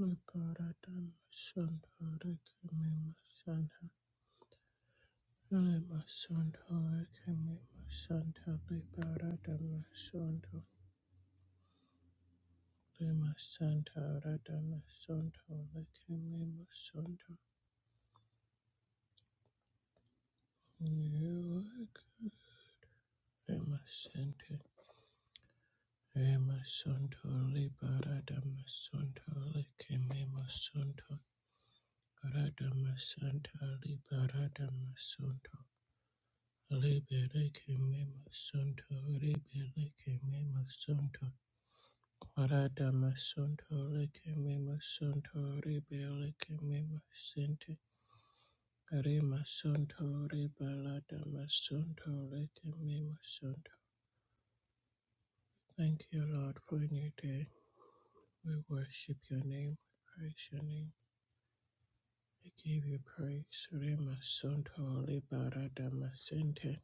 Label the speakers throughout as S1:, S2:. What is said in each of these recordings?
S1: Makaratan Sandhara Kamima Sandha Lima Sandhara Kamima Sandha Liparadama Sandha Lima Sandhara Dama Sandha Kamima Sandha Yuak Lima Sandha Lima Sandha Liparadama Sandha Kamima Sandha Radama Sandha Liparadama Sandha Libere que me masunto, libere que me masunto. Arada masunto, leke me masunto, libere que me masente. Rima sunto, ribalada masunto, leke me masunto. Thank you, Lord, for a new day. We worship your name, we praise your name. We give you praise. Rima sunto, libarada masente.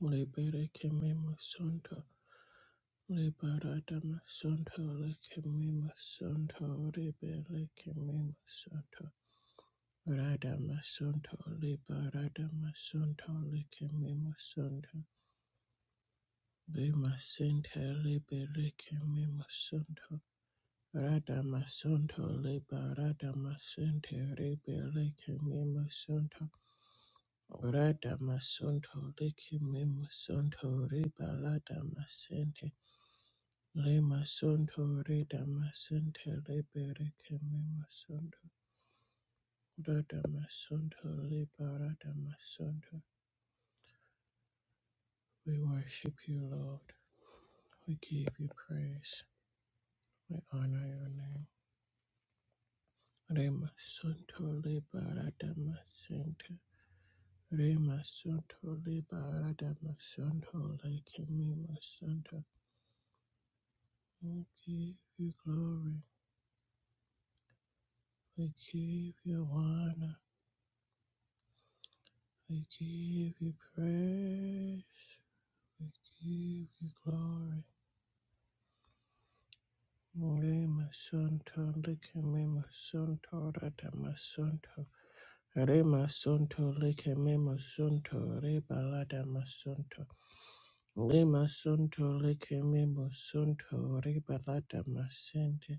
S1: Libere que me masunto. Liberadama Santo Lekemima Santo Libele Kemima Santo Radama Santo Liberadama Santo Lekemima Santo Bima Sente Libele Kemima Santo Radama Santo Liberadama Sente Libele Kemima Santo Radama Santo Lekemima Santo Ribaladama Sente Le masondo re damascente le bere que me masondo. Ra damasondo le bara damasondo. We worship you, Lord. We give you praise. We honor your name. Re masondo le bara damascente. Re masondo le bara damasondo le que me masondo. We give you glory. We give you honor. We give you praise. We give you glory. Rema Santo, Lika Mema Santo, Radama Santo. Rema Santo, Lika Mema Santo, Reba Ladama Santo. Lima Santo, Lika Mema Santo, Reba Ladama Sente.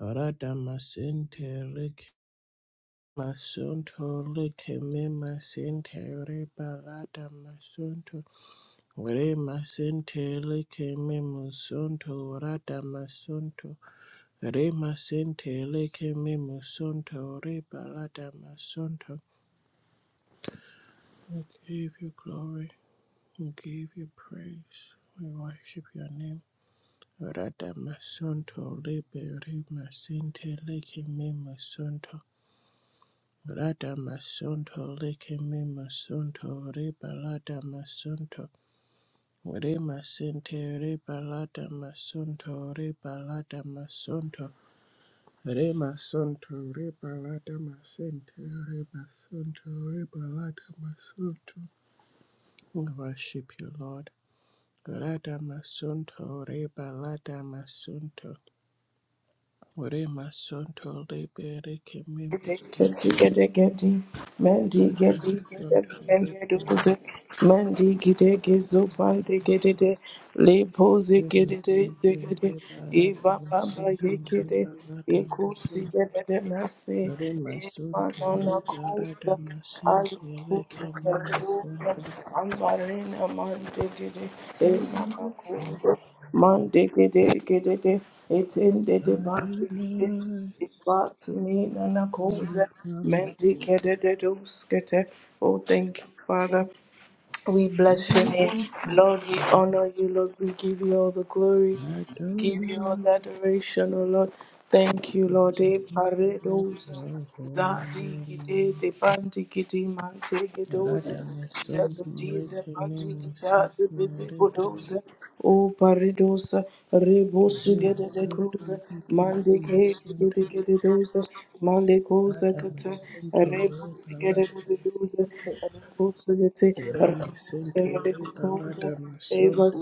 S1: Radama Sente, Lika Mema Santo, Lika Mema Sente, Reba Ladama Santo. Rema Sente, Lika Mema Santo, Radama Santo. Rema sente leke memo sonto reba masonto. We give you glory. We give you praise. We worship your name. Rada masonto lebe rema sente leke memo sonto. Rada masonto leke memo sonto reba masonto. Rema sente reba masonto reba masonto. Rema sunto reba lada masente reba sunto reba lada masunto. We worship you, Lord. Rada masunto reba lada masunto. Rema sunto rebe reke memo. Masunto rebe masente reba lada masunto reba lada masunto. Rema sunto reba lada masente reke memo sunto.
S2: Mandegede, gedede, etendede, bandegede,
S1: Adonai,
S2: but me Nana
S1: we lift
S2: Kosa,
S1: up
S2: Menti Kededus, Kete. Oh, thank you, Father. We bless your
S1: your
S2: name.
S1: worship.
S2: Lord, we honor you. Lord, we give you all the glory. We give you all
S1: Adonai,
S2: the adoration, oh Lord. Thank you, Lord. Eh,
S1: at
S2: paredoza,
S1: your holy
S2: zadi gide,
S1: name.
S2: de bandi gidi, mante gedoza,
S1: Arada
S2: zebe
S1: masonto
S2: dize,
S1: leke ne
S2: bandi gida, de
S1: masonto
S2: beze
S1: arada
S2: godoza, o paredoza, rebosu
S1: masonto
S2: gede de
S1: masonto
S2: goza,
S1: leke
S2: mande
S1: ne
S2: gede
S1: masonto
S2: gede gede doza, mande goza
S1: arada
S2: kata,
S1: masonto leke ne arada masonto leke arada masonto.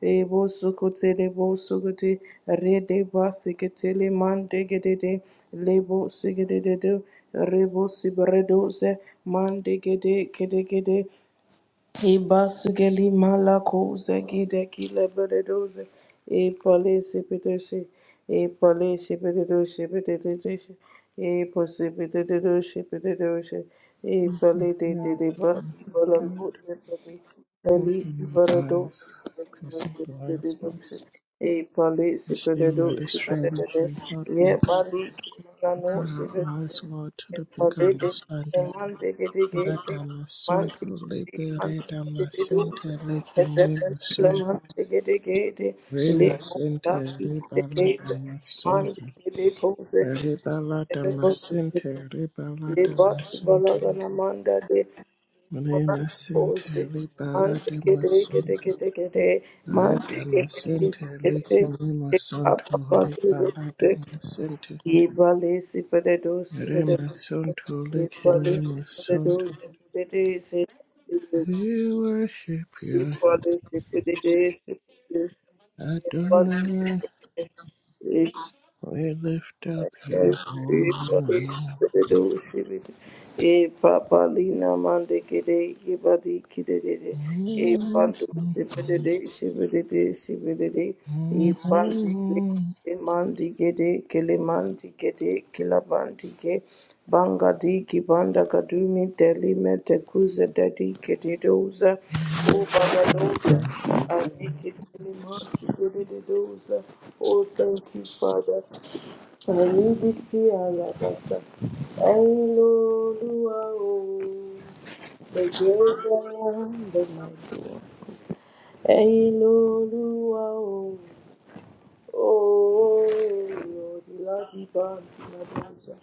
S2: Ebo sukote lebo de rede basikete le mandegede lebo sigede rebo sibredoze mandegede kedegede Ibasugeli malakoze gideki lebededoze. E palese pedeshe. E palese pededoshe pededoshe. E pose pededoshe pededoshe. E palete de
S1: Yeah, it's
S2: deba
S1: okay. Lord,
S2: ibalakoze pedi. Eli
S1: open your eyes.
S2: ibaradoshe
S1: I can see
S2: pededoshe
S1: blind
S2: pededoshe.
S1: spots.
S2: E palese
S1: See where the
S2: pededoshe pededoshe.
S1: strategy for
S2: Ye pali
S1: opening
S2: manose
S1: your eyes
S2: pededoshe.
S1: wide to
S2: E
S1: the bigger
S2: palete de
S1: understanding.
S2: mante gedegede.
S1: Radama Sunto
S2: Manti,
S1: Libe
S2: manti,
S1: Redama
S2: gede doze.
S1: Sente Lekemina
S2: Ezebentle
S1: Sunto
S2: manti gede gede. Le
S1: Rema
S2: monta
S1: Sente
S2: gede geze.
S1: Ribaladama
S2: Manti
S1: Sunto
S2: gede koze. Gede
S1: Ribaladama
S2: boze.
S1: Sente
S2: Le
S1: Ribaladama
S2: basi
S1: Sunto
S2: balagana manda de. Manan
S1: Rema Sente
S2: koze. Manti
S1: Ribaladama
S2: gede gede
S1: Sunto
S2: gede gede. Manti gede
S1: Radama
S2: gede
S1: Sente
S2: gede.
S1: Lekemina
S2: E
S1: Sunto
S2: papa pasi zoze.
S1: Ribaladama Sente
S2: Ye balesi pede doze pede doze.
S1: Remasonto
S2: Ye
S1: lekemi
S2: balesi pede doze pede doze.
S1: We worship you,
S2: Ebola is a pretty day, it's a pretty day.
S1: Adonai. We lift up your holy name.
S2: E papa lina mande kede ke badi kede de de. E
S1: Mhm,
S2: pandu sibede de sibede de sibede de. E pandi
S1: mhm.
S2: kede mandi kede kele mandi kede kila bandi ke. Banga di ki banda kadumi teli me te kuze dedi kede doza. O baba doza. Adi kete lima sibede de doza. Oh, thank you, Father. Ẹ̀rí tí ara bàtà, ẹ̀yin lolúwa o. The great and the mighty one. Ẹ̀yin lolúwa o. Oh, Lord, you love you bound to my pleasure.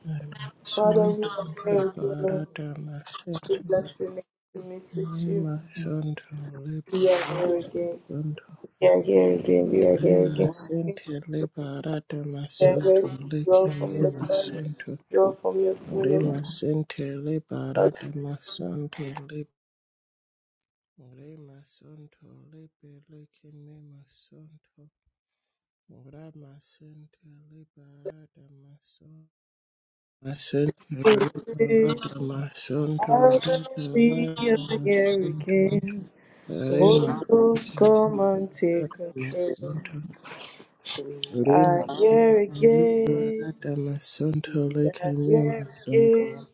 S2: Father, we are
S1: Remasonto
S2: here again
S1: lebarata
S2: to
S1: masente.
S2: bless your name, to meet with you.
S1: Remasonto
S2: We are here again.
S1: lebarata
S2: We are here again. We are here again.
S1: Remasente lebarata
S2: We are here
S1: masonto
S2: to draw from
S1: lekemi
S2: your presence,
S1: masonto.
S2: draw from your throne
S1: Rema sente le
S2: of
S1: barata masonto le Rema sonto le peleke masonto Rama sente le barata masonto Masente le
S2: mercy.
S1: barata masonto le
S2: Hallelujah,
S1: barata
S2: here
S1: masonto
S2: again.
S1: Rema
S2: Holy Ghost,
S1: sente le
S2: come and take
S1: barata
S2: control.
S1: masonto
S2: We
S1: Rema
S2: are here
S1: sente le
S2: again.
S1: barata masonto le
S2: We are
S1: kame
S2: here
S1: masonto
S2: again.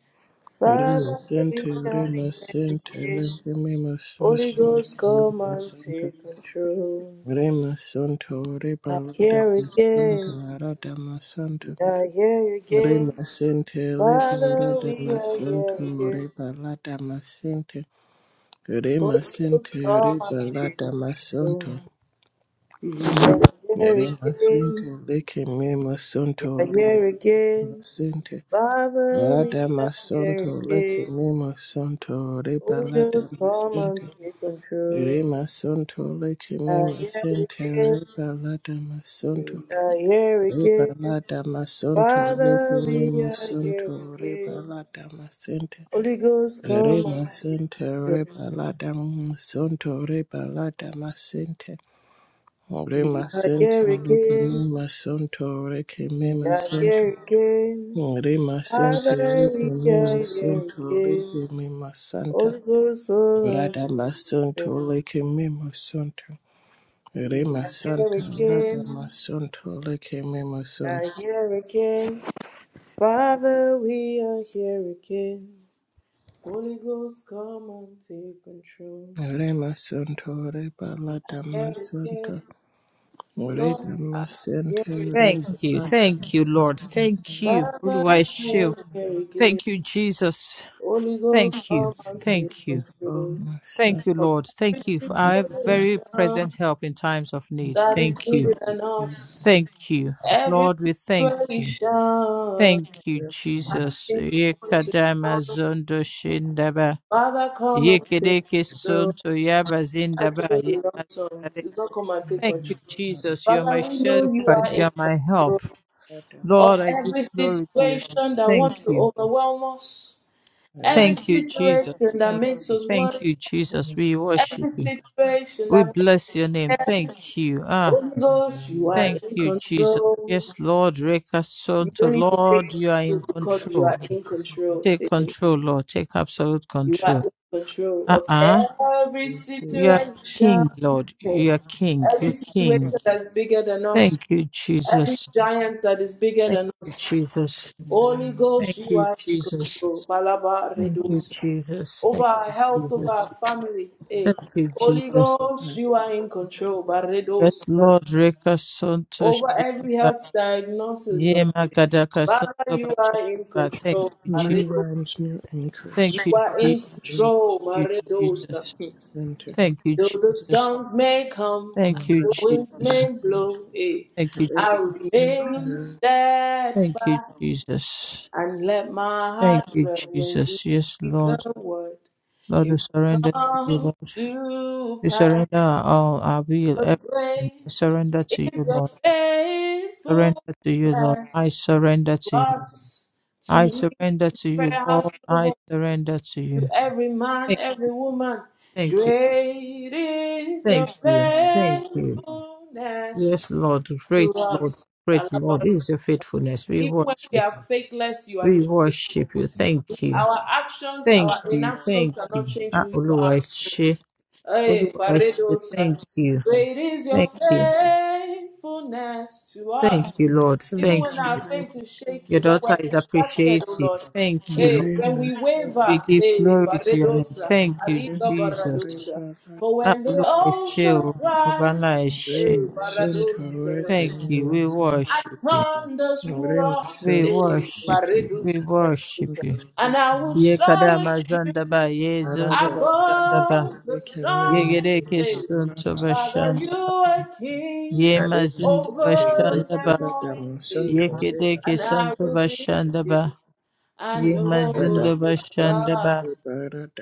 S1: Rima
S2: Father, we
S1: Santa,
S2: are
S1: Rima
S2: here
S1: Santa,
S2: again.
S1: Rima Santa,
S2: Holy Ghost, come
S1: Rima
S2: and
S1: Santa,
S2: take control.
S1: Rima Santa,
S2: We are
S1: Riba
S2: here again.
S1: Radama Santa, Radama Santa,
S2: We are here again.
S1: Rima Santa, Riba
S2: Father, we
S1: Radama
S2: are
S1: Santa,
S2: here again.
S1: Riba Radama Santa, Rima
S2: Holy Ghost,
S1: Santa,
S2: come and
S1: Riba
S2: take
S1: Radama
S2: control.
S1: Santa,
S2: We are here
S1: Rima
S2: again.
S1: Santa, Lake Mima Santa,
S2: are
S1: Riba
S2: here again.
S1: Santa,
S2: Father, we are
S1: Radama
S2: here
S1: Santa, Lake
S2: again.
S1: Mima Santa, Riba
S2: Holy Ghost,
S1: Radama
S2: come
S1: Santa,
S2: and take control.
S1: Rema sonto leke
S2: We
S1: me
S2: are here
S1: masente
S2: again.
S1: reba lada
S2: We
S1: masonto
S2: are here
S1: reba
S2: again.
S1: lada masonto leke
S2: Father,
S1: me
S2: we are here
S1: masonto reba
S2: again.
S1: lada masente
S2: Holy Ghost, come
S1: rema
S2: and take
S1: sente
S2: control.
S1: reba lada masonto reba lada masente
S2: We
S1: rema
S2: are
S1: sente
S2: here
S1: leke me
S2: again.
S1: masonto leke me
S2: We are
S1: masonto
S2: here again.
S1: rema sente
S2: Father,
S1: leke
S2: we
S1: me
S2: are here
S1: masonto
S2: again.
S1: leke me masanta
S2: Holy Ghost, come and
S1: rada
S2: take
S1: masonto
S2: control.
S1: leke me masonto
S2: We
S1: Rema
S2: are here
S1: Santa Rada
S2: again.
S1: Masunto Leke Memasun
S2: are here again. Father, we are here again. Holy Ghost, come and take control.
S1: Rema Santo Reba
S2: You are
S1: Lada
S2: here again.
S1: Masunto
S2: Lord,
S1: Reda
S2: I am here
S1: Masente
S2: again.
S1: Reba
S3: Thank you.
S1: Lada
S3: Thank you, Lord.
S1: Masunto
S3: Thank you.
S2: Father, I am
S3: Oluwaseun.
S2: here again.
S3: Thank you, Jesus.
S2: Holy Ghost,
S3: Thank
S2: come
S3: you.
S2: and take
S3: Thank you.
S1: Oh,
S2: control.
S1: my son,
S3: Thank you,
S2: From
S3: Lord. Thank you
S2: every
S1: oh,
S3: for our
S1: my
S2: situation
S3: very present help in times of need.
S2: that is
S3: Thank
S2: bigger
S3: you.
S1: prophet,
S2: than
S1: my
S2: us,
S3: Thank you.
S2: every
S3: Lord, we thank you.
S2: situation
S3: Thank you,
S1: Reba
S2: that
S3: Jesus.
S2: seems to want to-
S3: Yekadama zondo shindaba.
S2: Father, come and take
S3: Yekedeke
S2: control.
S3: sonto yaba
S2: That's
S3: zindaba.
S2: even the wrong song.
S3: Yekadare.
S2: It's not come and take
S3: Thank
S2: control.
S3: you,
S1: Lada
S3: Jesus. You're
S2: Father,
S3: my
S2: we know you
S3: shepherd.
S2: are in
S3: You're my help.
S2: control
S1: Masunto Rada
S2: of
S3: Lord, I give
S2: every
S3: glory to your name.
S2: situation that wants
S3: Thank
S2: to
S3: you.
S2: overwhelm us, every
S1: Masunto
S3: Thank you, Jesus.
S2: situation that
S3: Thank
S2: makes
S3: you.
S2: us
S3: Thank
S2: work,
S3: you, Jesus. We worship
S2: every
S3: you.
S2: situation
S3: We
S2: that makes
S3: bless your name. Thank you. Ah,
S2: Holy
S1: Rema
S2: Ghost,
S1: Santa
S2: you are
S3: thank
S2: in
S3: you,
S1: Rada Masunto
S3: Jesus.
S2: control.
S3: Yes, Lord,
S2: You don't
S3: Rekasonto.
S2: need to take
S3: Lord, you are in
S2: control because you are
S3: control.
S2: in control.
S3: Take control, Lord. Take absolute
S2: You are
S3: control.
S2: in control of
S3: Uh-uh.
S2: every
S1: is
S3: You are
S2: situation
S3: King, Lord. You are King.
S2: every
S3: You're King.
S2: situation that's bigger than us
S3: Thank you,
S2: Every
S3: Jesus.
S2: giant that is bigger
S3: Thank
S2: than
S3: you,
S2: us.
S3: Jesus.
S2: Holy Ghost,
S3: Thank
S2: you
S3: you,
S2: are in
S3: Jesus.
S2: control. Balaba
S3: Thank you,
S2: redos.
S3: Jesus.
S2: Over
S3: Thank
S2: our
S3: you,
S2: health, over
S3: Jesus.
S2: our family. Eh.
S3: Thank you,
S2: Holy
S3: Jesus.
S2: Ghost,
S1: dead.
S2: you are in control.
S3: Yes,
S2: Barredos.
S3: Lord, Reka Santo
S2: Over every
S3: Shedaba,
S2: health diagnosis, Lord.
S3: Yema Gadaka
S2: Father,
S3: Santo
S2: you are in
S3: Bachaba. Thank
S2: control.
S3: you, Jesus.
S1: New
S2: Barredos.
S1: realms, new increase.
S2: You
S3: Thank you,
S2: are in
S3: Jesus.
S1: Soul
S2: control.
S3: Thank
S2: Barredos. Though
S1: Center.
S3: you,
S2: the
S3: Jesus.
S2: storms may come,
S3: Thank
S1: Thank
S3: you,
S2: the winds
S3: Jesus.
S2: may
S1: you.
S2: blow. Eh.
S3: Thank you,
S2: I
S3: Jesus.
S2: remain
S3: Thank you, Jesus. Thank you,
S2: steadfast.
S3: Jesus.
S2: and let my
S3: Thank
S2: heart
S3: you,
S2: dwell when you
S3: Jesus. Yes,
S2: speak a
S3: Lord.
S2: word.
S3: Lord, we
S2: It will
S3: surrender to you,
S2: come
S3: Lord.
S2: to
S3: We
S2: pass.
S3: surrender our all, our will,
S2: 'Cause
S3: everything.
S2: Great
S3: I surrender to you,
S2: is your
S3: Lord. Surrender to you, Lord.
S2: faithfulness
S3: I surrender
S2: to
S3: to you.
S2: us, to
S3: I
S2: me, to
S3: surrender
S2: the
S3: to you,
S2: prayer house
S3: Lord. I
S2: global,
S3: surrender to
S2: to
S3: you.
S2: every man,
S3: Thank,
S2: every woman.
S3: thank you.
S2: Great is your
S3: Thank you. Thank you.
S2: faithfulness
S3: Yes, Lord.
S2: to
S3: Great Lord.
S2: us. I
S3: Great
S2: love
S3: Lord.
S2: it.
S3: It is your faithfulness. We
S2: Even when we
S3: worship
S2: are
S3: you.
S2: faithless, you are
S3: We
S2: still faithful.
S3: worship you. Thank you.
S2: Our actions,
S3: Thank
S2: our
S3: you.
S2: inactions
S3: Thank
S2: cannot
S3: you.
S2: change
S3: Ah,
S2: who you
S3: Oluwa
S2: are.
S3: Eshe.
S2: Hey,
S3: Oluwa Eshe.
S2: Baredo, sir.
S3: Thank you.
S2: Great is your
S3: Thank you.
S2: faithfulness to
S3: Thank
S2: us.
S3: you, Lord.
S2: Even when
S3: Thank you.
S2: our faith is
S3: Your
S2: shaky, when we're
S3: daughter is
S2: distracted, oh
S3: appreciative.
S2: Lord.
S3: Thank you,
S2: Hey,
S3: Lord.
S2: when we
S3: We
S2: waver,
S3: give
S2: hey,
S3: glory to your
S2: Baredo,
S3: name.
S2: sir.
S3: Thank you,
S2: Aliga Barado,
S3: Jesus.
S2: sir. For
S3: Ah,
S2: when the
S3: Olúwa ẹ ṣé o,
S2: oceans
S3: ọba
S2: rise,
S3: ńlá ẹ ṣé.
S2: hey, Barado,
S3: Thank
S2: sir
S3: you, we
S2: and
S3: worship you,
S2: thunders roar.
S3: we
S2: Eh,
S3: worship you, we
S2: Baredus,
S3: worship
S2: Baredus.
S3: you.
S2: And I will
S3: Ye kada
S2: soar with you
S3: mazandaba, ye zondoba shandaba,
S2: above the
S3: ye
S2: sun.
S3: gereke
S2: Eh, 'cause
S3: sontoba
S2: Father, you
S3: shandaba,
S2: are
S3: ye
S2: king
S3: mazindoba
S2: over them
S3: shandaba,
S2: all. Eh,
S3: ye kedeke
S2: and I will
S3: sontoba
S2: be
S3: shandaba,
S2: still. I
S3: ye
S2: know
S3: mazindoba
S2: you are
S3: shandaba.
S2: God.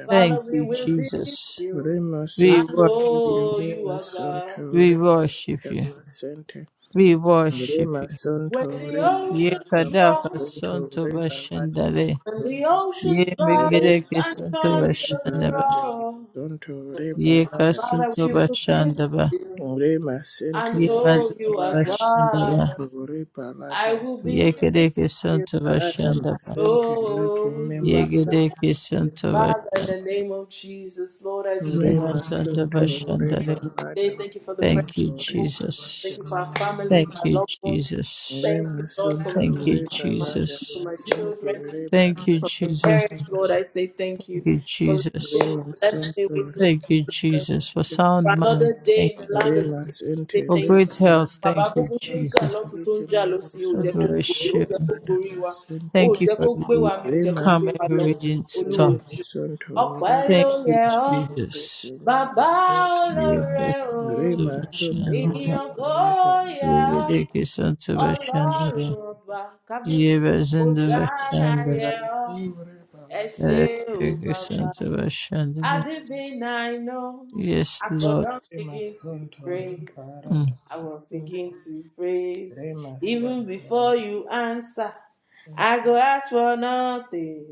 S2: Father,
S3: Thank
S2: we
S3: you,
S2: will be
S3: Jesus.
S2: still.
S1: Rema
S2: I
S3: We
S1: Santo
S3: worship,
S2: know you
S1: Rema
S2: are God.
S1: Santo
S3: we
S1: Rema
S3: worship you,
S1: Dama Sente
S3: we worship
S1: Rema
S3: you.
S2: When
S1: Santo
S2: the
S1: Rema
S3: Ye
S2: oceans
S1: Dama
S3: kadaka
S2: roar
S1: Santo
S3: sonto
S1: Rema Dama
S3: bashandale.
S2: When the
S1: Santo
S2: oceans
S3: Ye
S2: rise
S1: Rema
S3: megereke
S2: and
S3: sonto
S1: Sente
S2: thunders
S1: Rema
S3: bashandaba.
S1: Dama
S2: roar,
S1: Santo
S3: Ye
S1: Rema
S2: Father,
S3: kasonto
S2: we
S1: Dama
S2: will be
S3: bashandaba.
S2: still
S1: Rema Sente
S2: and
S3: Ye
S2: know
S3: mazando
S2: you
S1: Rema
S2: are
S1: Dama
S3: bashandaba.
S2: God.
S1: Santo Rema
S2: I
S1: Dama
S2: will be
S3: Ye gereke
S2: still
S3: sonto
S1: Dama
S2: and
S3: bashandaba.
S1: Sente Lake
S2: know you
S3: Ye
S2: are
S1: Mema
S2: God.
S1: Santo
S3: gereke sonto
S2: Father, in the
S3: bashandaba.
S2: name of Jesus, Lord, I just
S3: Ye
S2: say
S1: Rima
S3: mazando
S1: Sutu
S2: thank
S1: Reba
S3: bashandale.
S2: you today.
S1: Adam
S2: Thank you for the prayer.
S3: Thank you,
S1: Unto Reba
S2: Thank
S3: Jesus.
S2: you for our
S1: Kanema
S2: families,
S3: Thank
S2: our
S3: you,
S2: loved ones.
S3: Jesus.
S2: Thank you,
S1: Rima
S2: Lord, for my
S3: Thank
S1: Sutu
S3: you,
S1: Reba
S2: children,
S1: Lada
S2: for
S3: Jesus.
S2: my
S1: Masinki
S2: children.
S1: Reba
S3: Thank you,
S2: for my
S1: Lada
S3: Jesus.
S2: parents, Lord.
S1: Sutu
S2: I say thank you
S3: Thank you,
S2: for the
S3: Jesus.
S2: food
S1: Rima
S2: blessed me
S1: Sutu
S2: with, Lord. I
S3: Thank you,
S1: Reba
S2: say thank you.
S3: Jesus, for
S1: Lada
S3: sound
S2: For
S3: mind.
S2: another day
S3: Thank
S2: in the
S3: you,
S2: land of
S3: Jesus.
S2: the living,
S1: Rima
S2: I say
S1: Sinti
S3: For
S2: thank you.
S3: great
S1: Reba Lada
S3: health.
S2: Bàbá
S3: Thank you,
S2: gbogbo ṣe ń jà
S1: Sunto
S2: lọ́tún
S3: Jesus.
S2: tó ń
S1: Rika
S2: jà
S1: Mema
S2: lọ́sí, ò
S3: I
S2: jẹ́ kó
S1: Sunto
S2: borí
S3: Bless
S2: ò
S3: you.
S1: Reba
S2: jẹ́ kó
S1: Lada
S2: borí wa, ò
S1: Masinti
S3: Thank you
S2: jẹ́ kó
S3: for
S2: gbé
S3: you.
S2: wa mi, ò jẹ́ kó
S1: Rima
S2: gbé
S3: Come
S2: wa lọ,
S3: every
S1: Sunto
S3: raging
S1: Rika
S2: olúwo
S3: storm.
S1: Mema
S2: ṣe.
S1: Sunto Rada
S2: Ọ̀pẹ́ ló
S3: Thank you,
S2: yẹ ọ́,
S3: Jesus.
S2: bàbá
S3: Yes,
S2: olóore
S3: yes,
S2: o,
S1: Re
S3: to the
S1: masonto
S3: Shandra.
S1: re
S2: ìyàn kò
S1: palata
S2: yá.
S3: We dedicate unto the
S2: Ọlọ́run
S3: Shandra.
S2: ọba kábíyèsí
S3: Yes, in the
S2: Hosanna yẹ
S3: Shandra.
S1: masonto
S2: ọ́
S1: re palata
S2: ẹ ṣé
S3: We
S2: o
S3: dedicate
S2: bàbá.
S3: unto the
S2: At
S3: Shandra.
S2: the midnight hour,
S3: Yes,
S2: I for
S3: Lord.
S2: don
S1: re
S2: begin to
S1: masonto re
S2: praise,
S3: Mm.
S1: palata
S2: I will begin to praise. Even before you answer,
S1: sente
S2: I go ask for nothing,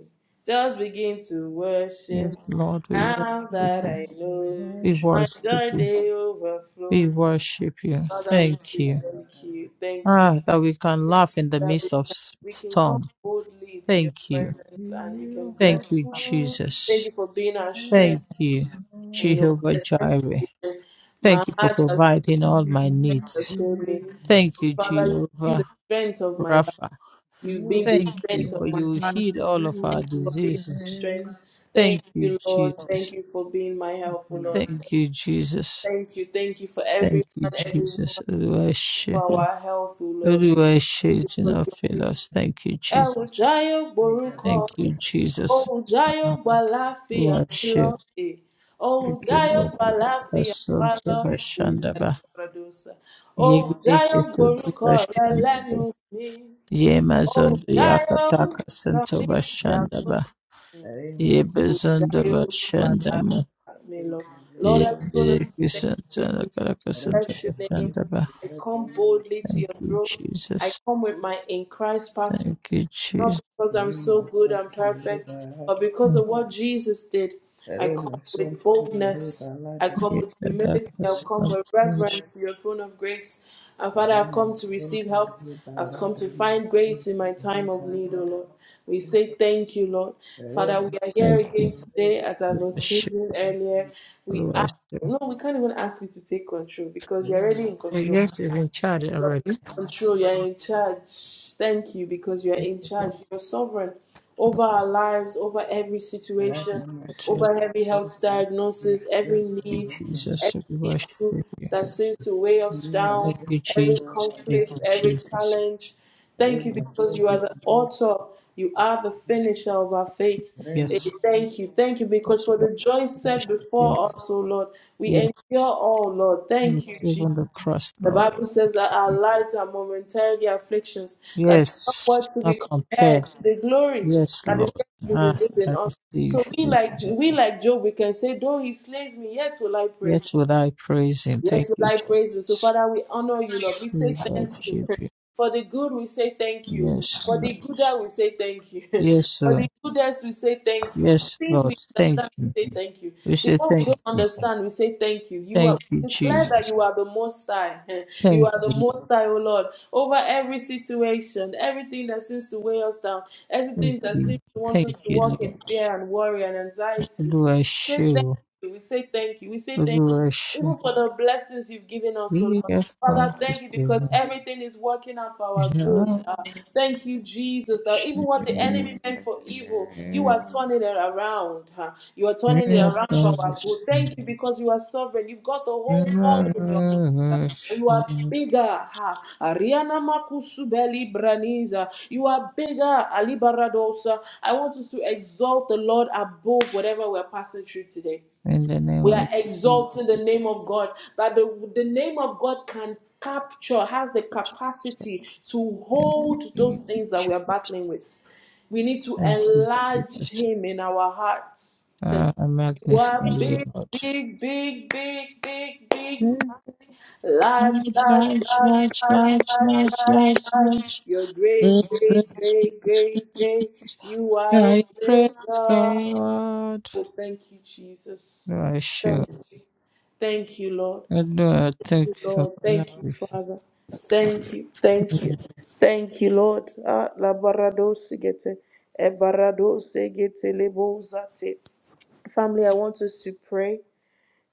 S2: just begin to worship.
S3: Yes,
S1: re
S3: Lord, we worship
S2: Now
S1: re
S2: that
S3: you.
S2: I know
S3: We
S2: my
S3: worship
S2: joy
S3: you.
S2: dey overflow.
S3: We worship you.
S2: Father, we
S3: Thank
S2: say
S3: you.
S2: thank you, thank you
S3: Ah, that we can laugh in the
S2: that we
S3: midst of
S2: can,
S3: s-
S2: we can come
S3: storm.
S2: boldly to your
S3: Thank you.
S2: presence and we can bless
S3: Thank
S2: you.
S3: you,
S2: Thank
S3: Jesus.
S2: you for being our strength.
S3: Thank you,
S2: You know,
S3: Jehovah Jireh.
S2: especially my
S3: Thank you for
S2: heart has been
S3: providing all
S1: give you all our
S3: my
S2: strength has
S3: needs.
S2: failed me.
S3: Thank you,
S2: Father, you've been the
S3: Jehovah
S2: strength of my life.
S3: Rapha.
S2: You've
S1: you
S2: been the
S3: Thank
S1: are
S3: you
S2: strength
S3: for
S2: of my
S3: you
S2: heart.
S3: heal all of
S1: to
S2: Thank
S3: our
S2: you
S1: be
S2: for being my
S3: diseases.
S1: praised
S2: strength. Thank
S3: Thank you,
S2: you, Lord. Thank
S3: Jesus.
S2: you for being my help, O
S1: now.
S2: Lord.
S3: Thank you, Jesus.
S2: Thank you. Thank you for every
S3: Thank you,
S2: man, every
S3: Jesus.
S2: woman,
S3: Oluwaṣe-
S2: for our health, O
S3: Oluwaṣe, do not
S2: Lord.
S3: fail us. Thank you,
S2: ẹ
S3: Jesus.
S2: ò jáyọ̀
S1: Thank
S2: gborúkọ
S3: Thank
S2: mi
S3: you, Jesus.
S2: ohun jáyọ̀
S3: Uh,
S2: gbà láfíà mi lọ
S3: Worship.
S2: eh. ohun
S3: Thank you,
S2: jáyọ̀
S3: Lord.
S2: gbà
S3: for it.
S2: láfíà wa
S3: Asante
S2: lọ eh.
S3: bashandaba.
S2: Ẹlẹ́dùmarè. ohun
S3: Yegereke
S2: jáyọ̀
S3: santo
S2: gborúkọ rẹ lẹ́nu
S3: bashandaba.
S2: mi ohun
S3: Yemazondo
S2: jáyọ̀
S3: yakataka
S2: sọ
S3: santo
S2: mí
S3: bashandaba.
S2: dìdàkudà Mm. ohun
S3: Yebezondo
S2: jáyọ̀
S1: you.
S2: gbà
S3: bashandama.
S2: láfíà mi
S1: Rema
S2: lọ. Lord, I just want to
S3: Yegereke
S2: thank
S3: santo
S2: you.
S3: nakaraka santo
S2: Bless your name.
S3: bashandaba.
S2: I come boldly to
S3: Thank
S2: your
S3: you,
S2: throne. I
S3: Jesus.
S2: come with my in Christ passport.
S3: Thank you,
S2: Not
S3: Jesus.
S2: because I'm so good and perfect, but because of what Jesus did. I come with
S1: sent
S2: boldness. I come with humility.
S3: Yekadaka
S2: I've come
S3: santo
S2: with
S3: bashandaba.
S2: reverence to your throne of grace. And Father, I've come to receive help. I've come to find grace in my time of need, O Lord. We say thank you, Lord. Father, we are here
S3: Thank
S2: again
S3: you.
S2: today, as I was
S3: Worship.
S2: saying earlier. We ask,
S3: Worship.
S2: no, we can't even ask you to take control because you're already in
S3: The
S2: control.
S3: yes is in charge
S2: You're
S3: already.
S2: in control. You're in charge. Thank you because you're in charge.
S3: Lord,
S2: You're sovereign over our lives, over every situation,
S3: Lord, yes.
S2: over every health diagnosis, every
S3: Thank
S2: need,
S3: you, Jesus. We
S2: every
S3: worship
S2: issue
S3: you.
S2: that seems to weigh us down,
S3: Thank you,
S2: every
S3: Jesus. Thank
S2: conflict,
S3: you,
S2: every
S3: Jesus.
S2: challenge. Thank you
S3: Thank you,
S2: because you are
S3: Jesus.
S2: the
S1: to
S2: author, you are the finisher of our faith. Eh,
S3: Yes.
S1: remasente
S2: Thank you. Thank you because
S3: Yes,
S2: for
S3: Lord.
S2: the joy
S3: Yes,
S2: set
S3: yes,
S2: before us, O Lord, we
S3: yes,
S2: endure all, Lord.
S3: yes,
S2: Thank you, Jesus.
S3: even the cross,
S2: The
S3: Lord.
S2: Bible
S3: Thank
S2: says that
S3: you,
S2: our
S3: Jesus.
S2: light and momentary afflictions that is not
S3: Yes, it's
S2: what to be
S3: not
S2: compared
S3: compared.
S2: to the glory
S3: Yes,
S2: that is
S3: Lord.
S2: going to be
S3: Ah,
S2: revealed in
S3: I
S2: us. So
S3: receive.
S2: we
S3: Yes,
S2: like
S3: Lord.
S2: we like Job, we can say, though he slays me, yet will I praise him.
S3: Yet will I praise Him.
S2: Yes,
S3: Thank
S2: we
S3: you,
S2: like praises. So,
S3: Jesus.
S2: Father, we honor you, Lord. We
S3: We
S2: say thank you.
S3: worship you.
S2: For the good, we say thank you.
S3: Yes,
S2: For
S3: Lord.
S2: the good, that we say thank you.
S3: Yes,
S2: For
S3: sir.
S2: the goodness, we say thank you. The
S3: Yes,
S2: things
S3: Lord.
S2: we
S3: Thank
S2: understand,
S3: you.
S2: we say thank you.
S3: We
S2: The
S3: say
S2: one we don't
S3: thank you.
S2: understand, we say thank you. You are
S3: Thank you,
S2: we declare that
S3: Jesus.
S2: you are the most high. You
S3: Thank
S2: are the
S3: you.
S2: most high, O Lord. Over every situation, everything that seems to weigh us down,
S3: Thank
S2: everything that seems
S3: you.
S2: to want us
S3: Thank
S2: to
S3: you,
S2: walk in
S3: Lord.
S2: fear and worry and anxiety.
S3: Olúwa
S2: Say
S3: ṣé
S2: thank
S3: o.
S2: you. We say thank you. We say thank you
S3: Olúwa ṣé.
S2: even for the blessings you've given us, O
S3: Yíyá
S2: Lord.
S3: fún
S2: Father, thank
S3: àtúnṣe.
S2: you because
S3: Ìyá ṣe.
S2: everything is working out for our good. Uh, thank you, Jesus, that even what the enemy meant for evil, you are
S3: Yíyá
S2: turning it around. huh? You are turning it
S3: fún
S2: around for our
S3: àtúnṣe.
S2: good. Thank you because you are sovereign. You've got the whole world in your
S3: Yíyá
S2: you are
S3: ṣe.
S2: bigger. Ha. Ariana Makusubeli Braniza. You are bigger. Ali Baradosa. I want us to exalt the Lord above whatever we're passing through today.
S3: In the name
S2: We
S3: of
S2: are
S3: Jesus.
S2: exalting the name of God. That the, the name of God can capture, has the capacity to
S3: In the
S2: hold those
S3: name of
S2: things that we
S3: Jesus.
S2: are battling with. We need to
S3: Thank you,
S2: enlarge
S3: Jesus.
S2: Him in our hearts.
S3: I
S2: You
S3: magnify
S2: are
S3: you,
S2: big,
S3: Lord.
S2: big, big, big, big, big. Large,
S3: Large,
S2: large,
S3: large,
S2: large,
S3: large,
S2: large,
S3: large,
S2: large,
S3: large,
S2: large,
S3: large,
S2: large.
S3: large.
S2: You're great,
S3: Great, great,
S2: great, great, great, great. You
S3: great, great, great. You
S2: are a
S3: are a
S2: great
S3: great
S2: God.
S3: God.
S2: Oh, thank you, Jesus.
S3: You are
S2: Thank
S3: sure.
S2: you. Thank you, Lord.
S3: And I thank
S2: you,
S3: you for
S2: Lord.
S3: my
S2: Thank you,
S3: life.
S2: Father. Thank you. Thank you.
S3: Thank
S2: Thank you, Lord. Ah, la barado sigete. E barado segete lebo zate. Family, I want us to pray.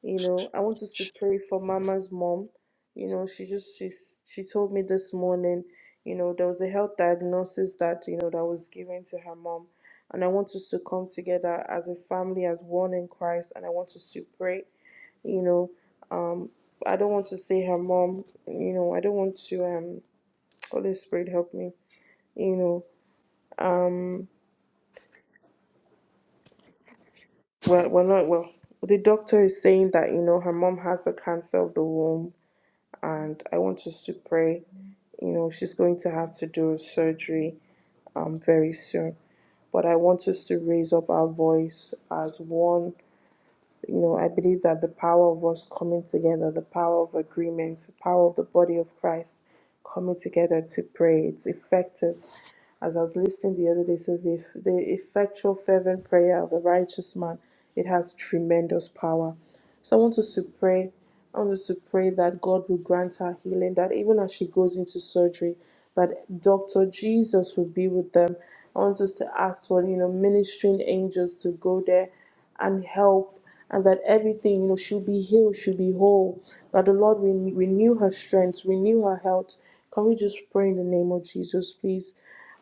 S2: You know, I want us to pray for Mama's mom. You know, she just she's she told me this morning. You know, there was a health diagnosis that you know that was given to her mom, and I want us to come together as a family, as one in Christ, and I want us to pray you know um i don't want to say her mom you know i don't want to um holy spirit help me you know um well we're not well the doctor is saying that you know her mom has the cancer of the womb and i want us to pray you know she's going to have to do a surgery um very soon but i want us to raise up our voice as one you know, I believe that the power of us coming together, the power of agreement, the power of the body of Christ coming together to pray, it's effective. As I was listening the other day, it says if the effectual fervent prayer of a righteous man, it has tremendous power. So I want us to pray I want us to pray that God will grant her healing, that even as she goes into surgery, that Dr. Jesus will be with them. I want us to ask for, you know, ministering angels to go there and help, and that everything, you know, she'll be healed, she'll be whole, that the Lord will renew her strength, renew her health. Can we just pray in the name of Jesus, please?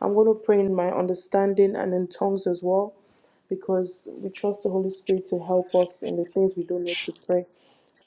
S2: I'm going to pray in my understanding and in tongues as well, because we trust the Holy Spirit to help us in the things we don't know to pray.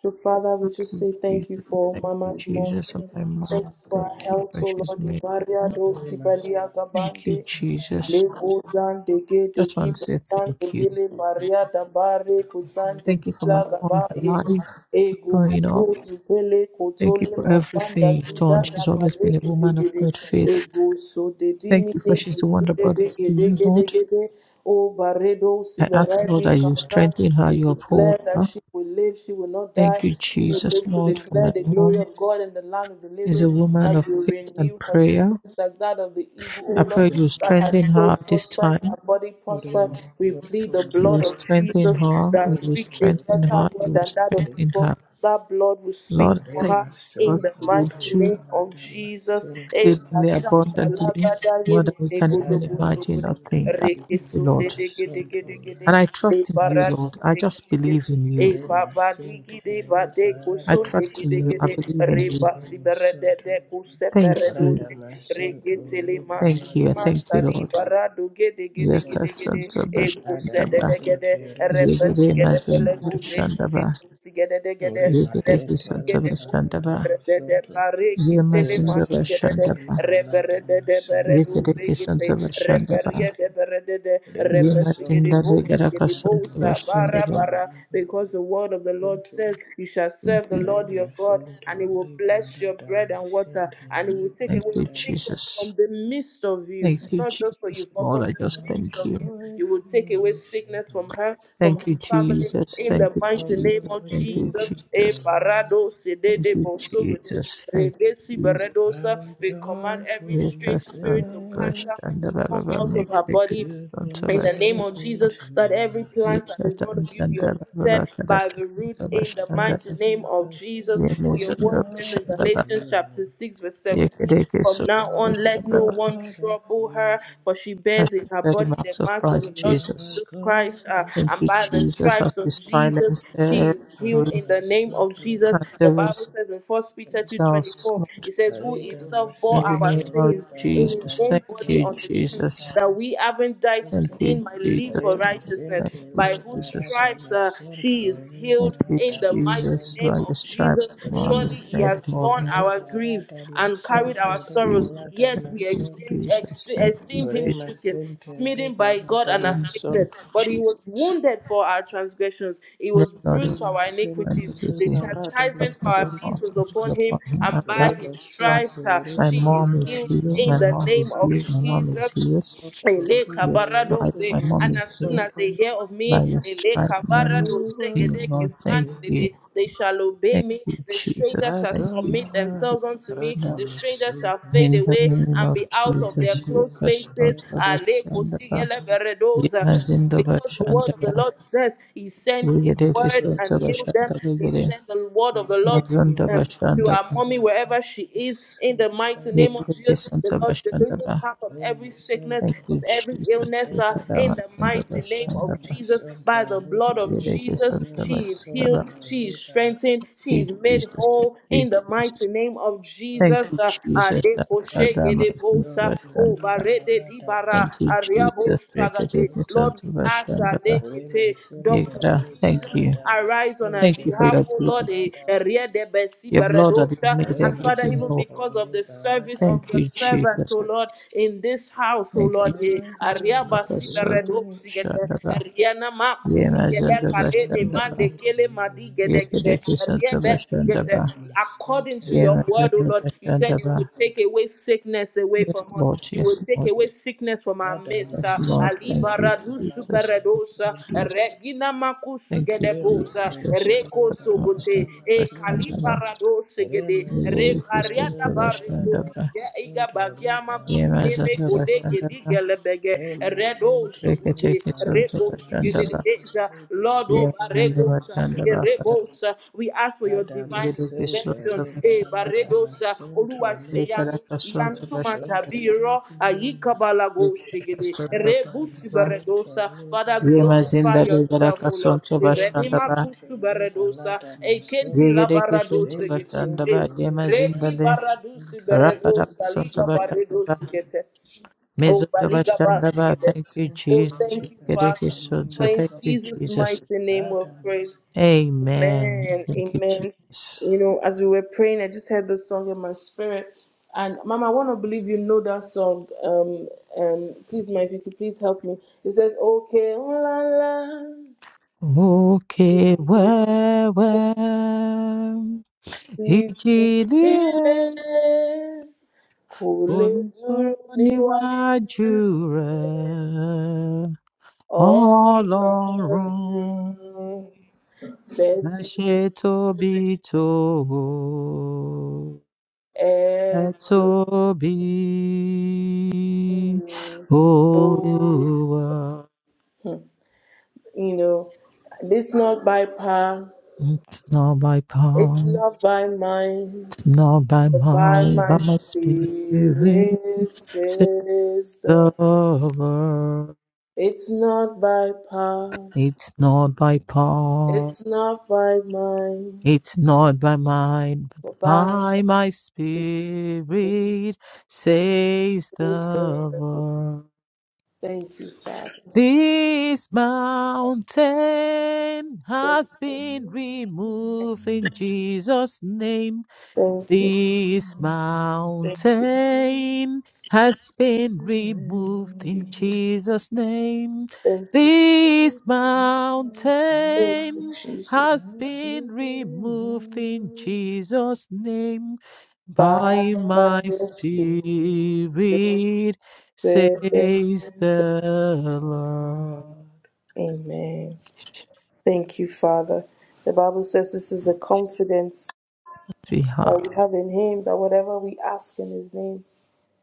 S2: So, Father, we just
S3: you,
S2: say thank you
S3: Jesus.
S2: for
S3: Thank you,
S2: Mama's mom.
S3: Jesus, for my
S2: Thank
S3: mom.
S2: you
S1: remasente
S2: for her
S3: Thank you
S2: health,
S3: for
S2: oh
S3: she's
S2: Lord.
S3: made.
S2: Ibaria do
S1: remasonto
S2: Sibalia
S3: Thank you,
S2: Gabande.
S3: Jesus.
S2: Lego zande ke te
S3: Just
S2: ki
S3: want to say
S2: zande
S3: thank you.
S2: gele Maria da bare kusande
S3: Thank you for
S2: kila
S3: my mom, her
S2: gabaye
S3: life,
S2: ego
S3: growing up.
S2: buruzu pele
S3: Thank you
S2: kotole
S3: for
S2: mazanda
S3: everything you've
S2: gida
S3: done.
S2: da
S3: She's always
S2: bare
S3: been a
S2: gede
S3: woman of
S2: gede
S3: great faith.
S2: ego so de
S3: Thank you
S2: dimine
S3: for she's the wonder that
S2: kisule
S3: brought
S2: de
S3: us to
S2: gede
S3: you,
S2: gede
S3: Lord.
S2: gede o baredo
S3: I ask,
S2: sibarati
S3: Lord, that you
S2: kaza
S3: strengthen her,
S2: we
S3: you
S2: declare
S3: uphold
S2: that
S3: her.
S2: she will live she will not die
S3: Thank you,
S2: she will
S3: Jesus,
S2: live to
S3: Lord, for
S2: declare
S3: my
S2: the glory
S3: mom
S2: of God in the land of the
S3: is
S2: living
S3: a
S1: remasonto
S3: woman
S2: that
S3: of
S2: you
S3: faith
S2: renew
S3: and
S2: her
S3: prayer.
S2: strength like that of the eagle O
S3: I
S2: Lord
S3: pray you
S2: that her
S3: strengthen her
S2: soul
S3: at this
S2: prospered, her
S3: time.
S2: body prospered.
S1: remasente
S2: We plead the
S3: You will
S2: blood of
S3: strengthen
S2: Jesus
S3: her.
S2: that
S3: You will
S2: speaks a
S3: strengthen
S2: better
S3: her.
S2: word
S3: You will
S2: than that of
S3: strengthen
S2: Abel.
S3: her.
S2: That blood will speak
S3: Lord,
S2: for
S3: thank
S2: her
S3: you, God,
S2: in the
S1: remasonto
S3: you will
S2: mighty name
S3: do
S2: of
S1: rebabata
S2: Jesus.
S1: masente
S2: Eh,
S3: exceedingly
S2: Kashanda
S1: remasente
S3: abundantly
S2: Lagada
S3: more
S2: Yeme
S3: than we can even
S1: rada
S2: Negodobo
S3: imagine
S2: Sogode,
S3: or
S1: masonto
S3: think. I
S2: Reke
S3: thank you,
S1: rekeme
S3: Lord.
S2: Sunde Dege
S1: masonto
S2: Dege Dege De,
S3: And
S1: rada
S3: I
S2: De
S3: trust in you,
S1: sente
S3: Lord.
S2: Barado
S3: I
S2: Dege
S3: just
S2: Dege
S3: believe
S2: De.
S3: in
S2: E
S3: you.
S2: baba
S1: remasente
S2: digi de ba de
S3: I
S1: rebada
S2: kusun
S3: trust
S2: digi
S3: in you.
S2: digi
S3: I
S2: de
S1: masonto
S3: believe
S2: re
S3: in you.
S2: ba
S1: rekeme
S2: sibere de
S1: masonto
S2: de
S3: Thank
S2: kusepere
S3: you.
S1: rada
S2: doze re
S1: masonto
S2: gete le manti
S3: Thank
S2: le
S1: rebabada
S3: you. Thank
S2: manta
S3: you,
S2: li
S3: Lord.
S1: masente
S2: bara do gede gede
S3: Yeka
S2: gede gede
S3: Santa
S2: e kuse de de
S3: Bashandaba.
S2: gede
S1: Adamasente
S2: re
S1: rebala
S2: pesi
S3: Yegede
S2: gede pele
S3: Mazin
S1: damasonto.
S2: doze re
S3: Bashandaba.
S2: kusi gede de gede re
S3: Yegede
S1: Remasente
S2: pesi
S3: Santa
S2: gede
S1: rebala
S3: Bashandaba.
S2: Rebede
S1: damasonto.
S2: bareki tele
S3: Yemazinda
S1: Remasente
S2: masigede de
S3: Bashandaba.
S1: rebala
S2: rebede de
S1: damasonto.
S2: beredu
S3: Yegede
S2: zigite
S3: Santa
S1: Rebala
S3: Bashandaba.
S2: reberie
S1: damasente.
S2: de berede de de rebesigede
S3: Yemazinda
S1: Remasonto
S2: bo
S3: Legaraka
S2: sigede
S1: rebala
S2: bo
S3: Santa
S2: sa bara
S1: damasonto.
S3: Bashandaba.
S2: bara
S1: Rebala
S2: because the
S1: damasente.
S2: word of the Lord says you shall
S3: Thank
S2: serve the
S3: you.
S2: Lord your God
S1: Remasonto
S2: and he will bless your
S1: rebala
S2: bread and water
S1: damasente.
S2: and he will take
S3: Thank
S1: Rebala
S2: away
S3: you,
S2: sickness
S1: damasonto.
S2: from
S3: Jesus.
S2: the midst of you
S3: Thank you,
S2: not just for you
S3: Jesus.
S2: but
S3: Lord,
S2: from
S3: I
S2: the
S3: just
S2: midst
S3: thank
S2: of
S3: you.
S2: you
S1: Joyfully
S2: he will take away sickness sickness from
S1: singing
S2: her, from
S3: Thank
S2: her
S3: you,
S2: family,
S3: Jesus.
S2: in
S3: Thank
S2: the
S3: you,
S2: mighty
S1: of
S2: name
S1: the
S3: Jesus.
S2: of
S3: Thank you,
S1: mercies
S2: Jesus.
S1: of
S2: E
S3: Jesus.
S1: the Lord.
S2: parado sede
S3: Thank
S2: de
S3: you,
S2: bosogode,
S3: Jesus. Thank you, Jesus.
S1: I
S2: beredosa.
S1: would
S2: We command every
S1: joyfully
S2: strange
S3: Don't
S2: spirit of
S3: rush
S1: say,
S2: cancer
S3: and the
S2: to come
S3: Baba
S2: out of
S3: make
S2: her
S3: the
S2: body
S3: kids
S1: You've
S3: Don't
S1: been
S2: in
S3: rush
S2: the name
S3: and
S1: so
S2: of
S1: good
S3: the
S2: Jesus, that
S1: to
S2: every
S1: us.
S2: plant that
S3: Lipsa
S2: is not of
S3: and
S2: you be
S3: the
S2: uprooted
S3: Baba
S2: by
S3: Kadaka.
S2: the roots
S3: Don't
S2: in
S3: rush
S2: the
S3: and
S1: Thank
S2: mighty
S3: the
S2: name
S1: you,
S2: of
S1: because
S2: Jesus.
S1: you are
S2: For
S3: Remus
S1: the
S2: your
S3: and
S2: word
S3: the
S2: says in
S1: God of
S3: Shandaba.
S2: Galatians
S1: healing.
S2: chapter 6, verse 17,
S3: Yakadeke
S2: from
S3: so
S2: now
S1: You
S3: rush
S1: are
S2: on,
S1: the
S2: let
S3: and the
S2: no
S3: Baba.
S2: one
S1: God of
S2: trouble
S1: favor.
S2: her, for she bears in her
S3: the
S2: body the
S3: marks of
S2: marks of the
S3: Christ
S1: You
S2: Lord
S1: are the
S3: Jesus.
S2: Jesus
S1: God
S2: Christ.
S1: of
S2: uh,
S3: Thank
S2: and
S3: you,
S2: by
S1: heaven.
S2: the
S3: Jesus, as
S2: stripes
S3: we
S2: of Jesus,
S3: silence
S2: she
S3: every
S2: is healed
S1: Pray
S2: in
S1: my
S2: the name
S1: soul
S2: of
S1: to
S2: Jesus.
S1: live
S2: The
S1: at
S2: Bible
S3: cancerous
S2: says in First Peter
S1: sin.
S2: two twenty
S3: cells,
S2: four,
S3: Lord.
S2: it says, Who
S1: Pray that my
S2: himself
S3: In
S2: bore
S3: the
S1: soul
S2: our
S1: to
S3: name of
S1: live
S2: sins in his
S1: at
S3: Jesus.
S1: my
S2: own
S3: Thank
S2: body
S3: you,
S1: sin.
S2: on the tree,
S3: Jesus.
S2: that we haven't died to
S3: Thank
S1: Santo,
S3: you,
S2: sin, might live
S3: Jesus.
S2: for
S1: Rema
S2: righteousness,
S3: Thank
S1: Sente,
S3: you,
S2: by whose
S3: Jesus.
S1: Liberada
S2: stripes uh,
S1: Masunto,
S2: she is
S3: Thank
S2: healed
S3: you,
S2: in
S1: Liberada
S2: the mighty
S3: Jesus.
S2: the
S1: Masunto,
S2: name
S3: By your
S2: of
S3: stripe,
S2: Jesus.
S3: the man
S1: Rema
S2: Surely
S3: is
S2: he
S3: made
S2: has
S1: Sente,
S3: whole.
S2: borne
S3: Lord.
S2: our griefs
S1: Liberada
S2: and
S3: Thank
S2: carried
S1: Masunto,
S3: you,
S2: our sorrows,
S1: Liberada
S3: Jesus.
S2: yet
S3: Thank
S2: we
S3: you,
S1: Masunto,
S2: esteemed, ex-
S3: Jesus. Thank you,
S2: esteemed him
S3: Jesus.
S1: Rema
S2: stricken,
S1: Sente,
S2: smitten by God
S1: Liberada
S2: and
S3: Mm, Thank you,
S2: afflicted.
S1: Masunto,
S2: But he was
S3: Jesus.
S2: wounded for our transgressions, he
S3: Let
S2: was
S3: God of
S2: bruised for
S1: Rema
S2: our
S1: Sente,
S2: iniquities.
S1: Liberada Masunto, Rema Sente,
S2: The
S3: iniquity, which
S1: Liberada Masunto, Liberada Masunto, Liberada
S3: has
S2: chastisement for our
S3: never
S2: peace
S3: caused
S1: Masunto,
S2: was
S3: us
S2: upon
S3: was
S2: him,
S3: upon him, and
S2: and by
S3: that
S2: his
S3: right.
S2: stripes uh,
S3: My
S2: she is
S3: mom is
S2: healed
S3: here.
S2: in
S3: My
S2: the
S3: mom
S2: name
S3: is
S2: of
S3: here. My mom is
S2: Jesus.
S3: here.
S2: Ele
S3: By your
S2: kabarado
S3: stripe,
S2: se,
S3: my mom
S2: And
S3: is
S2: as soon
S3: here.
S2: as they hear of
S3: By
S2: me,
S3: your
S2: ele
S3: stripe, my mom
S2: kabarado
S3: is
S1: we
S2: se,
S3: here.
S2: gede ke
S3: Lord,
S1: worship
S3: thank
S1: you.
S2: skande
S3: you.
S2: dede, they shall obey
S3: Thank
S2: me.
S3: you,
S2: The
S3: Jesus.
S2: stranger shall
S3: Thank you,
S2: submit
S1: Adonai,
S3: Jesus.
S2: themselves unto me.
S3: Lord,
S2: The stranger shall
S1: Radamasunda,
S3: in
S2: fade
S3: the
S2: away
S3: name
S2: and
S3: of
S2: be out of
S1: Roma
S2: their
S3: Jesus, we
S2: close
S3: trust
S1: Sentence,
S3: on
S2: spaces. Ale kosi
S3: Tabashandaba.
S2: ele beredoza. And
S3: Yemazindo
S1: Lord,
S2: because the word of the
S3: Bashandaba.
S2: Lord says he sent his
S1: I
S2: word
S3: Wigedekisun
S1: declare
S2: and healed
S1: healing,
S2: them, We
S3: Tabashandaba.
S2: send the word
S1: I
S2: of the Lord
S1: declare
S2: to,
S3: Mazundo
S2: um,
S1: healing,
S2: to our
S3: Bashandaba.
S1: I
S2: mommy wherever
S1: declare
S2: she is.
S1: peace, I
S2: In the mighty name of
S1: declare ease.
S2: Jesus,
S3: Yekidekisun
S2: the Lord delivers
S3: Tabashandaba.
S2: her from every sickness,
S3: Thank
S1: Remasunto,
S2: from
S3: you,
S2: every
S3: Jesus.
S2: illness.
S3: We
S2: uh,
S1: Adamas,
S2: in the
S3: Yekadawazindo
S2: mighty name of
S3: Bashandaba.
S2: Jesus,
S1: Adamasonto,
S2: by the
S1: Libe,
S2: blood of
S3: Wigedekisun
S2: Jesus, she is healed,
S3: Tabashandaba.
S1: Rikemimusonto,
S2: she is
S1: Reba,
S2: strengthened, she
S3: Thank
S2: is
S3: you,
S2: made
S3: Jesus.
S1: Rikemimusonto,
S3: Thank
S2: whole.
S3: you,
S2: In the
S3: Jesus.
S2: mighty name of
S3: Thank
S2: Jesus,
S3: you, Jesus.
S2: uh, de
S3: Akadamazindo
S2: bosa
S1: Radamasonto,
S2: o
S3: Bashandaba.
S1: Liba,
S2: barede di bara
S3: Thank
S1: Radamasonto,
S3: you,
S2: ariabo
S3: Jesus.
S2: sagate. Lord, we ask that
S3: Rikitikisotabashandabahira.
S1: Ore
S2: lekete
S1: masente
S2: Dr.
S1: le
S3: Thank
S2: Jesus
S3: you.
S1: barada
S2: arise on our
S1: masonto
S3: Thank you for
S1: le
S2: behalf,
S3: your
S2: oh
S3: blood.
S2: Lord,
S3: Lord.
S2: eh,
S1: barada ma-
S2: eriede besi
S3: Your blood that has
S2: beredosa.
S3: made
S1: Ore
S2: and Father,
S3: everything
S2: even
S3: whole.
S1: masonto
S2: because
S1: le
S2: of the service
S1: barada
S2: of
S3: Thank
S2: your
S3: you,
S1: masonto
S2: servant,
S3: Jesus.
S2: oh Lord, in this house, oh
S3: Thank you,
S1: my
S2: Lord, eh,
S1: life
S3: Jesus.
S2: ariaba
S1: is
S2: si
S1: in.
S2: beredosigete,
S3: Rakasotabashandaba.
S2: eriana makusi
S1: You've
S2: gele
S1: been
S2: karede
S1: so
S2: mande
S3: Yemazandabashandaba.
S1: good to
S2: kele
S1: me.
S2: madi gede gede, aria besi Gete.
S3: Yekidikisotabashandaba.
S1: Ore
S2: According
S1: masente
S2: to
S1: le
S2: your word, O Lord, you said you
S3: Yemazandabashandaba.
S2: would
S1: masonto
S2: take away sickness away
S3: Yes,
S2: from us.
S3: Lord.
S2: You
S3: Yes,
S2: would take
S3: Lord.
S2: away sickness from our
S1: barada
S2: midst.
S3: Yes,
S2: uh,
S3: Lord.
S1: masonto
S2: Ali
S3: Thank you,
S1: le
S2: baradu
S1: barada
S3: Jesus. Thank you,
S2: superedosa,
S1: masonto.
S3: Jesus.
S2: regina makusu
S3: Thank
S1: Ore
S3: you,
S2: gedebosa,
S1: masente le
S2: reko
S1: barada
S2: sogote, e kali
S1: masente.
S3: Jesus.
S2: barado
S1: Ore
S2: segede, re
S1: masonto
S2: pariada
S1: le
S2: bareko
S1: barada
S3: Yerekesodabashandaba.
S2: suge, iga
S1: masonto le
S2: bagia magu
S1: barada
S2: gineme gode
S1: masonto.
S2: gedi
S3: Yemazodabashandaba.
S2: gelebege, redo
S1: Remasente
S2: sogote,
S1: reparata
S2: reko
S3: Reketekesodabashandaba.
S1: masonto
S2: it is. uh, Lord, oh, Baregos, uh,
S3: Yemazindabashandaba.
S1: reperemasonto
S2: uh, we ask for your
S1: rada
S2: divine
S1: masente
S2: intervention. Eh,
S1: reparata
S3: Yerekesodabashandaba.
S2: Baredos, uh,
S1: masonto
S2: Oluwa Sheyanu,
S1: reparata
S2: Iyanu
S1: masonto
S3: Rekarakasodabashandaba.
S2: Tumatabiro,
S1: reperemas
S2: Ayikabalago Shigede,
S1: rada
S2: Rebusi
S3: Yekarakasodabashandaba.
S1: masente
S2: Baredos, uh, Father,
S1: reparata
S2: glorify yourself,
S1: masonto
S2: O Lord. Erenima
S3: Yemazindabekarakasodabashandaba.
S1: remasente
S2: Kusu Baredos, uh,
S1: reparata
S2: Ekenti
S1: masonto
S2: Labarados, Shigede,
S3: Yerekesodabashandaba.
S1: remasonto
S2: eh,
S1: reparata
S2: Redi
S3: Yemazindale.
S2: Baradusi
S1: masonto
S2: Baredos, Liga
S3: Rakarakasodabashandaba.
S2: Baredos, Shigede. Oh, Baliga
S3: Mezodabashandaba.
S2: Basigede.
S3: Thank you,
S1: masonto
S2: Oh,
S3: Jesus.
S2: thank you,
S1: reparata
S2: Father. For
S3: Reketekesodabashandaba.
S2: in
S3: Thank
S1: masonto
S3: you,
S2: Jesus'
S3: Jesus.
S2: mighty name
S1: rada
S2: we've prayed.
S1: masonto
S3: Amen.
S2: Amen.
S3: Thank you,
S2: Amen.
S3: Jesus.
S2: You know, as we were praying, I just heard the song in my spirit. And Mama, I want to believe you know that song. Um, um, please, my if you could please help me. It says, Okay, oh, la la. to
S3: Okay,
S2: you,
S3: where, where?
S2: you
S3: ìjì líle
S2: Jesus, kò
S3: kò
S2: lè
S3: lè tó
S2: dúró níwájú
S3: níwájú rẹ
S2: rẹ̀. All
S3: ọlọrun
S2: Lord,
S3: ẹ
S2: Betty
S3: ṣe tóbi tó ẹ
S2: and to
S3: tóbi
S2: oh,
S3: olúwa
S2: you know, this not by power,
S3: it's not by
S2: it's
S3: power
S2: not by mind,
S3: It's not by
S2: but by
S3: mind,
S2: my
S3: but my spirit, says
S2: spirit, says the.
S3: the Lord.
S2: It's not by power,
S3: It's not by power,
S2: it's not by mind,
S3: it's not by mind, but
S2: but by
S3: by
S2: my
S3: my
S2: spirit.
S3: spirit, says
S2: says the-
S3: the Lord.
S2: Thank you, Father.
S3: This mountain
S2: Thank
S3: has
S2: you.
S3: been removed in Jesus' name.
S2: Thank you,
S3: This
S2: thank
S3: mountain has been removed
S2: you,
S3: in Jesus' name.
S2: thank you,
S3: This
S2: thank you,
S3: mountain
S2: Jesus.
S3: has been removed in Jesus' name
S2: By
S3: by
S2: my
S3: my spirit,
S2: spirit.
S3: says the Lord.
S2: Amen. Thank you, Father. The Bible says this is the confidence
S3: Thank you, Jesus. We have
S2: that we have in Him that whatever we ask in His name,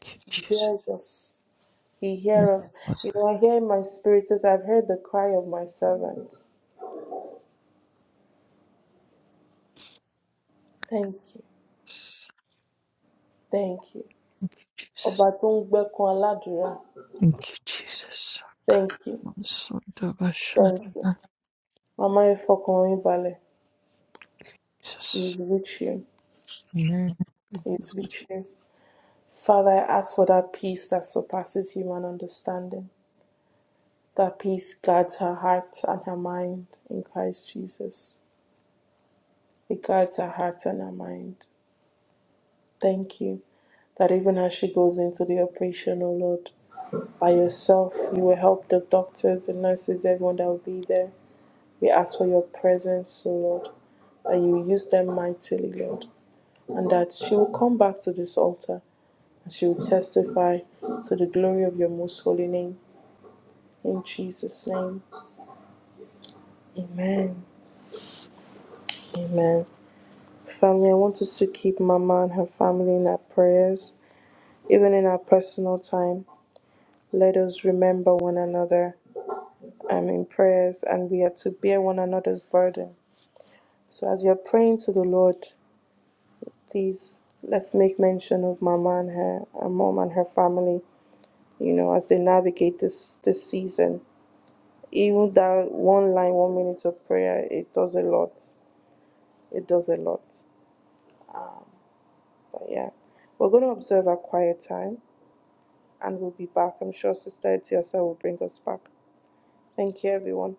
S3: Thank you,
S2: He
S3: Jesus.
S2: hears us. He
S3: Yes,
S2: hears us.
S3: Lord.
S2: You know, I hear in my spirit says, I've heard the cry of my servant. Thank you. Thank you.
S3: Thank you, Jesus.
S2: Ọba tó ń gbẹ́kun aládùúrà.
S3: Thank you, Jesus.
S2: Thank you. Thank you. Mama Ifọkànrin balẹ̀.
S3: Jesus.
S2: We reach you.
S3: Amen.
S2: is with you. Father, I ask for that peace that surpasses human understanding. That peace guards her heart and her mind in Christ Jesus. It guards her heart and her mind. Thank you that even as she goes into the operation, O Lord, by yourself, you will help the doctors, the nurses, everyone that will be there. We ask for your presence, O Lord, that you use them mightily, Lord, and that she will come back to this altar and she will testify to the glory of your most holy name. In Jesus' name, amen. Amen. Family, I want us to keep Mama and her family in our prayers, even in our personal time. Let us remember one another um, in prayers, and we are to bear one another's burden. So, as you're praying to the Lord, please let's make mention of Mama and her, her mom and her family, you know, as they navigate this, this season. Even that one line, one minute of prayer, it does a lot. It does a lot. But yeah, we're going to observe our quiet time and we'll be back. I'm sure Sister Etiosa will bring us back. Thank you, everyone.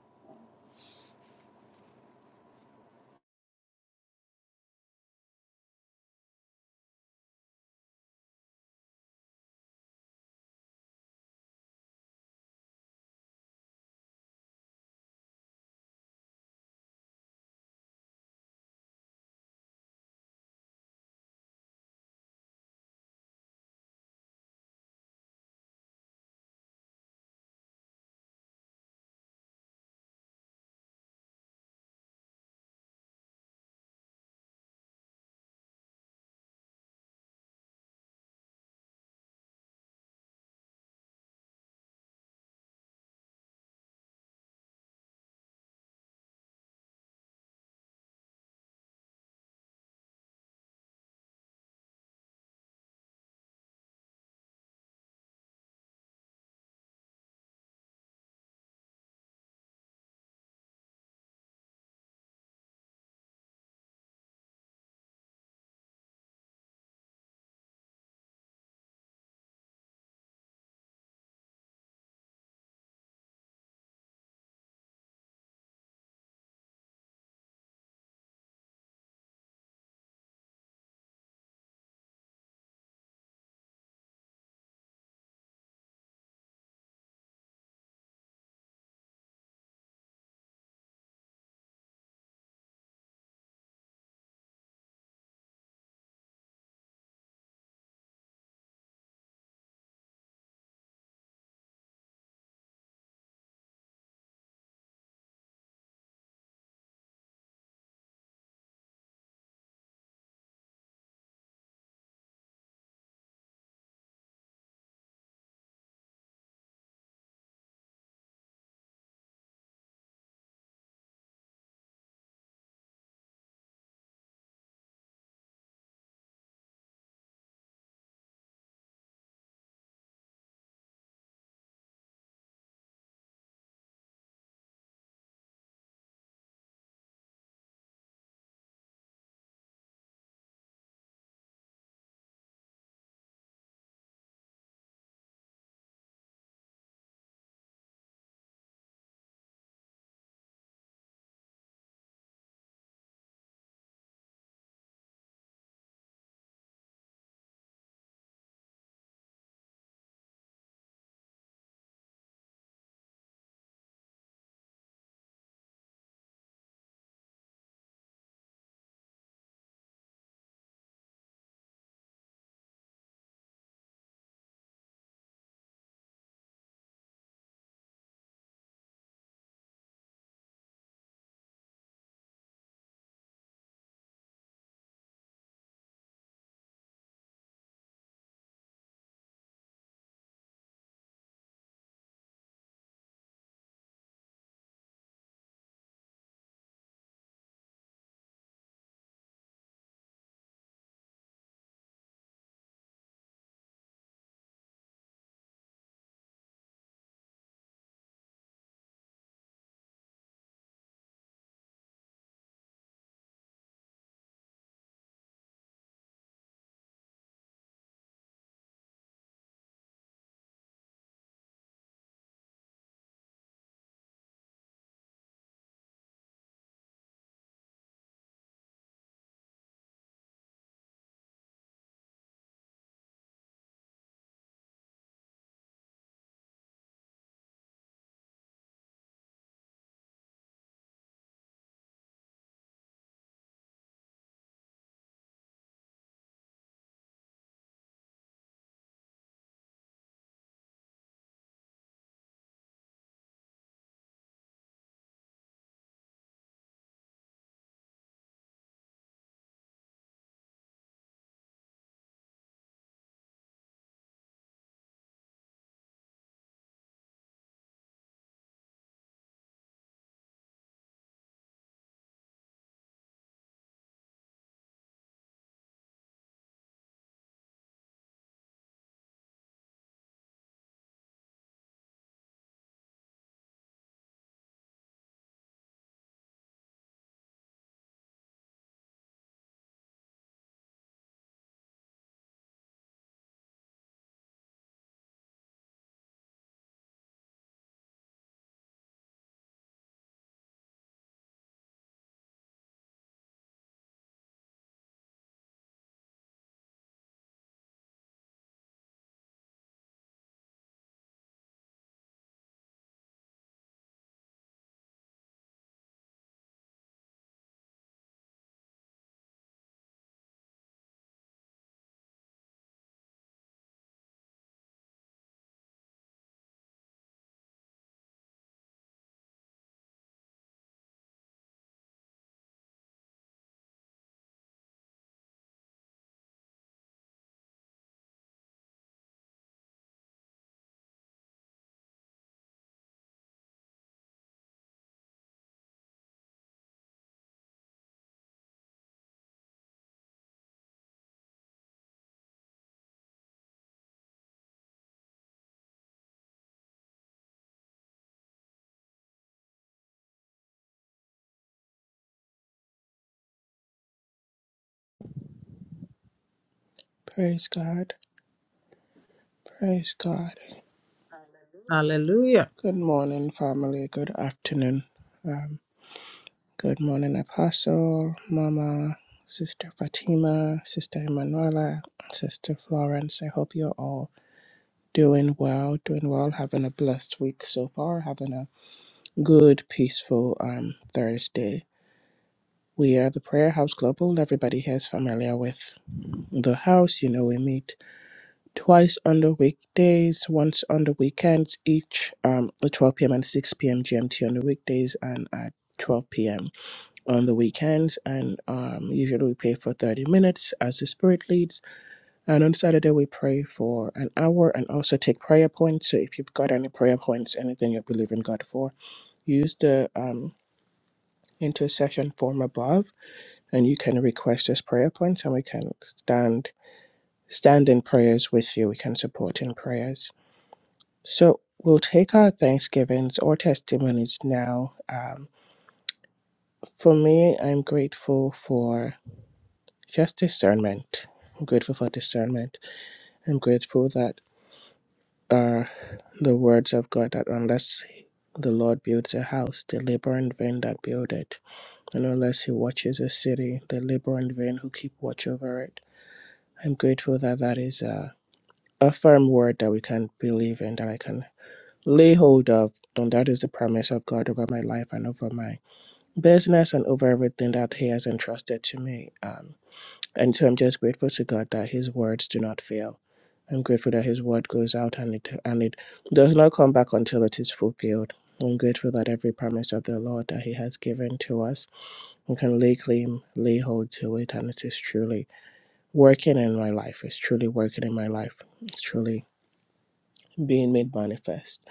S1: Praise God. Praise God.
S3: Hallelujah.
S1: Good morning, family. Good afternoon. Um, Good morning, Apostle, Mama, Sister Fatima, Sister Emanuela, Sister Florence. I hope you're all doing well, doing well, having a blessed week so far, having a good, peaceful um, Thursday. We are the Prayer House Global. Everybody here is familiar with the house. You know, we meet twice on the weekdays, once on the weekends, each um, at 12 p.m. and 6 p.m. GMT on the weekdays and at 12 p.m. on the weekends, and um, usually we pray for 30 minutes as the Spirit leads. And on Saturday, we pray for an hour and also take prayer points. So if you've got any prayer points, anything you believe in God for, use the um, intercession form above, and you can request us prayer points, and we can stand stand in prayers with you. We can support in prayers. So we'll take our thanksgivings or testimonies now. Um, for me, I'm grateful for. Just discernment. I'm grateful for discernment. I'm grateful that uh, the words of God that unless the Lord builds a house, they labor in vain that build it. And unless he watches a city, they labor in vain who keep watch over it. I'm grateful that that is a, a firm word that we can believe in, that I can lay hold of. And that is the promise of God over my life and over my business and over everything that he has entrusted to me. Um, And so I'm just grateful to God that His words do not fail. I'm grateful that His word goes out and it and it does not come back until it is fulfilled. I'm grateful that every promise of the Lord that He has given to us, we can lay claim, lay hold to it, and it is truly working in my life. It's truly working in my life. It's truly being made manifest.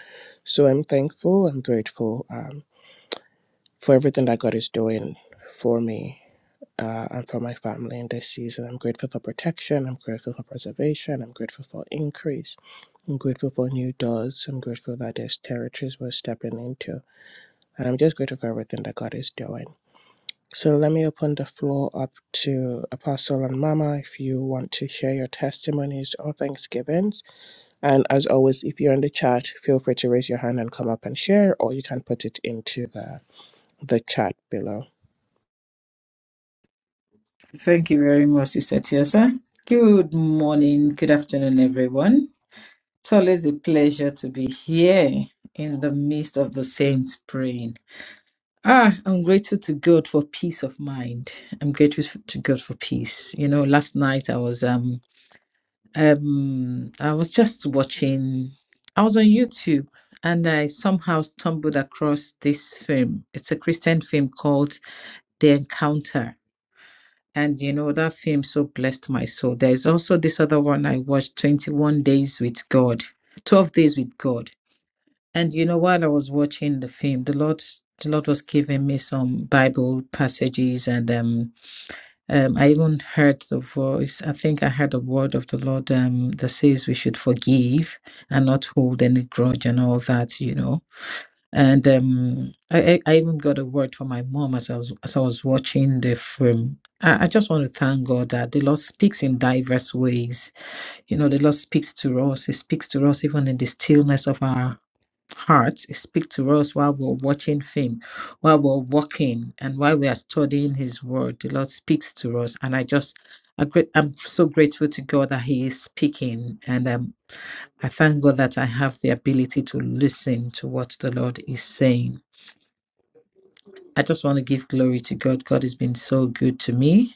S1: So I'm thankful. I'm grateful um, for everything that God is doing for me uh, and for my family in this season. I'm grateful for protection. I'm grateful for preservation. I'm grateful for increase. I'm grateful for new doors. I'm grateful that there's territories we're stepping into. And I'm just grateful for everything that God is doing. So let me open the floor up to Apostle and Mama if you want to share your testimonies or thanksgivings. And as always, if you're in the chat, feel free to raise your hand and come up and share, or you can put it into the the chat below.
S3: Thank you very much, Sister Tiosa. Good morning, good afternoon, everyone. It's always a pleasure to be here in the midst of the saints praying. Ah, I'm grateful to God for peace of mind. I'm grateful to God for peace. You know, last night I was um Um, I was just watching, I was on YouTube and I somehow stumbled across this film. It's a Christian film called The Encounter. And you know, that film so blessed my soul. There's also this other one I watched, 21 Days with God, 12 Days with God. And you know, while I was watching the film, the Lord the Lord was giving me some Bible passages and um um, I even heard the voice. I think I heard the word of the Lord um, that says we should forgive and not hold any grudge and all that, you know. And um, I, I I even got a word from my mom as I was as I was watching the film. I, I just want to thank God that the Lord speaks in diverse ways. You know, the Lord speaks to us. He speaks to us even in the stillness of our heart speak to us while we're watching film while we're walking and while we are studying his word the lord speaks to us and i just I great, i'm so grateful to god that he is speaking and um, i thank god that i have the ability to listen to what the lord is saying i just want to give glory to god god has been so good to me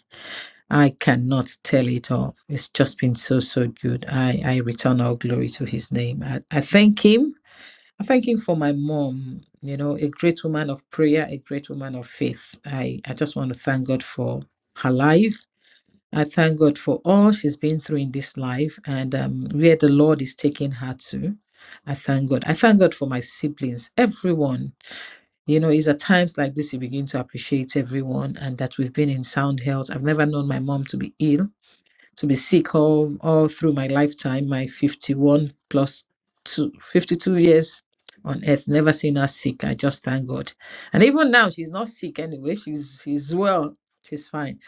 S3: i cannot tell it all it's just been so so good i i return all glory to his name i, I thank him I thank you for my mom, you know, a great woman of prayer, a great woman of faith. I, I just want to thank God for her life. I thank God for all she's been through in this life and um, where the Lord is taking her to. I thank God. I thank God for my siblings, everyone. You know, it's at times like this you begin to appreciate everyone and that we've been in sound health. I've never known my mom to be ill to be sick all all through my lifetime, my 51 two fifty two fifty-two years on earth, never seen her sick. I just thank God. And even now, she's not sick anyway. She's she's well. She's fine.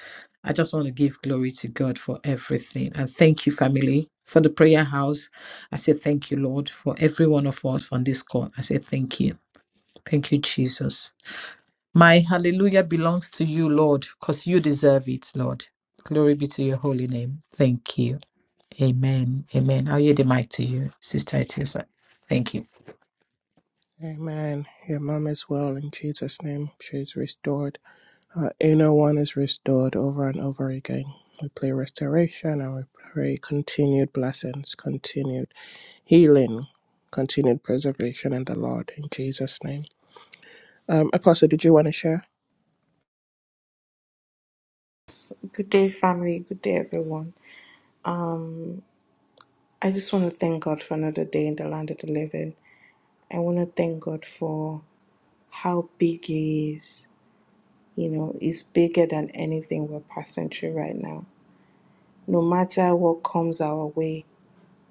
S3: I just want to give glory to God for everything. And thank you, family, for the prayer house. I say thank you, Lord, for every one of us on this call. I say thank you. Thank you, Jesus. My hallelujah belongs to you, Lord, because you deserve it, Lord. Glory be to your holy name. Thank you. Amen. Amen. I'll yield the mic to you, Sister Etiosa. Thank you.
S1: Amen. Your mom is well in Jesus' name. She's restored. Her inner one is restored over and over again. We pray restoration and we pray continued blessings, continued healing, continued preservation in the Lord in Jesus' name. Um, Apostle, did you want to share?
S2: Good day, family. Good day, everyone. I just want to thank God for another day in the land of the living. I want to thank God for how big He is. You know, He's bigger than anything we're passing through right now. No matter what comes our way,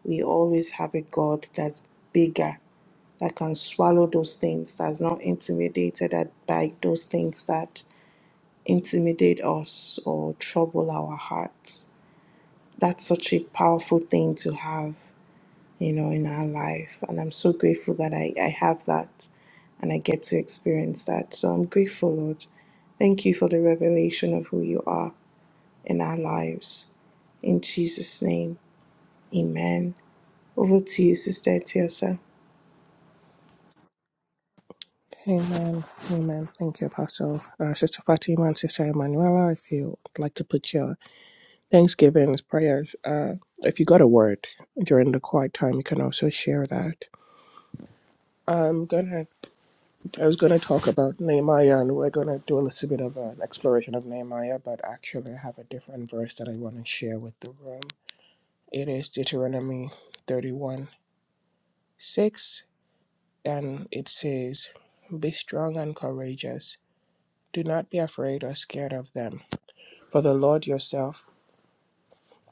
S2: we always have a God that's bigger, that can swallow those things, that's not intimidated at by those things, that. intimidate us or trouble our hearts. That's such a powerful thing to have, you know, in our life. And I'm so grateful that I, I have that and I get to experience that. So I'm grateful, Lord. Thank you for the revelation of who you are in our lives. In Jesus' name, amen. Over to you, Sister Etiosa.
S1: Amen. Amen. Thank you, Apostle. Uh, Sister Fatima and Sister Emanuela, if you'd like to put your thanksgivings, prayers, uh, if you got a word during the quiet time, you can also share that. I'm gonna. I was gonna talk about Nehemiah, and we're gonna do a little bit of an exploration of Nehemiah. But actually, I have a different verse that I want to share with the room. It is Deuteronomy thirty-one six, and it says, "Be strong and courageous. Do not be afraid or scared of them, for the Lord yourself,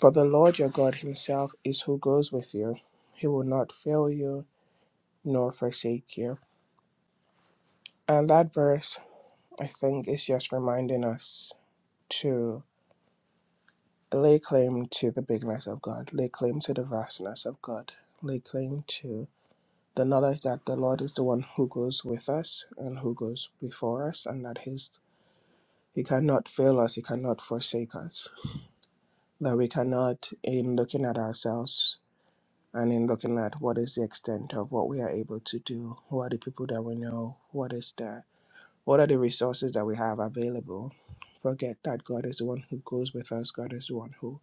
S1: for the Lord your God Himself is who goes with you. He will not fail you nor forsake you." And that verse, I think, is just reminding us. lay claim to the bigness of God, lay claim to the vastness of God, lay claim to the knowledge that the Lord is the one who goes with us and who goes before us, and that His He cannot fail us, He cannot forsake us. That we cannot, in looking at ourselves and in looking at what is the extent of what we are able to do, who are the people that we know, what is there, what are the resources that we have available, forget that God is the one who goes with us, God is the one who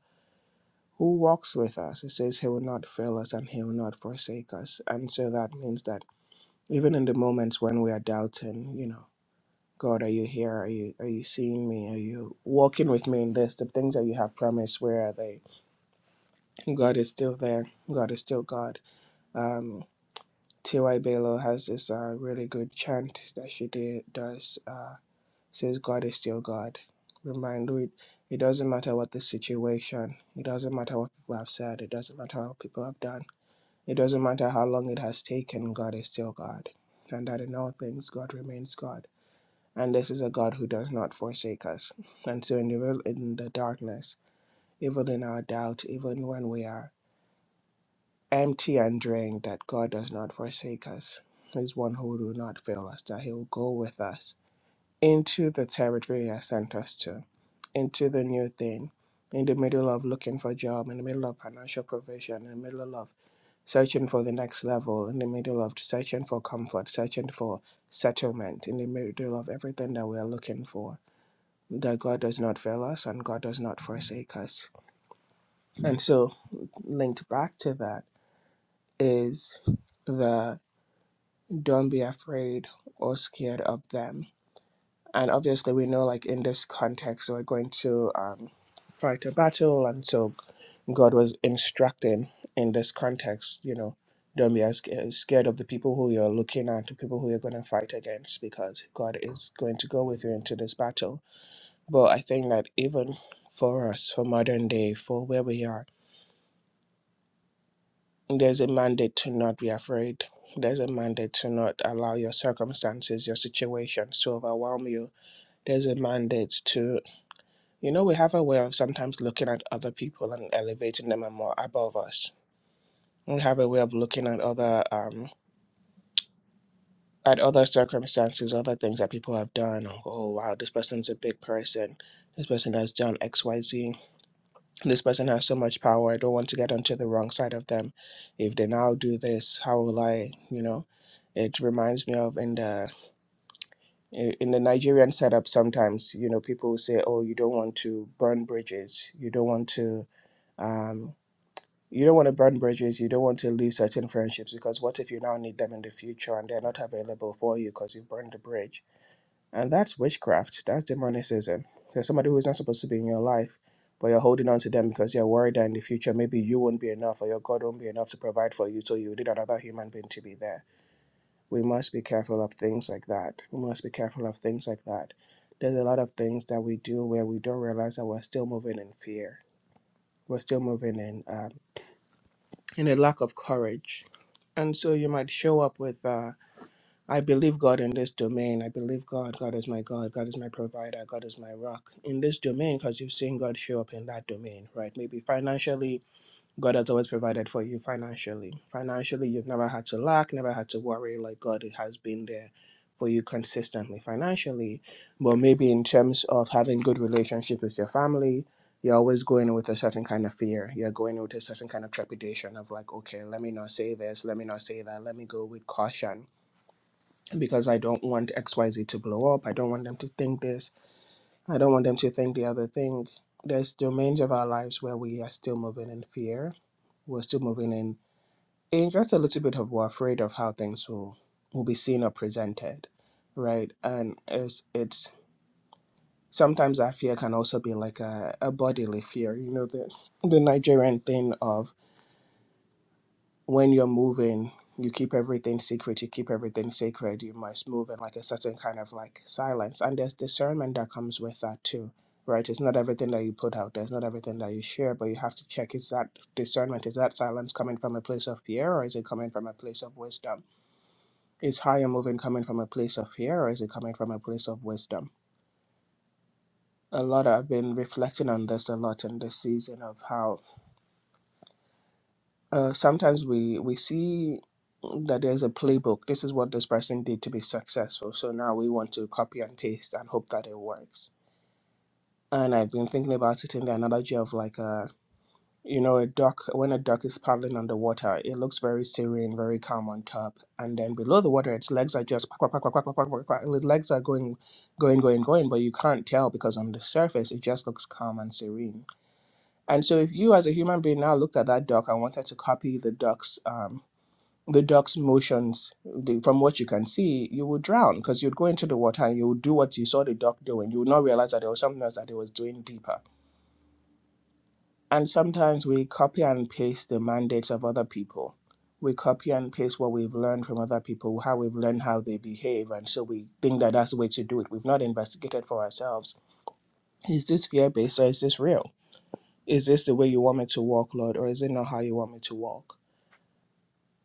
S1: who walks with us. It says he will not fail us and he will not forsake us. And so that means that even in the moments when we are doubting, you know, God, are you here? Are you are you seeing me? Are you walking with me in this? The things that you have promised, where are they? God is still there. God is still God. Um, T.Y. Belo has this uh, really good chant that she did, does. Uh, says God is still God. Remind we it doesn't matter what the situation, it doesn't matter what people have said, it doesn't matter what people have done. It doesn't matter how long it has taken, God is still God. And that in all things, God remains God. And this is a God who does not forsake us. And so, in the, in the darkness, even in our doubt, even when we are empty and drained, that God does not forsake us. He's one who will not fail us, that He will go with us into the territory He has sent us to, into the new thing, in the middle of looking for a job, in the middle of financial provision, in the middle of searching for the next level in the middle of searching for comfort, searching for settlement in the middle of everything that we are looking for. That God does not fail us and God does not forsake us. And so, linked back to that is the don't be afraid or scared of them. And obviously, we know, like in this context, we're going to um, fight a battle, and so God was instructing in this context, you know, don't be as as scared of the people who you're looking at, the people who you're going to fight against, because God is going to go with you into this battle. But I think that even for us, for modern day, for where we are, there's a mandate to not be afraid. There's a mandate to not allow your circumstances, your situations to overwhelm you. There's a mandate to, you know, we have a way of sometimes looking at other people and elevating them and more above us and have a way of looking at other um at other circumstances, other things that people have done. Oh wow, this person's a big person. This person has done X, Y, Z. This person has so much power. I don't want to get onto the wrong side of them. If they now do this, how will I? You know, it reminds me of in the i- in the Nigerian setup. Sometimes you know people will say, "Oh, you don't want to burn bridges. You don't want to." Um, You don't want to burn bridges. You don't want to lose certain friendships because what if you now need them in the future and they're not available for you because you burned the bridge? And that's witchcraft. That's demonicism. There's somebody who's not supposed to be in your life, but you're holding on to them because you're worried that in the future maybe you won't be enough or your God won't be enough to provide for you, so you need another human being to be there. We must be careful of things like that. We must be careful of things like that. There's a lot of things that we do where we don't realize that we're still moving in fear. We're still moving in. uh, and a lack of courage. And so you might show up with, uh, I believe God in this domain. I believe God. God is my God. God is my provider. God is my rock in this domain because you've seen God show up in that domain, right? Maybe financially, God has always provided for you financially. Financially, you've never had to lack, never had to worry. Like God has been there for you consistently financially. But maybe in terms of having good relationship with your family, you're always going with a certain kind of fear. You're going with a certain kind of trepidation of like, okay, let me not say this, let me not say that, let me go with caution because I don't want XYZ to blow up. I don't want them to think this. I don't want them to think the other thing. There's domains of our lives where we are still moving in fear. We're still moving in and that's a little bit of we're afraid of how things will will be seen or presented, right? And it's it's sometimes that fear can also be like a, a bodily fear, you know, the the Nigerian thing of when you're moving, you keep everything secret, you keep everything sacred, you must move in like a certain kind of like silence. And there's discernment that comes with that too. Right, it's not everything that you put out there. It's not everything that you share, but you have to check: is that discernment, is that silence coming from a place of fear, or is it coming from a place of wisdom? Is higher moving coming from a place of fear or is it coming from a place of wisdom? A lot I've been reflecting on this a lot in this season of how uh, sometimes we we see that there's a playbook. This is what this person did to be successful. So now we want to copy and paste and hope that it works. And I've been thinking about it in the analogy of like a. You know, a duck, when a duck is paddling underwater, it looks very serene, very calm on top. And then below the water, its legs are just quack, quack, quack, quack, quack, quack, quack, quack, quack. The legs are going, going, going, going, but you can't tell because on the surface, it just looks calm and serene. And so if you as a human being now looked at that duck and wanted to copy the duck's, um, the duck's motions the, from what you can see, you would drown because you'd go into the water and you would do what you saw the duck doing. You would not realize that there was something else that it was doing deeper and sometimes we copy and paste the mandates of other people. We copy and paste what we've learned from other people, how we've learned how they behave. And so we think that that's the way to do it. We've not investigated for ourselves. Is this fear based or is this real? Is this the way you want me to walk, Lord, or is it not how you want me to walk?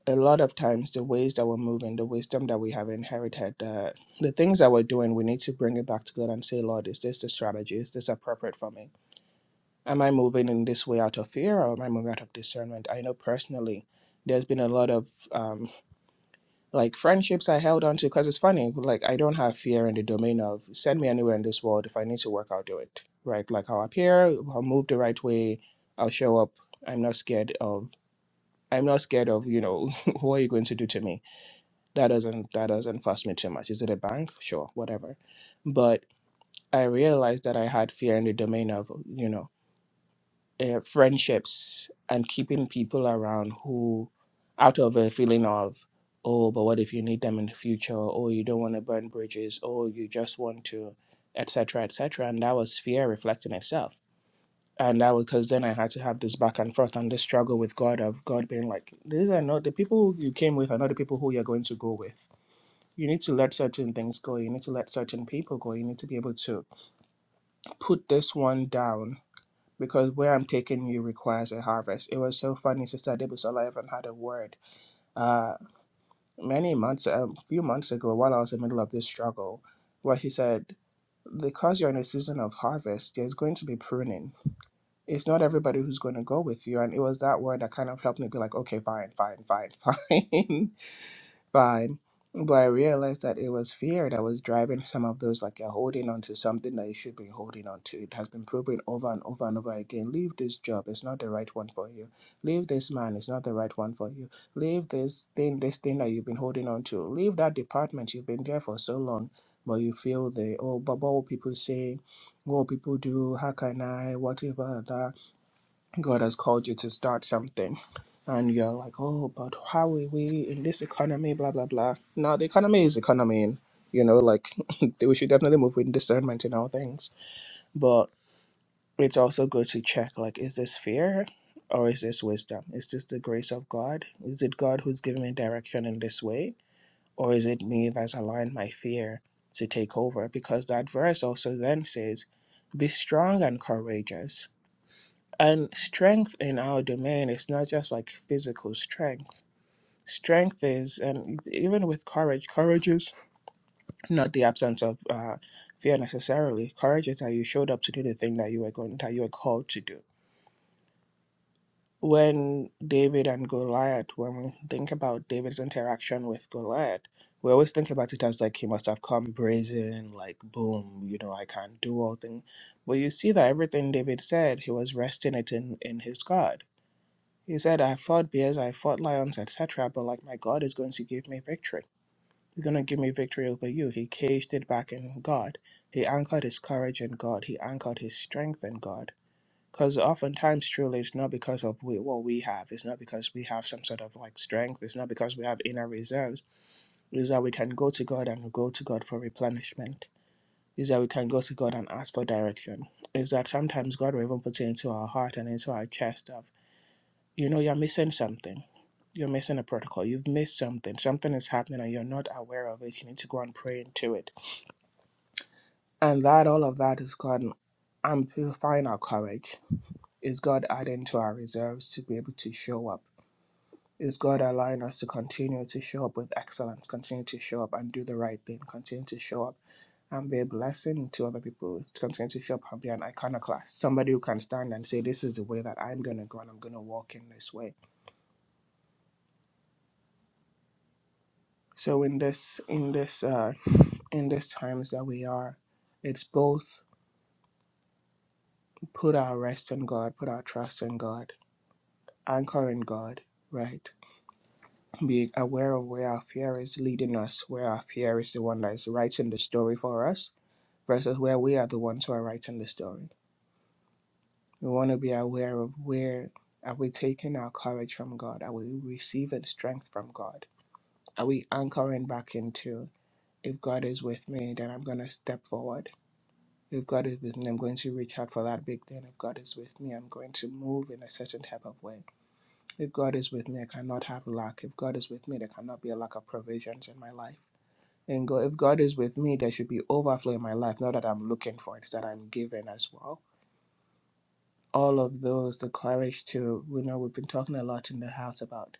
S1: A lot of times, the ways that we're moving, the wisdom that we have inherited, the, the things that we're doing, we need to bring it back to God and say, Lord, is this the strategy? Is this appropriate for me? Am I moving in this way out of fear or am I moving out of discernment? I know personally there's been a lot of um, like friendships I held on to because it's funny, like I don't have fear in the domain of send me anywhere in this world. If I need to work, I'll do it. Right? Like I'll appear, I'll move the right way, I'll show up. I'm not scared of I'm not scared of, you know, what you're going to do to me. That doesn't that doesn't fuss me too much. Is it a bank? Sure, whatever. But I realized that I had fear in the domain of, you know. uh, friendships and keeping people around who, out of a feeling of, oh, but what if you need them in the future? Or you don't want to burn bridges? Or you just want to, etc., etc. And that was fear reflecting itself. And that was because then I had to have this back and forth and this struggle with God of God being like, these are not the people you came with are not the people who you're going to go with. You need to let certain things go. You need to let certain people go. You need to be able to put this one down because where I'm taking you requires a harvest. It was so funny, Sister Debusola even had a word uh, many months, a few months ago, while I was in the middle of this struggle, where she said, because you're in a season of harvest, there's going to be pruning. It's not everybody who's going to go with you. And it was that word that kind of helped me be like, okay, fine, fine, fine, fine fine. But I realized that it was fear that was driving some of those, like you're holding on to something that you should be holding on to. It has been proven over and over and over again. Leave this job, it's not the right one for you. Leave this man, it's not the right one for you. Leave this thing, this thing that you've been holding on to. Leave that department, you've been there for so long, but you feel the, oh, but what will people say? What will people do? How can I? What if, blah, blah, blah. God has called you to start something. And you're like, oh, but how are we in this economy? Blah, blah, blah. Now, the economy is economy. you know, like, we should definitely move with discernment in all things. But it's also good to check, like, is this fear or is this wisdom? Is this the grace of God? Is it God who's giving me direction in this way? Or is it me that's allowing my fear to take over? Because that verse also then says, be strong and courageous and strength in our domain is not just like physical strength. Strength is, and even with courage, courage is not the absence of uh, fear necessarily. Courage is that you showed up to do the thing that you were going, that you were called to do. When David and Goliath, when we think about David's interaction with Goliath, we always think about it as like he must have come brazen, like boom, you know, I can't do all things. But you see that everything David said, he was resting it in in his God He said, I fought bears, I fought lions, etc., but like my God is going to give me victory. He's going to give me victory over you. He caged it back in God. He anchored his courage in God. He anchored his strength in God. Because oftentimes, truly, it's not because of we, what we have. It's not because we have some sort of like strength. It's not because we have inner reserves. It's that we can go to God and go to God for replenishment. It's that we can go to God and ask for direction. It's that sometimes God will even put it into our heart and into our chest of you know you're missing something you're missing a protocol you've missed something something is happening and you're not aware of it you need to go and pray into it and that all of that is god amplifying our courage is god adding to our reserves to be able to show up is god allowing us to continue to show up with excellence continue to show up and do the right thing continue to show up and be a blessing to other people to continue to show up and be an iconoclast somebody who can stand and say this is the way that i'm going to go and i'm going to walk in this way So in this in this uh, in this times that we are, it's both put our rest in God, put our trust in God, anchor in God, right? Be aware of where our fear is leading us, where our fear is the one that is writing the story for us, versus where we are the ones who are writing the story. We want to be aware of where are we taking our courage from God? Are we receiving strength from God? Are we anchoring back into if God is with me, then I'm gonna step forward? If God is with me, I'm going to reach out for that big thing. If God is with me, I'm going to move in a certain type of way. If God is with me, I cannot have lack. If God is with me, there cannot be a lack of provisions in my life. And go, if God is with me, there should be overflow in my life. Not that I'm looking for it, that I'm given as well. All of those, the courage to, you know, we've been talking a lot in the house about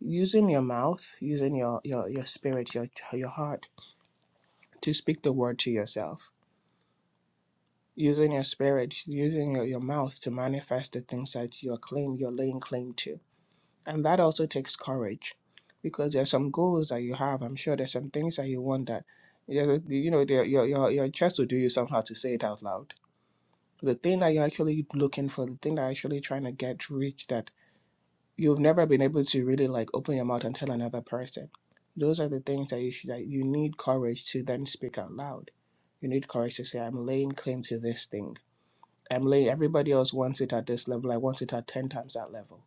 S1: using your mouth, using your your your spirit, your your heart to speak the word to yourself using your spirit, using your, your mouth to manifest the things that you're claim you're laying claim to. And that also takes courage because there's some goals that you have. I'm sure there's some things that you want that there's a, you know there- your your your chest will do you somehow to say it out loud. The thing that you're actually looking for, the thing that you're actually trying to get reach that you've never been able to really like open your mouth and tell another person. Those are the things that you should that you need courage to then speak out loud. You need courage to say, I'm laying claim to this thing. Emily, everybody else wants it at this level. I want it at 10 times that level.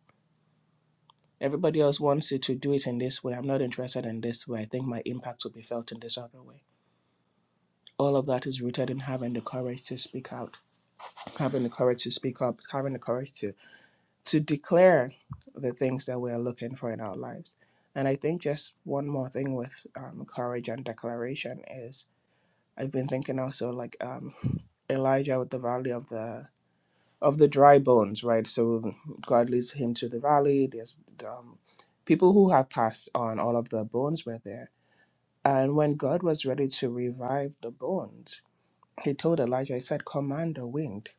S1: Everybody else wants you to do it in this way. I'm not interested in this way. I think my impact will be felt in this other way. All of that is rooted in having the courage to speak out, having the courage to speak up, having the courage to to declare the things that we are looking for in our lives. And I think just one more thing with um, courage and declaration is I've been thinking also like um, Elijah with the Valley of the of the dry bones, right? So God leads him to the valley. There's um, people who had passed on, all of the bones were there. And when God was ready to revive the bones, he told Elijah, he said, Command the wind,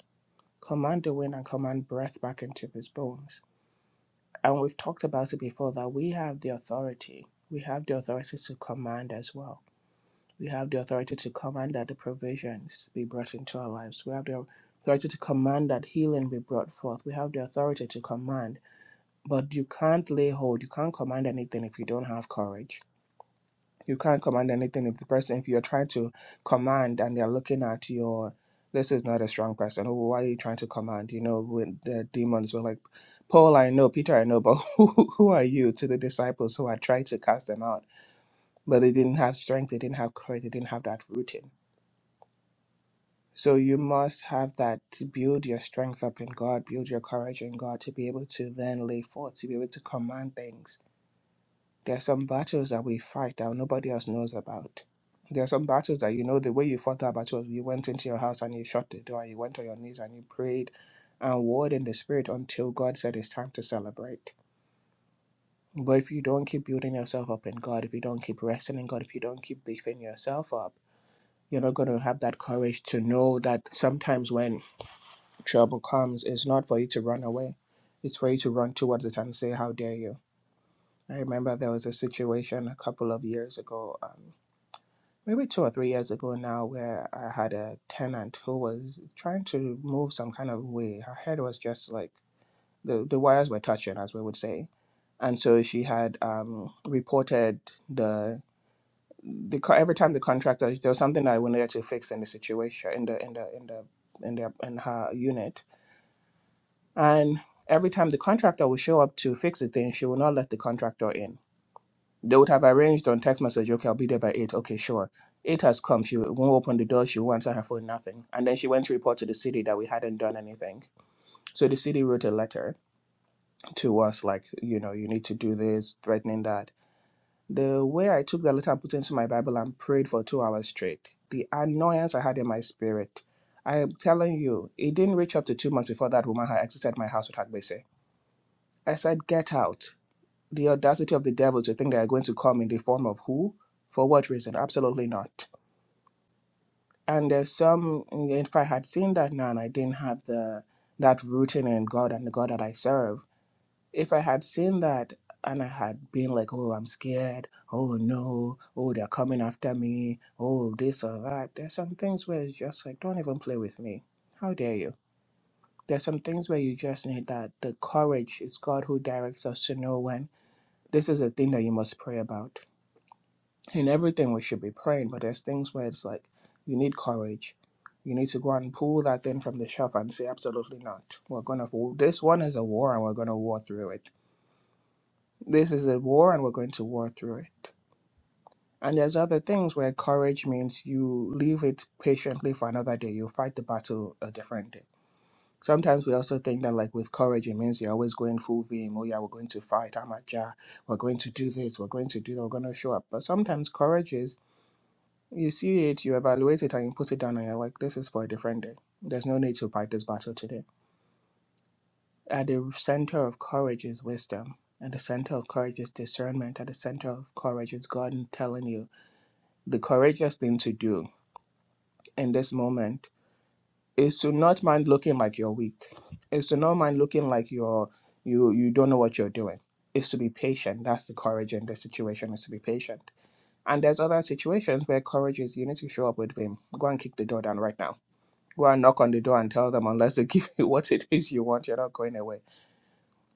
S1: command the wind and command breath back into these bones. And we've talked about it before that we have the authority. We have the authority to command as well we have the authority to command that the provisions be brought into our lives. We have the authority to command that healing be brought forth. We have the authority to command. But you can't lay hold. You can't command anything if you don't have courage. You can't command anything if the person, if you're trying to command and they're looking at your, this is not a strong person. Oh, why are you trying to command? You know, when the demons were like, Paul, I know, Peter, I know, but who, who are you to the disciples who are trying to cast them out? But they didn't have strength, they didn't have courage, they didn't have that rooting So you must have that to build your strength up in God, build your courage in God to be able to then lay forth, to be able to command things. There are some battles that we fight that nobody else knows about. There are some battles that you know the way you fought that battle was you went into your house and you shut the door, you went on your knees and you prayed and warred in the spirit until God said it's time to celebrate. But if you don't keep building yourself up in God, if you don't keep resting in God, if you don't keep beefing yourself up, you're not going to have that courage to know that sometimes when trouble comes, it's not for you to run away. It's for you to run towards it and say, How dare you? I remember there was a situation a couple of years ago, um, maybe two or three years ago now, where I had a tenant who was trying to move some kind of way. Her head was just like the, the wires were touching, as we would say. And so she had um, reported the the co- every time the contractor there was something that I wanted to fix in the situation in the in the in the in, the, in her unit And every time the contractor would show up to fix the thing, she would not let the contractor in. They would have arranged on text message, okay, I'll be there by 8. Okay, sure. 8 has come. She won't open the door. She won't answer her phone, nothing. And then she went to report to the city that we hadn't done anything. So the city wrote a letter to us, like, you know, you need to do this, threatening that. The way I took the letter and put it into my Bible and prayed for two hours straight, the annoyance I had in my spirit. I am telling you, it didn't reach up to two months before that woman had exited my house with Hagbese I said, Get out. The audacity of the devil to think they are going to come in the form of who? For what reason? Absolutely not. And there's some, if I had seen that now and I didn't have the that rooting in God and the God that I serve, if I had seen that and I had been like, oh, I'm scared, oh no, oh, they're coming after me, oh, this or that, there's some things where it's just like, don't even play with me. How dare you? There's some things where you just need that the courage. It's God who directs us to know when this is a thing that you must pray about. In everything, we should be praying, but there's things where it's like you need courage. You need to go and pull that thing from the shelf and say, absolutely not. We're going to, this one is a war and we're going to war through it. This is a war and we're going to war through it. And there's other things where courage means you leave it patiently for another day. You fight the battle a different day Sometimes we also think that, like with courage, it means you're always going full vim. Oh, yeah, we're going to fight. I'm a jar. We're going to do this. We're going to do that. We're going to show up. But sometimes courage is you see it, you evaluate it, and you put it down, and you're like, this is for a different day. There's no need to fight this battle today. At the center of courage is wisdom. At the center of courage is discernment. At the center of courage is God telling you the courageous thing to do in this moment is to not mind looking like you're weak. Is to not mind looking like you're you you don't know what you're doing. Is to be patient. That's the courage in the situation is to be patient. And there's other situations where courage is you need to show up with vim. Go and kick the door down right now. Go and knock on the door and tell them unless they give you what it is you want, you're not going away.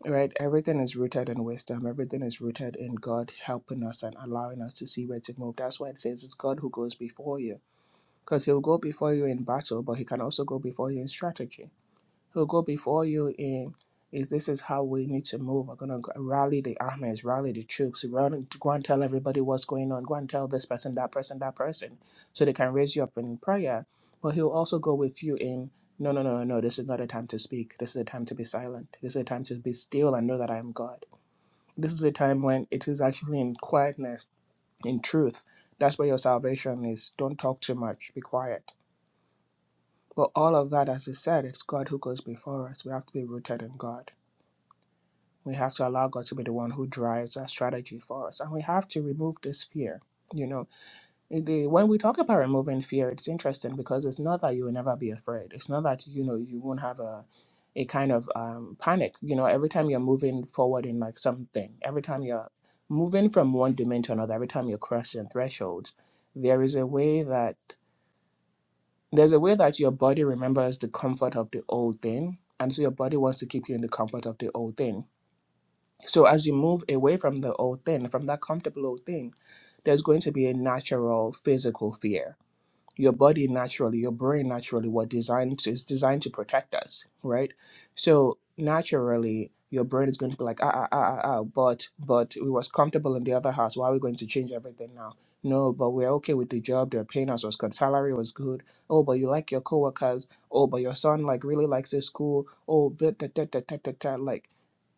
S1: Right? Everything is rooted in wisdom. Everything is rooted in God helping us and allowing us to see where to move. That's why it says it's God who goes before you. Because he'll go before you in battle, but he can also go before you in strategy He'll go before you and if this is how we need to move. We're gonna rally the armies, rally the troops, run, go and tell everybody what's going on. Go and tell this person, that person, that person, so they can raise you up in prayer. But he'll also go with you in, no, no, no, no, no. This is not a time to speak. This is a time to be silent. This is a time to be still and know that I am God. This is a time when it is actually in quietness, in truth. That's where your salvation is. Don't talk too much. Be quiet but all of that, as you said, it's God who goes before us. We have to be rooted in God. We have to allow God to be the one who drives our strategy for us. And we have to remove this fear. You know, Eh, the- when we talk about removing fear, it's interesting because it's not that you will never be afraid. It's not that, you know, you won't have a, a kind of um, panic. You know, every time you're moving forward in like something, every time you're moving from one domain to another, every time you're crossing thresholds, there is a way that there's a way that your body remembers the comfort of the old thing, and so your body wants to keep you in the comfort of the old thing. So as you move away from the old thing, from that comfortable old thing, there's going to be a natural physical fear your body naturally, your brain naturally what designed to, is designed to protect us, right? So naturally, your brain is going to be like, ah, ah, ah, ah, ah, but, but we was comfortable in the other house. Why are we going to change everything now? No, but we're okay with the job. They're paying us was good. Salary was good. Oh, but you like your coworkers. Oh, but your son like really likes his school. Oh, but da, da, da, da, da, da. like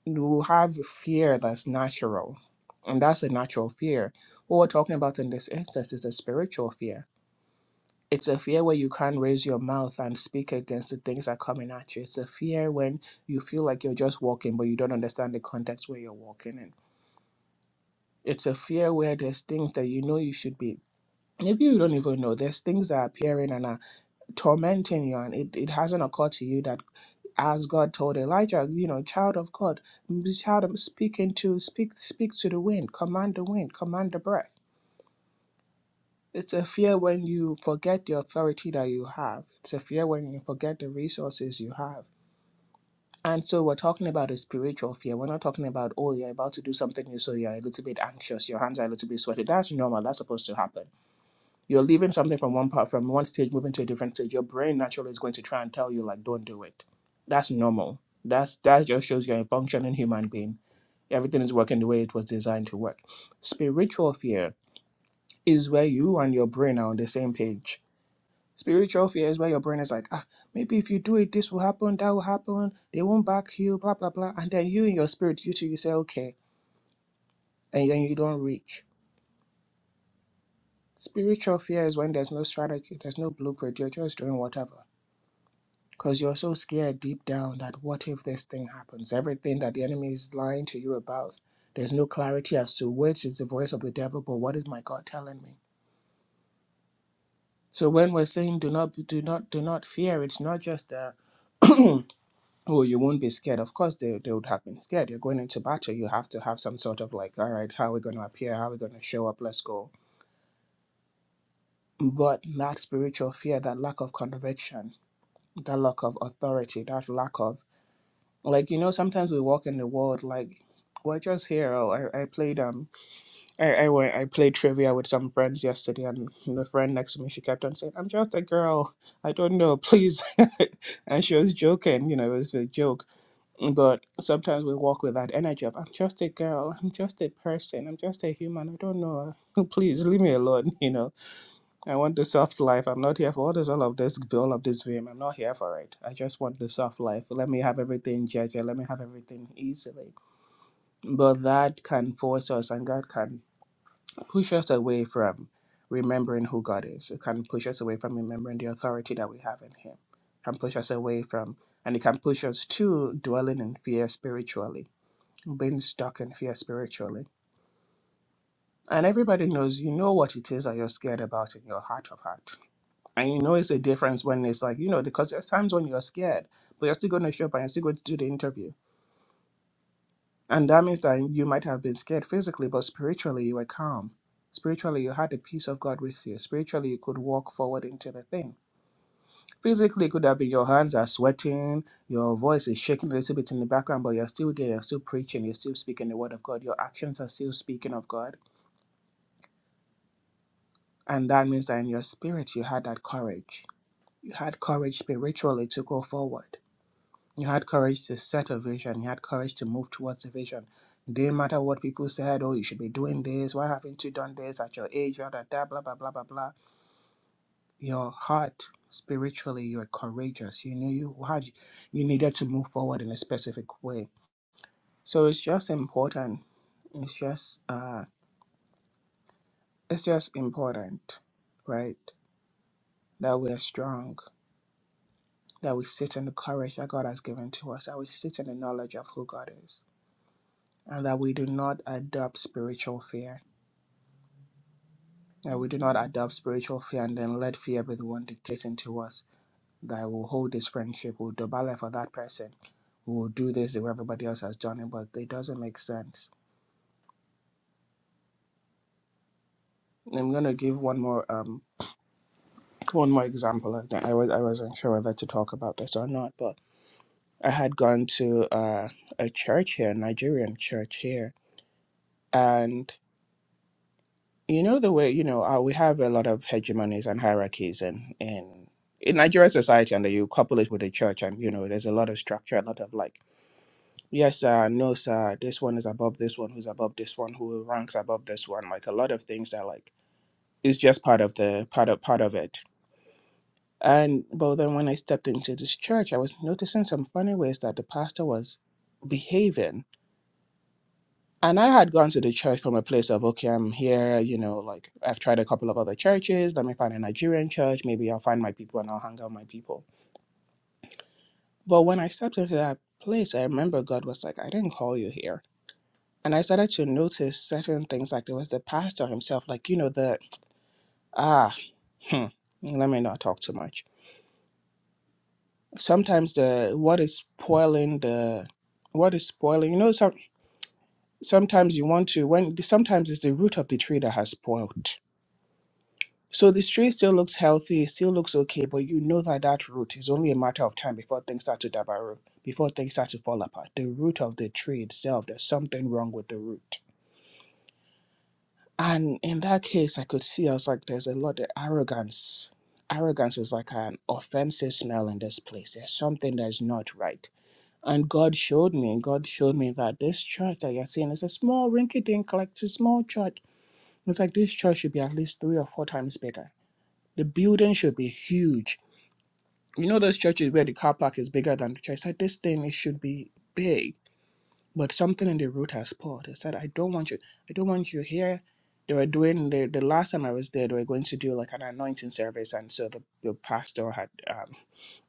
S1: you have fear that's natural, and that's a natural fear. What we're talking about in this instance is a spiritual fear it's a fear where you can't raise your mouth and speak against the things that are coming at you. It's a fear when you feel like you're just walking, but you don't understand the context where you're walking in. It's a fear where there's things that you know you should be. Maybe you don't even know. There's things that are appearing and are tormenting you, and it, it hasn't occurred to you that as God told Elijah, you know, child of God, child of speaking to speak speak to the wind, command the wind, command the breath It's a fear when you forget the authority that you have. It's a fear when you forget the resources you have. And so we're talking about a spiritual fear. We're not talking about, oh, you're about to do something new, so you're a little bit anxious, your hands are a little bit sweaty. That's normal. That's supposed to happen. You're leaving something from one part from one stage, moving to a different stage. Your brain naturally is going to try and tell you, like, don't do it. That's normal. That's that just shows you're a functioning human being. Everything is working the way it was designed to work. Spiritual fear is where you and your brain are on the same page Spiritual fear is where your brain is like, ah, maybe if you do it, this will happen, that will happen, they won't back you, blah, blah, blah. And then you in your spirit, you too, you say, okay. And then you don't reach. Spiritual fear is when there's no strategy, there's no blueprint, you're just doing whatever. Because you're so scared deep down that what if this thing happens? Everything that the enemy is lying to you about, there's no clarity as to which is the voice of the devil, but what is my God telling me? So when we're saying do not do not do not fear, it's not just that. oh you won't be scared of course they, they would have been scared you're going into battle you have to have some sort of like all right how are we going to appear how are we going to show up let's go but that spiritual fear that lack of conviction that lack of authority that lack of like you know sometimes we walk in the world like we're just here oh, I, I played um I, I went I played trivia with some friends yesterday and the friend next to me she kept on saying I'm just a girl I don't know please and she was joking you know it was a joke But sometimes we walk with that energy of, I'm just a girl, I'm just a person, I'm just a human, I don't know. Please leave me alone, you know. I want the soft life. I'm not here for all this all of this all of this dream. I'm not here for it. I just want the soft life. Let me have everything Jaja. Let me have everything easily. But that can force us and that can push us away from remembering who God is. It can push us away from remembering the authority that we have in Him. It can push us away from and it can push us to dwelling in fear spiritually being stuck in fear spiritually. And everybody knows you know what it is that you're scared about in your heart of heart. And you know it's a difference when it's like, you know, because there's times when you're scared, but you're still going to show up and you're still going to do the interview. And that means that you might have been scared physically, but spiritually you were calm. Spiritually, you had the peace of God with you. Spiritually, you could walk forward into the thing. Physically, it could have been your hands are sweating, your voice is shaking a little bit in the background, but you're still there, you're still preaching, you're still speaking the word of God, your actions are still speaking of God And that means that in your spirit, you had that courage. You had courage spiritually to go forward. You had courage to set a vision. You had courage to move towards a vision. It didn't matter what people said, oh, you should be doing this. Why haven't you done this at your age? Blah, blah, blah, blah, blah, blah, blah. blah. Your heart, spiritually, you were courageous. You knew you had, you needed to move forward in a specific way. So it's just important. It's just, uh, it's just important, right? That we're strong that we sit in the courage that God has given to us, that we sit in the knowledge of who God is, and that we do not adopt spiritual fear, that we do not adopt spiritual fear and then let fear be the one dictating to us that we'll hold this friendship, we'll dobale for that person, we'll do this the way everybody else has done it, but it doesn't make sense. I'm gonna give one more um one more example. I was I wasn't sure whether to talk about this or not, but I had gone to uh, a church here, a Nigerian church here, and. you know the way you know uh, we have a lot of hegemonies and hierarchies in in in Nigerian society, and then you couple it with the church, and you know there's a lot of structure, a lot of like yes sir, no sir, this one is above this one, who's above this one, who ranks above this one, like a lot of things that like is just part of the part of part of it. And but then when I stepped into this church, I was noticing some funny ways that the pastor was behaving And I had gone to the church from a place of, okay, I'm here, you know, like I've tried a couple of other churches. Let me find a Nigerian church. Maybe I'll find my people and I'll hang out with my people. But when I stepped into that place, I remember God was like, I didn't call you here. And I started to notice certain things, like there was the pastor himself, like, you know, the, ah, hmm, let me not talk too much. Sometimes the, what is spoiling the, what is spoiling, you know, some, sometimes you want to, when, sometimes it's the root of the tree that has spoiled So this tree still looks healthy, it still looks okay, but you know that that root is only a matter of time before things start to dabaro, before things start to fall apart. The root of the tree itself, there's something wrong with the root. And in that case, I could see, I was like, there's a lot of arrogance. Arrogance is like an offensive smell in this place. There's something that's not right. And God showed me, God showed me that this church that you're seeing is a small rinky dink, like it's a small church. It's like this church should be at least three or four times bigger. The building should be huge you know those churches where the car park is bigger than the church. I said this thing it should be big, but something in the root has pulled. I said I don't want you. I don't want you here. They were doing the the last time I was there. They were going to do like an anointing service, and so the, the pastor had um,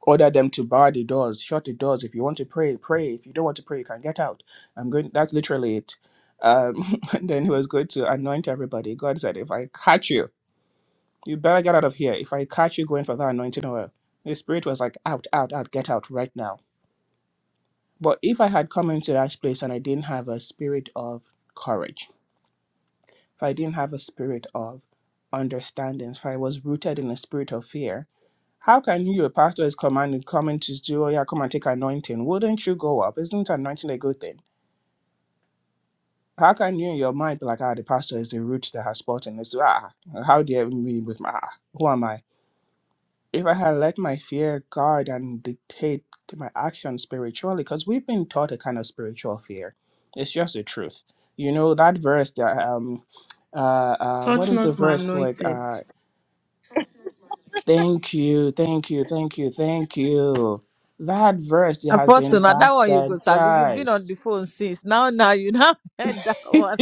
S1: ordered them to bar the doors, shut the doors. If you want to pray, pray. If you don't want to pray, you can get out. I'm going. That's literally it. Um, and then he was going to anoint everybody. God said, if I catch you. You better get out of here. If I catch you going for that anointing oil. The spirit was like, out, out, out, get out right now. But if I had come into that place and I didn't have a spirit of courage, if I didn't have a spirit of understanding, if I was rooted in a spirit of fear, how can you, a pastor, is commanded coming to do, oh yeah, come and take anointing? Wouldn't you go up? Isn't anointing a good thing? How can you in your mind be like, ah, the pastor is the root that has spoken? It's ah, how dare me with my ah, who am I? if I had let my fear guide and dictate my actions spiritually, because we've been taught a kind of spiritual fear. It's just the truth. You know that verse that um uh uh what
S2: Touch
S1: is the
S2: not my
S1: verse like
S2: anointed.
S1: uh thank you, thank you, thank you, thank you. That verse it has been
S3: Apostle, now that one you go, Sabi. You've been on the
S1: bastardized.
S3: phone since. Now, now you now heard that one.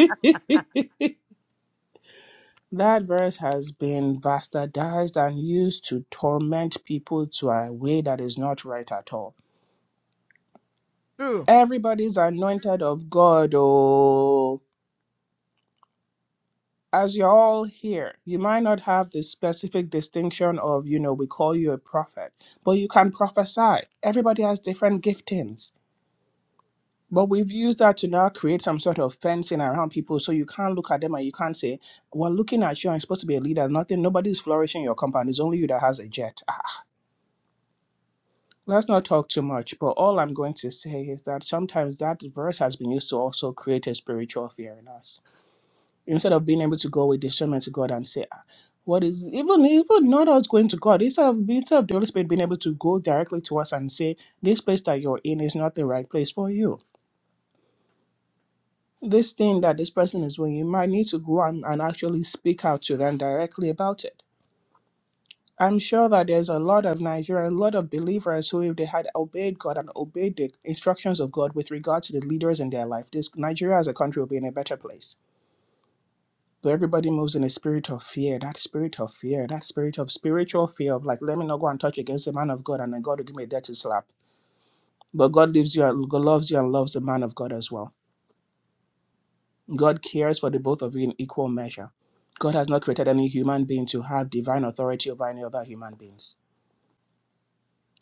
S1: that verse has been bastardized and used to torment people to a way that is not right at all
S3: True.
S1: Everybody's anointed of God. Oh, as you're all here, you might not have the specific distinction of, you know, we call you a prophet, but you can prophesy. Everybody has different giftings. But we've used that to now create some sort of fencing around people so you can't look at them and you can't say, We're looking at you, I'm supposed to be a leader. Nothing, nobody's flourishing in your company. It's only you that has a jet. Ah, ah. Let's not talk too much. But all I'm going to say is that sometimes that verse has been used to also create a spiritual fear in us. instead of being able to go with discernment to God and say, "Ah, what is even even not us going to God, instead of instead of the Holy Spirit being able to go directly to us and say, This place that you're in is not the right place for you. This thing that this person is doing, you might need to go and, and actually speak out to them directly about it. I'm sure that there's a lot of Nigerians, a lot of believers who, if they had obeyed God and obeyed the instructions of God with regard to the leaders in their life, this Nigeria as a country would be in a better place So everybody moves in a spirit of fear, that spirit of fear, that spirit of spiritual fear of like, let me not go and touch against the man of God and then God will give me a dirty slap. But God lives you, and- God loves you and loves the man of God as well. God cares for the both of you in equal measure. God has not created any human being to have divine authority over any other human beings.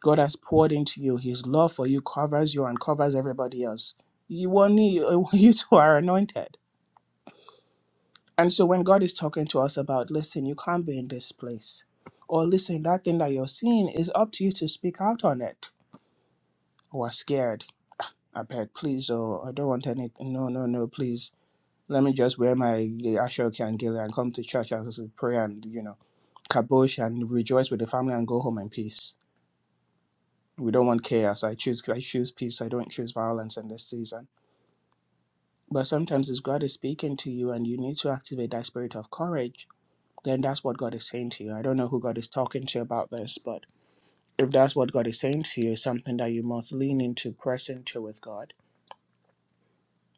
S1: God has poured into you. His love for you covers you and covers everybody else. You, only, you two are anointed And so when God is talking to us about, listen, you can't be in this place, or listen, that thing that you're seeing is up to you to speak out on it, or scared, I beg, please, or I don't want any, no, no, no, please, let me just wear my Ashoki and Gila and come to church and pray and, you know, kabosh and rejoice with the family and go home in peace. We don't want chaos. I choose, I choose peace. I don't choose violence in this season. But sometimes, as God is speaking to you, and you need to activate that spirit of courage then that's what God is saying to you. I don't know who God is talking to about this, but if that's what God is saying to you, it's something that you must lean into, press into with God.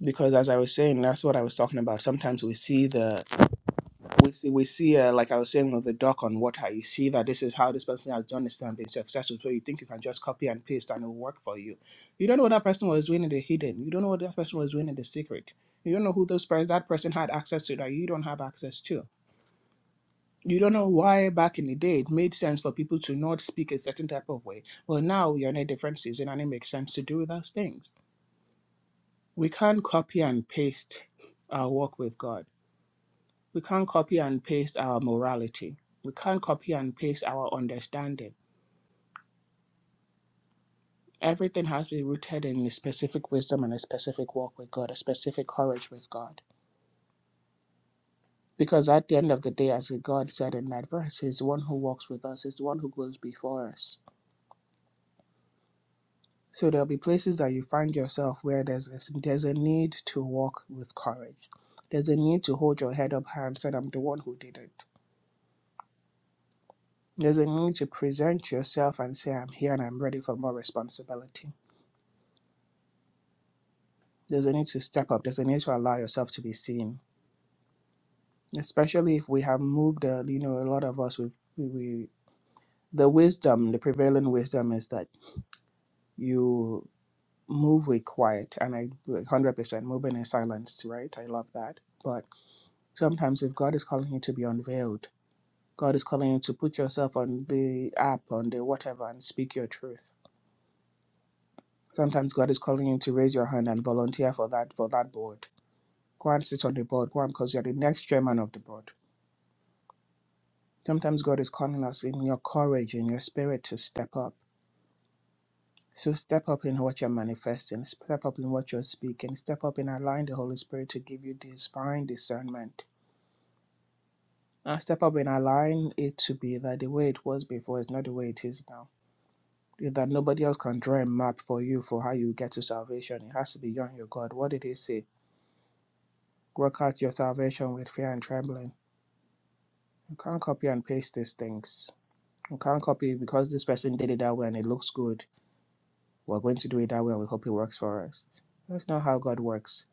S1: Because as I was saying, that's what I was talking about. Sometimes we see the we see we see uh, like I was saying with the duck on water. You see that this is how this person has done this and been successful. So you think you can just copy and paste and it'll work for you. You don't know what that person was doing in the hidden. You don't know what that person was doing in the secret. You don't know who those pers- that person had access to that you don't have access to you don't know why back in the day it made sense for people to not speak a certain type of way. Well, now we are in a different season and it makes sense to do those things. We can't copy and paste our walk with God. We can't copy and paste our morality. We can't copy and paste our understanding. Everything has to be rooted in a specific wisdom and a specific walk with God, a specific courage with God. Because at the end of the day, as God said in that verse, He's the one who walks with us, He's the one who goes before us. So there'll be places that you find yourself where there's a, there's a need to walk with courage. There's a need to hold your head up high and say, I'm the one who did it. There's a need to present yourself and say, I'm here and I'm ready for more responsibility. There's a need to step up. There's a need to allow yourself to be seen, especially if we have moved, uh, you know, a lot of us, we've, we, we, the wisdom, the prevailing wisdom is that you move with quiet. And I 100% moving in silence, right? I love that. but. Sometimes, if God is calling you to be unveiled, God is calling you to put yourself on the app, on the whatever, and speak your truth. Sometimes God is calling you to raise your hand and volunteer for that for that board. Go and sit on the board. Go and because you're the next chairman of the board. Sometimes God is calling us in your courage, in your spirit, to step up. So step up in what you're manifesting. Step up in what you're speaking. Step up in allowing the Holy Spirit to give you divine discernment. And step up in allowing it to be that the way it was before is not the way it is now that nobody else can draw a map for you for how you get to salvation. It has to be you and your God. What did he say? Work out your salvation with fear and trembling. You can't copy and paste these things. You can't copy because this person did it that way and it looks good. We're going to do it that way and we hope it works for us. That's not how God works.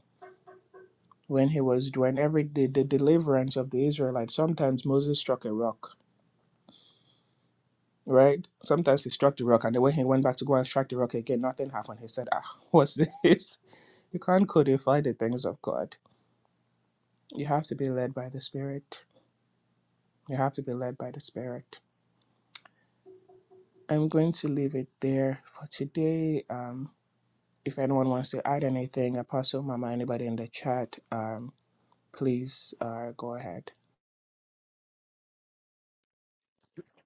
S1: When he was doing every the, the deliverance of the Israelites, sometimes Moses struck a rock, right? Sometimes he struck the rock and the way he went back to go and strike the rock again, nothing happened. He said, Ah, what's this? You can't codify the things of God You have to be led by the Spirit. You have to be led by the Spirit. I'm going to leave it there for today. Um, if anyone wants to add anything, Apostle Mama, anybody in the chat, um, please uh, go ahead.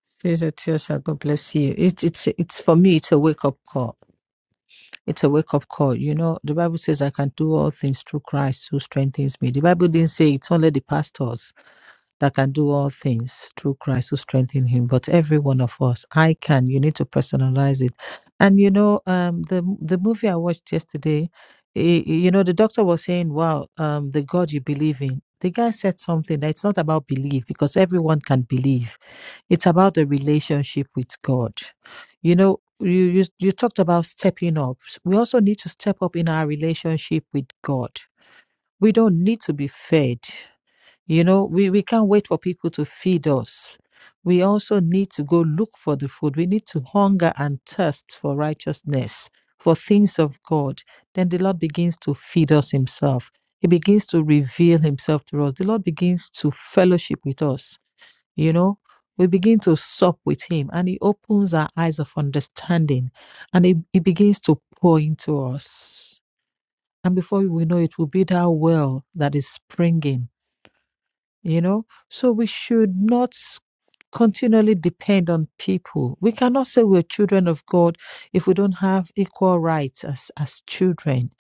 S3: Sister Etiosa, God bless you. It's it's it's for me. It's a wake up call. It's a wake up call. You know, the Bible says I can do all things through Christ who strengthens me. The Bible didn't say it's only the pastors. that can do all things through Christ who strengthen him. But every one of us, I can. You need to personalize it. And you know, um, the the movie I watched yesterday, eh, eh, you know, the doctor was saying, "Wow, um, the God you believe in." The guy said something that it's not about belief because everyone can believe. It's about the relationship with God. You know, you, you you talked about stepping up. We also need to step up in our relationship with God. We don't need to be fed. You know, we, we can't wait for people to feed us. We also need to go look for the food. We need to hunger and thirst for righteousness, for things of God. Then the Lord begins to feed us Himself. He begins to reveal Himself to us. The Lord begins to fellowship with us. You know, we begin to sup with Him and He opens our eyes of understanding and He, he begins to pour into us. And before we know it, will be that well that is springing you know so we should not s- continually depend on people we cannot say we're children of god if we don't have equal rights as as children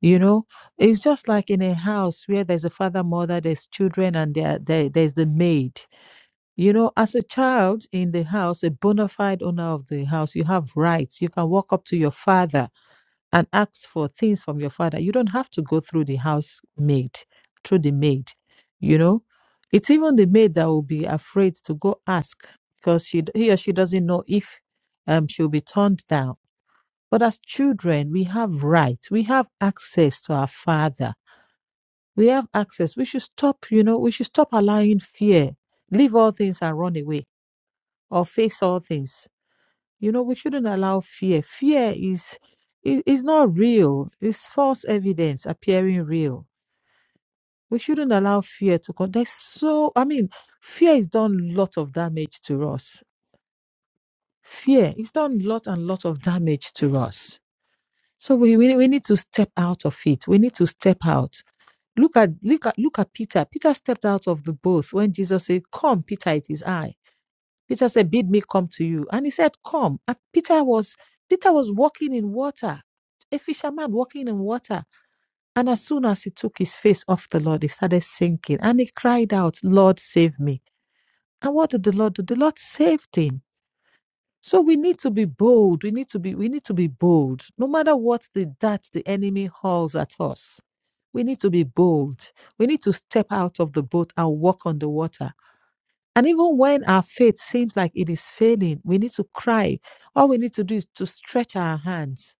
S3: you know it's just like in a house where there's a father mother there's children and there, there there's the maid you know as a child in the house a bona fide owner of the house you have rights you can walk up to your father and ask for things from your father. You don't have to go through the housemaid, through the maid, you know. It's even the maid that will be afraid to go ask because she he or she doesn't know if um she'll be turned down. But as children, we have rights, we have access to our father, we have access. We should stop, you know, we should stop allowing fear. Leave all things and run away or face all things you know, we shouldn't allow fear. Fear is i- is not real. It's false evidence appearing real. We shouldn't allow fear to come. There's so I mean, fear has done a lot of damage to us. Fear has done lot and lot of damage to us. So we, we we need to step out of it. We need to step out. Look at look at look at Peter. Peter stepped out of the boat when Jesus said, Come, Peter, it is I Peter said, Bid me come to you. And he said, Come. And Peter was Peter was walking in water, a fisherman walking in water. And as soon as he took his face off the Lord, he started sinking. And he cried out, Lord, save me. And what did the Lord do? The Lord saved him. So we need to be bold. We need to be, we need to be bold. No matter what the that the enemy hurls at us. We need to be bold. We need to step out of the boat and walk on the water and even when our faith seems like it is failing, we need to cry. All we need to do is to stretch our hands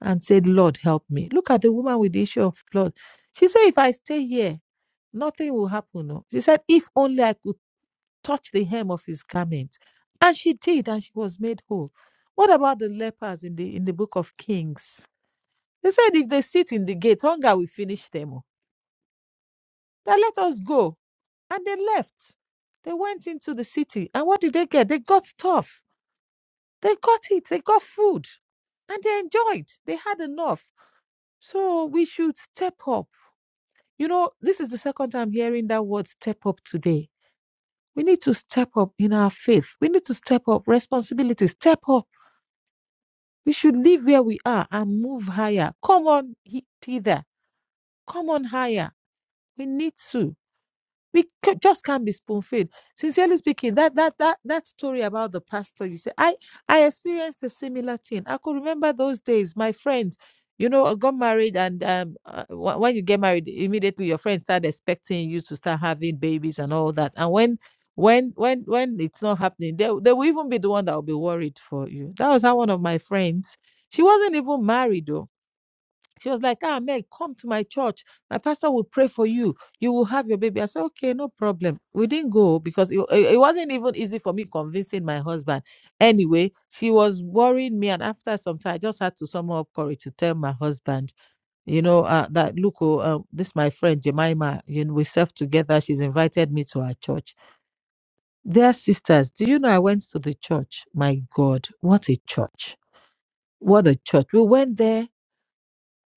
S3: and say, Lord, help me. Look at the woman with the issue of blood. She said, If I stay here, nothing will happen. oh." She said, If only I could touch the hem of his garment. And she did, and she was made whole. What about the lepers in the in the book of Kings? They said if they sit in the gate, hunger will finish them. oh." that let us go. And they left. They went into the city. And what did they get? They got stuff. They got it. They got food. And they enjoyed. They had enough. So we should step up. You know, this is the second time hearing that word step up today. We need to step up in our faith. We need to step up responsibility. Step up. We should live where we are and move higher. Come on hither. Come on higher. We need to. We ca- just can't be spoon fed. Sincerely speaking, that that that that story about the pastor, you say, I I experienced a similar thing. I could remember those days. My friend, you know, uh, got married, and um, uh, wh- when you get married, immediately your friends start expecting you to start having babies and all that. And when when when when it's not happening, they they will even be the one that will be worried for you. That was how one of my friends. She wasn't even married though she was like, Ah, Meg, come to my church. My pastor will pray for you. You will have your baby. I said, Okay, no problem. We didn't go because it, it it wasn't even easy for me convincing my husband. Anyway, she was worrying me. And after some time, I just had to summon up courage to tell my husband, you know, uh, that look, oh, uh, this is my friend Jemima, you know, we served together. She's invited me to her church. Dear sisters, do you know I went to the church? My God, what a church! What a church. We went there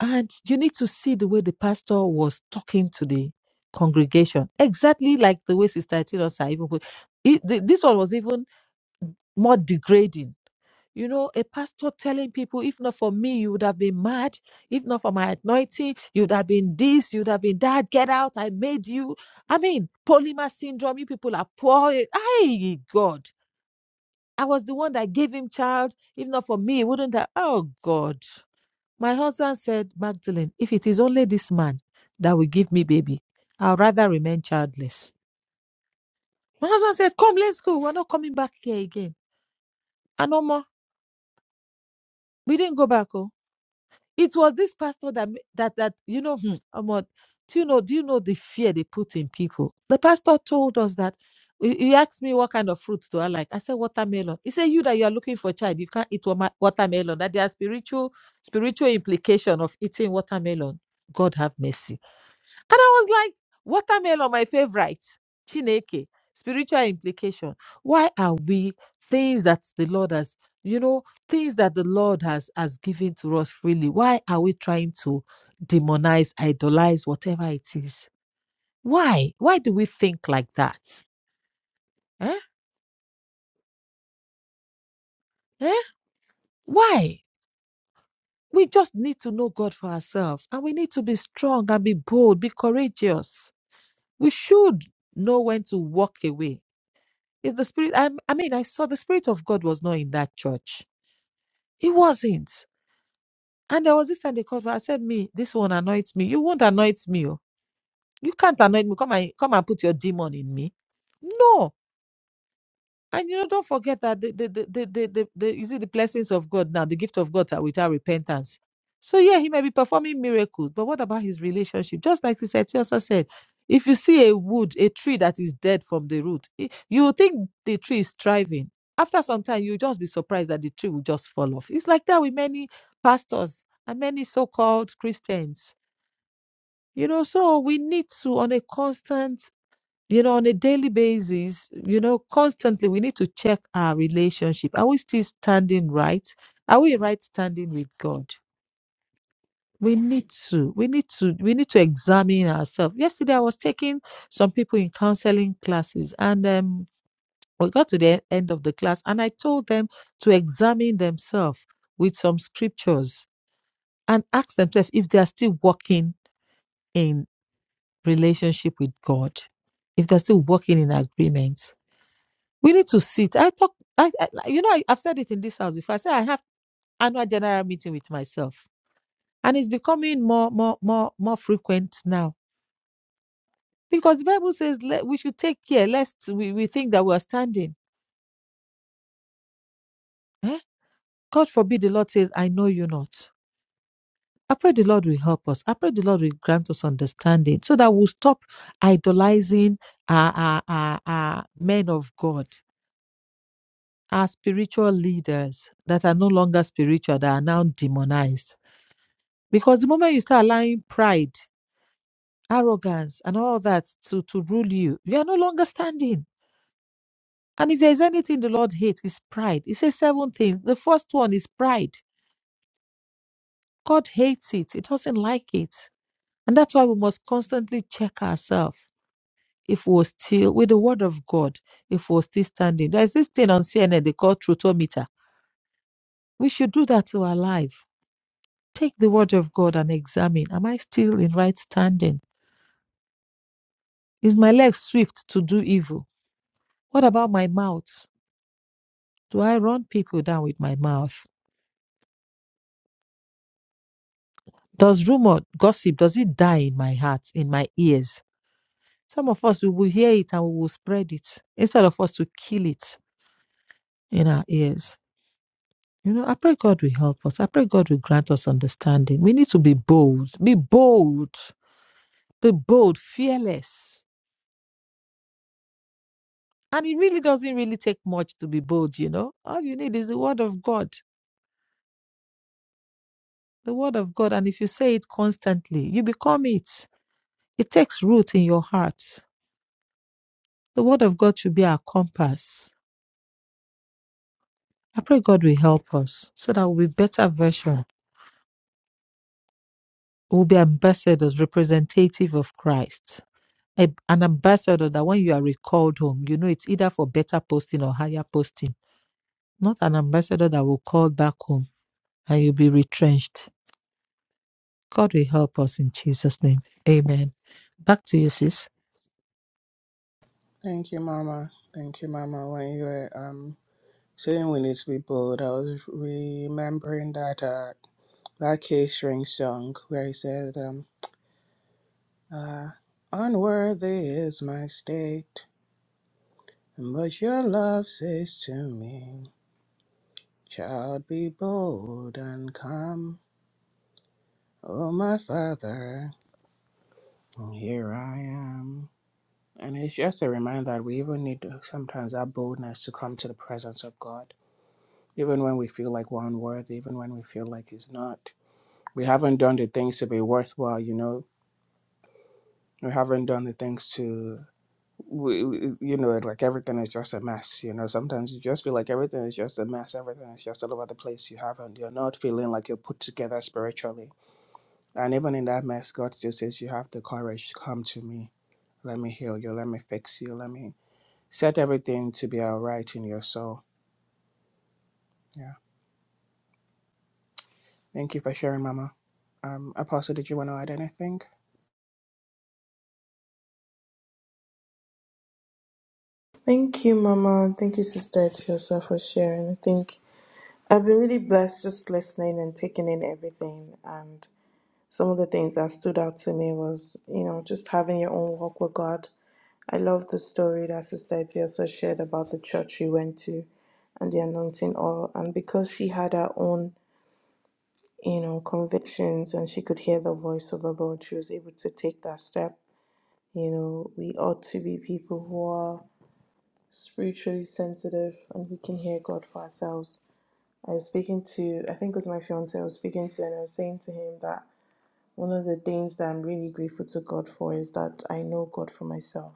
S3: and you need to see the way the pastor was talking to the congregation, exactly like the way Sister Tilosa even put it. th- This one was even more degrading. You know, a pastor telling people, if not for me, you would have been mad. If not for my anointing, you would have been this, you would have been that. Get out, I made you. I mean, polymer syndrome, you people are poor. Ay, God. I was the one that gave him child. If not for me, he wouldn't have. Oh, God. My husband said, Magdalene, if it is only this man that will give me baby, I'd rather remain childless. My husband said, Come, let's go. We're not coming back here again. And Omo, we didn't go back. Oh, it was this pastor that that that you know, hmm, Omo, do you know? Do you know the fear they put in people? The pastor told us that. He he asked me what kind of fruits do I like. I said watermelon. He said you that you are looking for a child, you can't eat wama- watermelon. That there are spiritual spiritual implication of eating watermelon. God have mercy. And I was like, watermelon, my favorite. Chineke, spiritual implication. Why are we things that the Lord has, you know, things that the Lord has has given to us freely? Why are we trying to demonize, idolize, whatever it is? Why? Why do we think like that? Eh? Eh? Why? We just need to know God for ourselves and we need to be strong and be bold, be courageous. We should know when to walk away If the spirit, I, I mean, I saw the spirit of God was not in that church. It wasn't. And there was this time they called me. I said, "Me, this one anoints me. You won't anoint me. oh. You can't anoint me. Come and come and put your demon in me. No. And you know, don't forget that the the the the, the, the, the you see the blessings of God now, the gift of God are without repentance. So yeah, he may be performing miracles, but what about his relationship? Just like the Seti also said, if you see a wood, a tree that is dead from the root, i- you will think the tree is thriving. After some time, you'll just be surprised that the tree will just fall off. It's like that with many pastors and many so-called Christians. You know, so we need to on a constant you know, on a daily basis, you know, constantly we need to check our relationship. Are we still standing right? Are we right standing with God? We need to, we need to, we need to examine ourselves. Yesterday, I was taking some people in counseling classes, and um, we got to the end of the class, and I told them to examine themselves with some scriptures and ask themselves if they are still walking in relationship with God, if they're still walking in agreement We need to sit. I talk. I, I like, you know I, I've said it in this house before. I say I have annual general meeting with myself, and it's becoming more more more more frequent now because the Bible says let, we should take care lest we, we think that we are standing. Eh? God forbid the Lord says, "I know you not." I pray the Lord will help us. I pray the Lord will grant us understanding so that we'll stop idolizing our, our, our, our men of God, our spiritual leaders that are no longer spiritual, that are now demonized Because the moment you start allowing pride, arrogance, and all that to, to rule you, you are no longer standing. And if there's anything the Lord hates, it's pride. He says seven things. The first one is pride. God hates it, He doesn't like it. And that's why we must constantly check ourselves if we're still, with the word of God, if we're still standing. There's this thing on CNN they call truthometer. We should do that to our life. Take the word of God and examine Am I still in right standing? Is my leg swift to do evil? What about my mouth? Do I run people down with my mouth? Does rumor, gossip, does it die in my heart, in my ears? Some of us, we will hear it and we will spread it instead of us to kill it in our ears. You know, I pray God will help us. I pray God will grant us understanding. We need to be bold, be bold, be bold, fearless. And it really doesn't really take much to be bold, you know. All you need is the word of God, the word of God. And if you say it constantly, you become it. It takes root in your heart. The word of God should be our compass. I pray God will help us so that we'll be better version. We'll be ambassadors, representative of Christ. A- An ambassador that when you are recalled home, you know it's either for better posting or higher posting. Not an ambassador that will call back home and you'll be retrenched. God will help us in Jesus' name. Amen. Back to you, sis.
S1: Thank you, Mama. Thank you, Mama. When you were um, saying we need to be bold, I was remembering that uh, that K String song where he said, um, uh, Unworthy is my state, but your love says to me. Child, be bold and come, O my Father, and here I am. And it's just a reminder that we even need to- sometimes that boldness to come to the presence of God, even when we feel like we're unworthy, even when we feel like He's not. We haven't done the things to be worthwhile, you know. We haven't done the things to, we, we- you know, like everything is just a mess. You know, sometimes you just feel like everything is just a mess. Everything is just all over the place. You haven't. You're not feeling like you're put together spiritually And even in that mess, God still says, You have the courage to come to me. Let me heal you. Let me fix you. Let me set everything to be all right in your soul. Yeah. Thank you for sharing, Mama. Um, Apostle, did you want to add anything?
S2: Thank you, Mama. Thank you, Sister Etiosa, for sharing. I think I've been really blessed just listening and taking in everything. And some of the things that stood out to me was, you know, just having your own walk with God. I love the story that Sister Etty also shared about the church she went to and the anointing oil. And because she had her own, you know, convictions and she could hear the voice of the Lord, she was able to take that step. You know, we ought to be people who are spiritually sensitive and we can hear God for ourselves. I was speaking to, I think it was my fiance I was speaking to, and I was saying to him that one of the things that I'm really grateful to God for is that I know God for myself,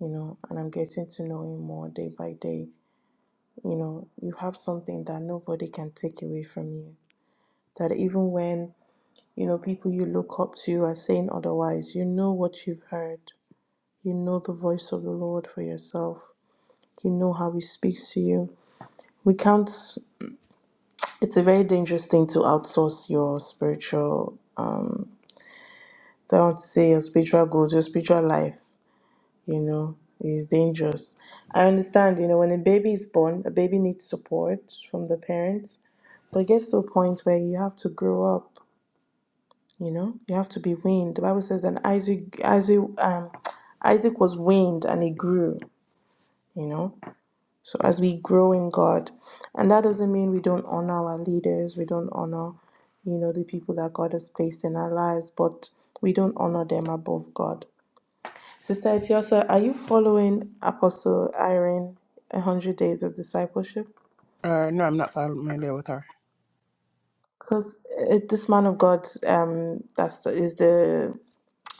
S2: you know, and I'm getting to know Him more day by day. You know, you have something that nobody can take away from you. That even when, you know, people you look up to are saying otherwise, you know what you've heard. You know the voice of the Lord for yourself. You know how He speaks to you. We can't, it's a very dangerous thing to outsource your spiritual don't want to say your spiritual goals, your spiritual life, you know, is dangerous. I understand, you know, when a baby is born, a baby needs support from the parents, but it gets to a point where you have to grow up, you know, you have to be weaned. The Bible says that Isaac, Isaac, um, Isaac was weaned and he grew, you know. So as we grow in God, and that doesn't mean we don't honor our leaders, we don't honor, you know, the people that God has placed in our lives, but we don't honor them above God. Sister Etiosa, are you following Apostle Irene, 100 Days of Discipleship?
S1: Uh, no, I'm not familiar with her.
S2: Because this man of God um, that's, the, is the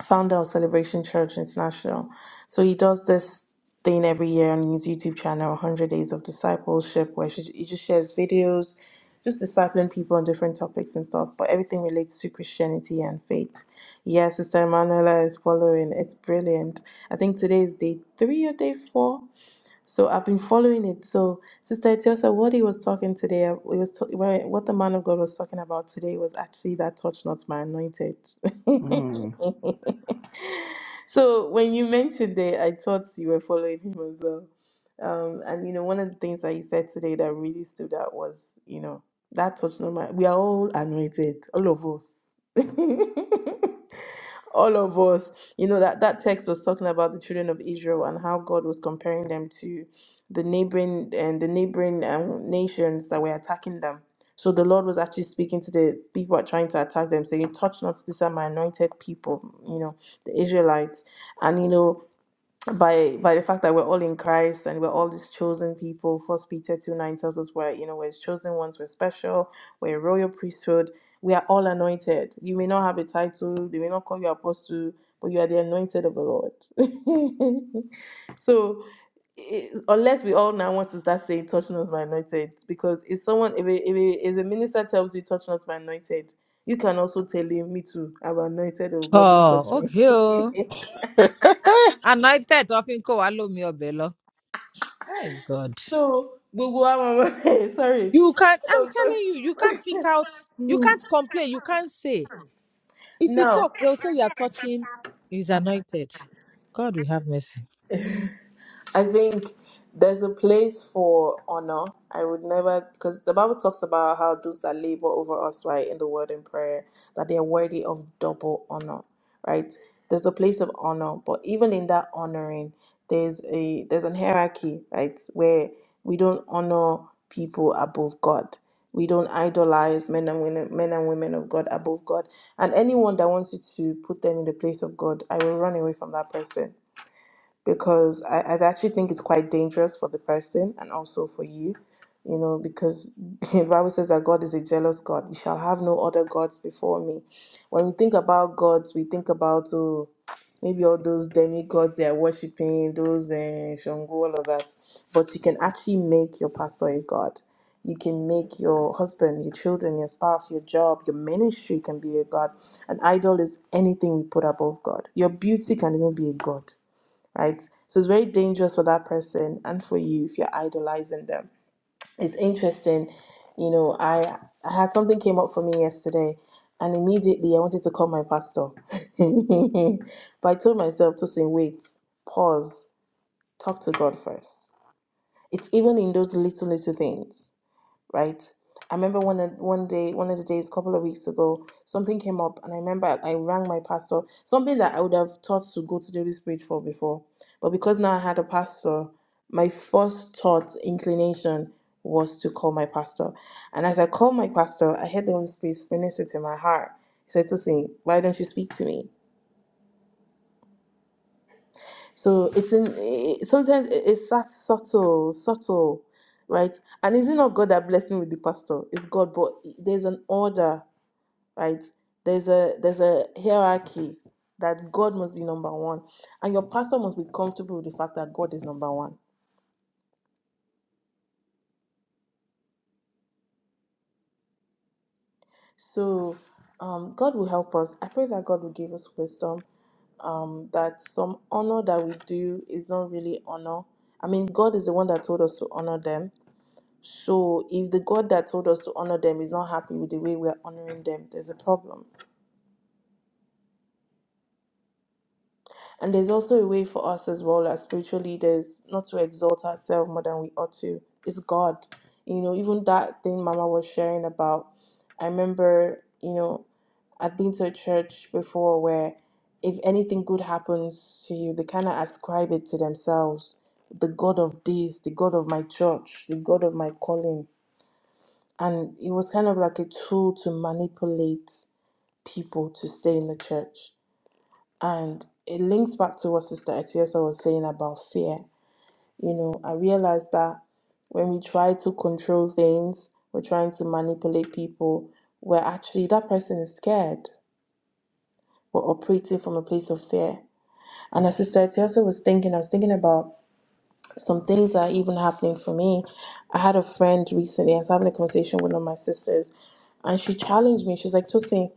S2: founder of Celebration Church International. So he does this thing every year on his YouTube channel, 100 Days of Discipleship, where she, he just shares videos, just discipling people on different topics and stuff, but everything relates to Christianity and faith. Yes, Sister Emanuela is following. It's brilliant. I think today is day three or day four So I've been following it. So Sister Etiosa, what he was talking today, it was t- what the man of God was talking about today was actually that touch not my anointed.
S1: Mm.
S2: so when you mentioned it, I thought you were following him as well. Um, and you know, one of the things that he said today that really stood out was, you know, that touch not my. We are all anointed, all of us. all of us you know that that text was talking about the children of israel and how god was comparing them to the neighboring and the neighboring um, nations that were attacking them so the lord was actually speaking to the people that trying to attack them saying touch not this are my anointed people you know the israelites and you know by by the fact that we're all in Christ and we're all these chosen people. First Peter two nine tells us we're you know we're his chosen ones, we're special, we're a royal priesthood, we are all anointed. You may not have a title, they may not call you apostle, but you are the anointed of the Lord. so it- unless we all now want to start saying touch not my anointed because if someone if a, if a, if a minister tells you touch not my anointed you can also tell him me too i'm anointed of god don't touch
S3: Oh,
S2: me
S3: okay. Oh. Anointed often kó wa lómi ọbẹ̀ lọ. My God.
S2: So gbogbo wa máa sorry.
S3: You can not
S2: All
S3: I'm
S2: of us.
S3: telling you, you can't pick out, you can't complain, you can't say. If you
S2: No.
S3: talk, they'll say you're touching is anointed. God, we have mercy.
S2: I think there's a place for honor. I would never, because the Bible talks about how those that labor over us, right, in the word and prayer, that they are worthy of double honor, right? There's a place of honor, but even in that honoring, there's a there's an hierarchy, right, where we don't honor people above God. We don't idolize men and women, men and women of God above God. And anyone that wants you to put them in the place of God, I will run away from that person because I, I actually think it's quite dangerous for the person and also for you, you know, because the Bible says that God is a jealous God. You shall have no other gods before me. When we think about gods, we think about oh, maybe all those demigods they are worshipping, those uh, Shango, all of that. But you can actually make your pastor a god. You can make your husband, your children, your spouse, your job, your ministry can be a god. An idol is anything we put above God. Your beauty can even be a god right? So it's very dangerous for that person and for you if you're idolizing them. It's interesting, you know. I I had something came up for me yesterday, and immediately I wanted to call my pastor, but I told myself to say, wait, pause, talk to God first. It's even in those little little things right? I remember one one day, one of the days, a couple of weeks ago, something came up, and I remember I rang my pastor, something that I would have thought to go to the Holy Spirit for before, but because now I had a pastor, my first thought inclination was to call my pastor, and as I called my pastor, I heard the Holy Spirit minister to my heart. He said, to me, why don't you speak to me?" So it's in it, sometimes it- it's that subtle, subtle, right? And is it not God that blessed me with the pastor? It's God, but there's an order, right? There's a there's a hierarchy that God must be number one, and your pastor must be comfortable with the fact that God is number one. So um, God will help us. I pray that God will give us wisdom. Um, that some honor that we do is not really honor. I mean, God is the one that told us to honor them So if the God that told us to honor them is not happy with the way we're honoring them, there's a problem. And there's also a way for us as well as spiritual leaders not to exalt ourselves more than we ought to. It's God. You know, even that thing Mama was sharing about, I remember, you know, I've been to a church before where if anything good happens to you, they kind of ascribe it to themselves. The God of this, the God of my church, the God of my calling. And it was kind of like a tool to manipulate people to stay in the church. And it links back to what Sister Etiosa was saying about fear. You know, I realized that when we try to control things, we're trying to manipulate people, we're actually, that person is scared. We're operating from a place of fear. And as Sister Etiosa was thinking, I was thinking about some things that are even happening for me. I had a friend recently, I was having a conversation with one of my sisters, and she challenged me. She's like, Tosin,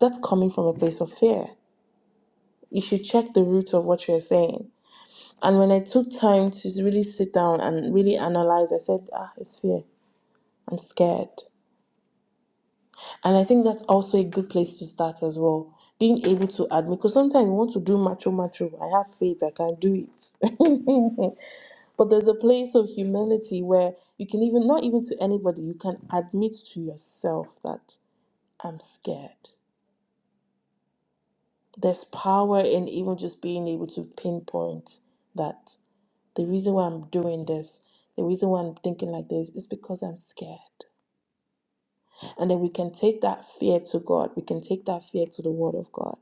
S2: that's coming from a place of fear. You should check the root of what you're saying. And when I took time to really sit down and really analyze, I said, ah, it's fear. I'm scared. And I think that's also a good place to start as well. Being able to admit, because sometimes you want to do macho macho. I have faith, I can do it. but there's a place of humility where you can even, not even to anybody, you can admit to yourself that I'm scared. There's power in even just being able to pinpoint that The reason why I'm doing this, the reason why I'm thinking like this is because I'm scared. And then we can take that fear to God. We can take that fear to the Word of God.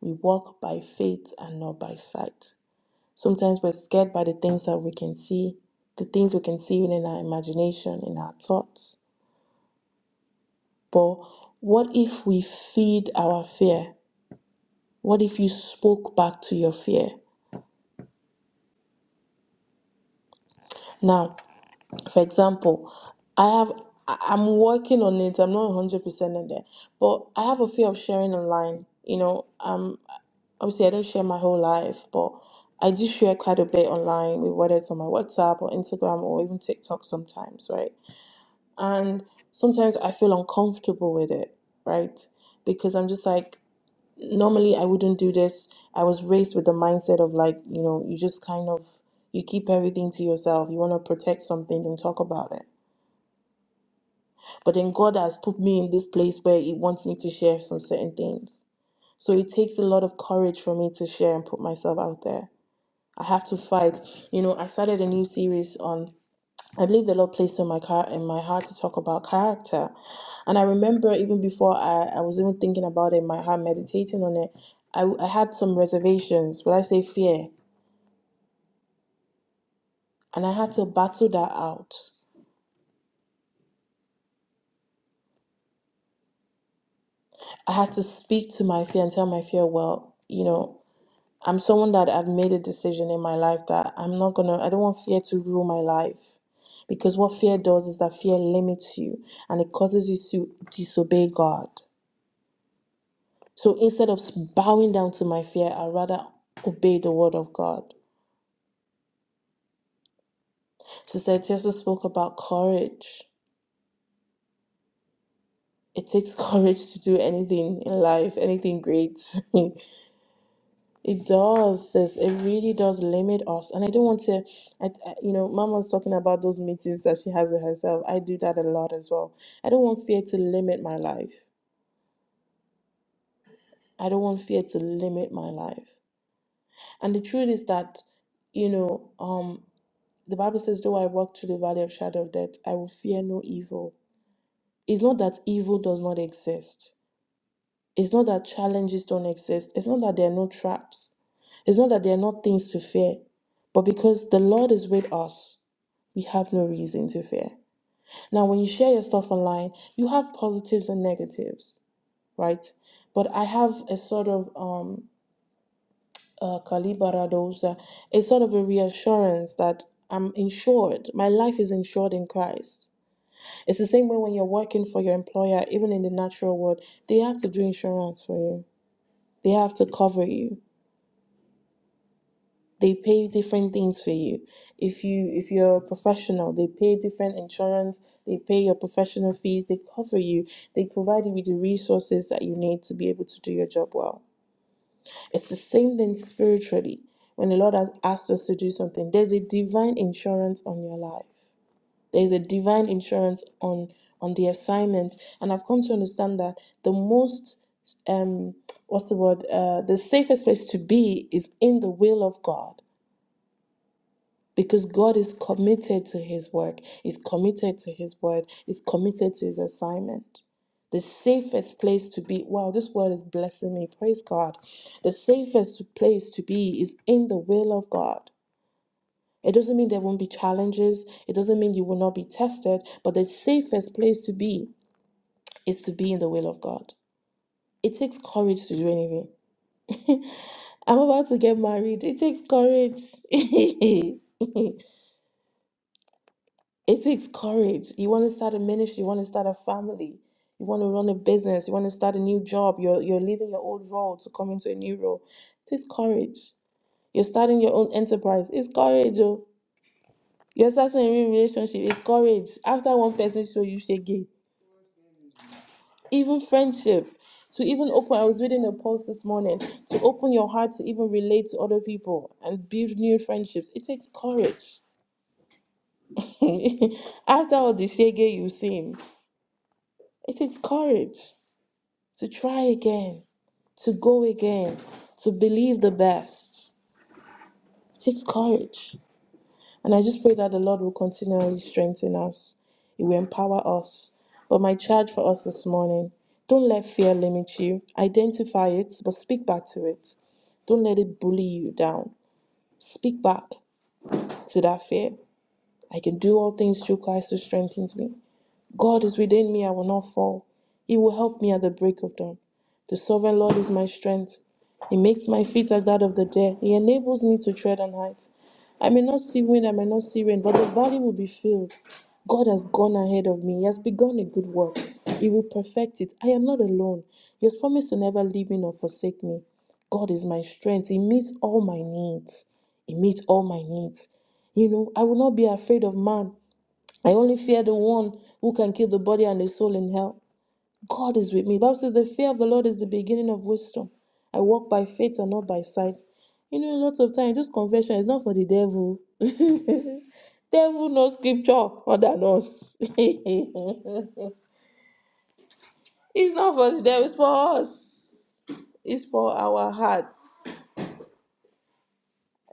S2: We walk by faith and not by sight. Sometimes we're scared by the things that we can see, the things we can see even in our imagination, in our thoughts. But what if we feed our fear? What if you spoke back to your fear? Now, for example, I have I- I'm working on it. I'm not 100% in there, but I have a fear of sharing online. You know, um, obviously I don't share my whole life, but I do share quite a bit online, with whether it's on my WhatsApp or Instagram or even TikTok sometimes, right? And sometimes I feel uncomfortable with it, right? Because I'm just like, normally I wouldn't do this. I was raised with the mindset of like, you know, you just kind of you keep everything to yourself. You want to protect something, don't talk about it But then God has put me in this place where He wants me to share some certain things. So it takes a lot of courage for me to share and put myself out there. I have to fight. You know, I started a new series on. I believe the Lord placed on my car in my heart to talk about character. And I remember even before I, I was even thinking about it in my heart, meditating on it, I, I had some reservations. Would I say fear? And I had to battle that out. I had to speak to my fear and tell my fear, well, you know, I'm someone that I've made a decision in my life that I'm not gonna, I don't want fear to rule my life. Because what fear does is that fear limits you and it causes you to disobey God. So instead of bowing down to my fear, I rather obey the word of God. Sister Etiosa spoke about courage. It takes courage to do anything in life, anything great. It does, sis. It really does limit us. And I don't want to, I, I- you know, Mama was talking about those meetings that she has with herself. I do that a lot as well. I don't want fear to limit my life. I don't want fear to limit my life. And the truth is that, you know, um, the Bible says, though I walk through the valley of shadow of death, I will fear no evil. It's not that evil does not exist. It's not that challenges don't exist. It's not that there are no traps. It's not that there are not things to fear. But because the Lord is with us, we have no reason to fear. Now, when you share your stuff online, you have positives and negatives, right? But I have a sort of um, uh, calibaradosa, a sort of a reassurance that I'm insured. My life is insured in Christ. It's the same way when you're working for your employer, even in the natural world, they have to do insurance for you. They have to cover you they pay different things for you if you if you're a professional they pay different insurance they pay your professional fees they cover you they provide you with the resources that you need to be able to do your job well it's the same thing spiritually when the lord has asked us to do something there's a divine insurance on your life there's a divine insurance on on the assignment and i've come to understand that the most um what's the word uh the safest place to be is in the will of god because God is committed to his work, is committed to his word, is committed to his assignment. The safest place to be, wow, this word is blessing me, praise God. The safest place to be is in the will of God. It doesn't mean there won't be challenges, it doesn't mean you will not be tested, but the safest place to be is to be in the will of God. It takes courage to do anything. I'm about to get married, it takes courage. it takes You want to start a ministry, you want to start a family, you want to run a business, you want to start a new job, you're you're leaving your old role to come into a new role. It is courage. You're starting your own enterprise. It's courage. Oh. You're starting a new relationship. It's courage. After one person show you shege. Even friendship. To even open, I was reading a post this morning. To open your heart to even relate to other people and build new friendships. It takes courage. After all the shege you've seen, it takes courage to try again to go again, to believe the best. It takes courage. And I just pray that the Lord will continually strengthen us, He will empower us. But my charge for us this morning don't let fear limit you. Identify it, but speak back to it. Don't let it bully you down. Speak back to that fear. I can do all things through Christ who strengthens me. God is within me, I will not fall. He will help me at the break of dawn. The sovereign Lord is my strength. He makes my feet like that of the deer. He enables me to tread on heights. I may not see wind, I may not see rain, but the valley will be filled. God has gone ahead of me. He has begun a good work. He will perfect it. I am not alone. He has promised to never leave me nor forsake me. God is my strength. He meets all my needs. He meets all my needs. You know, I will not be afraid of man, I only fear the one who can kill the body and the soul in hell. God is with me. Bible says the fear of the Lord is the beginning of wisdom. I walk by faith and not by sight. You know, a lot of times this conversion is not for the devil. Devil knows scripture more than us. it's not for the devil, it's for us. It's for our hearts.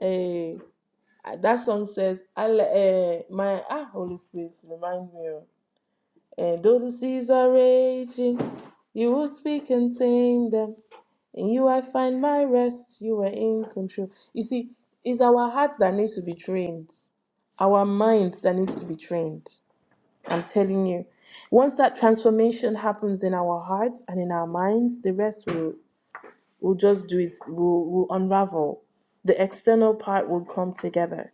S2: Eh, that song says, I, uh, my ah, Holy Spirit, remind me. oh. And though the seas are raging, you will speak and tame them. In you I find my rest, you were in control. You see, it's our heart that needs to be trained, our mind that needs to be trained. I'm telling you. Once that transformation happens in our heart and in our minds, the rest will, will just do it, will, will unravel. The external part will come together.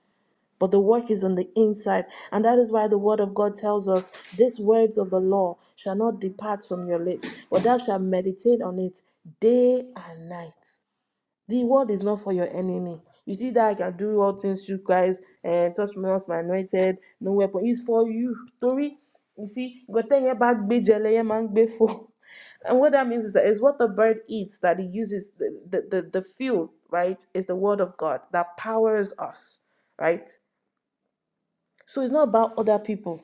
S2: But the work is on the inside. And that is why the word of God tells us, These words of the law shall not depart from your lips, but thou shalt meditate on it day and night the word is not for your enemy. You see that I can do all things through Christ and touch me not my anointed, no weapon. It's for you. Tori, you see, God tell you about gbé jẹ lẹyẹ máa gbé fò. And what that means is that is what the bird eats that he uses the, the, the, the fuel, right? Is the word of God that powers us, right? So it's not about other people.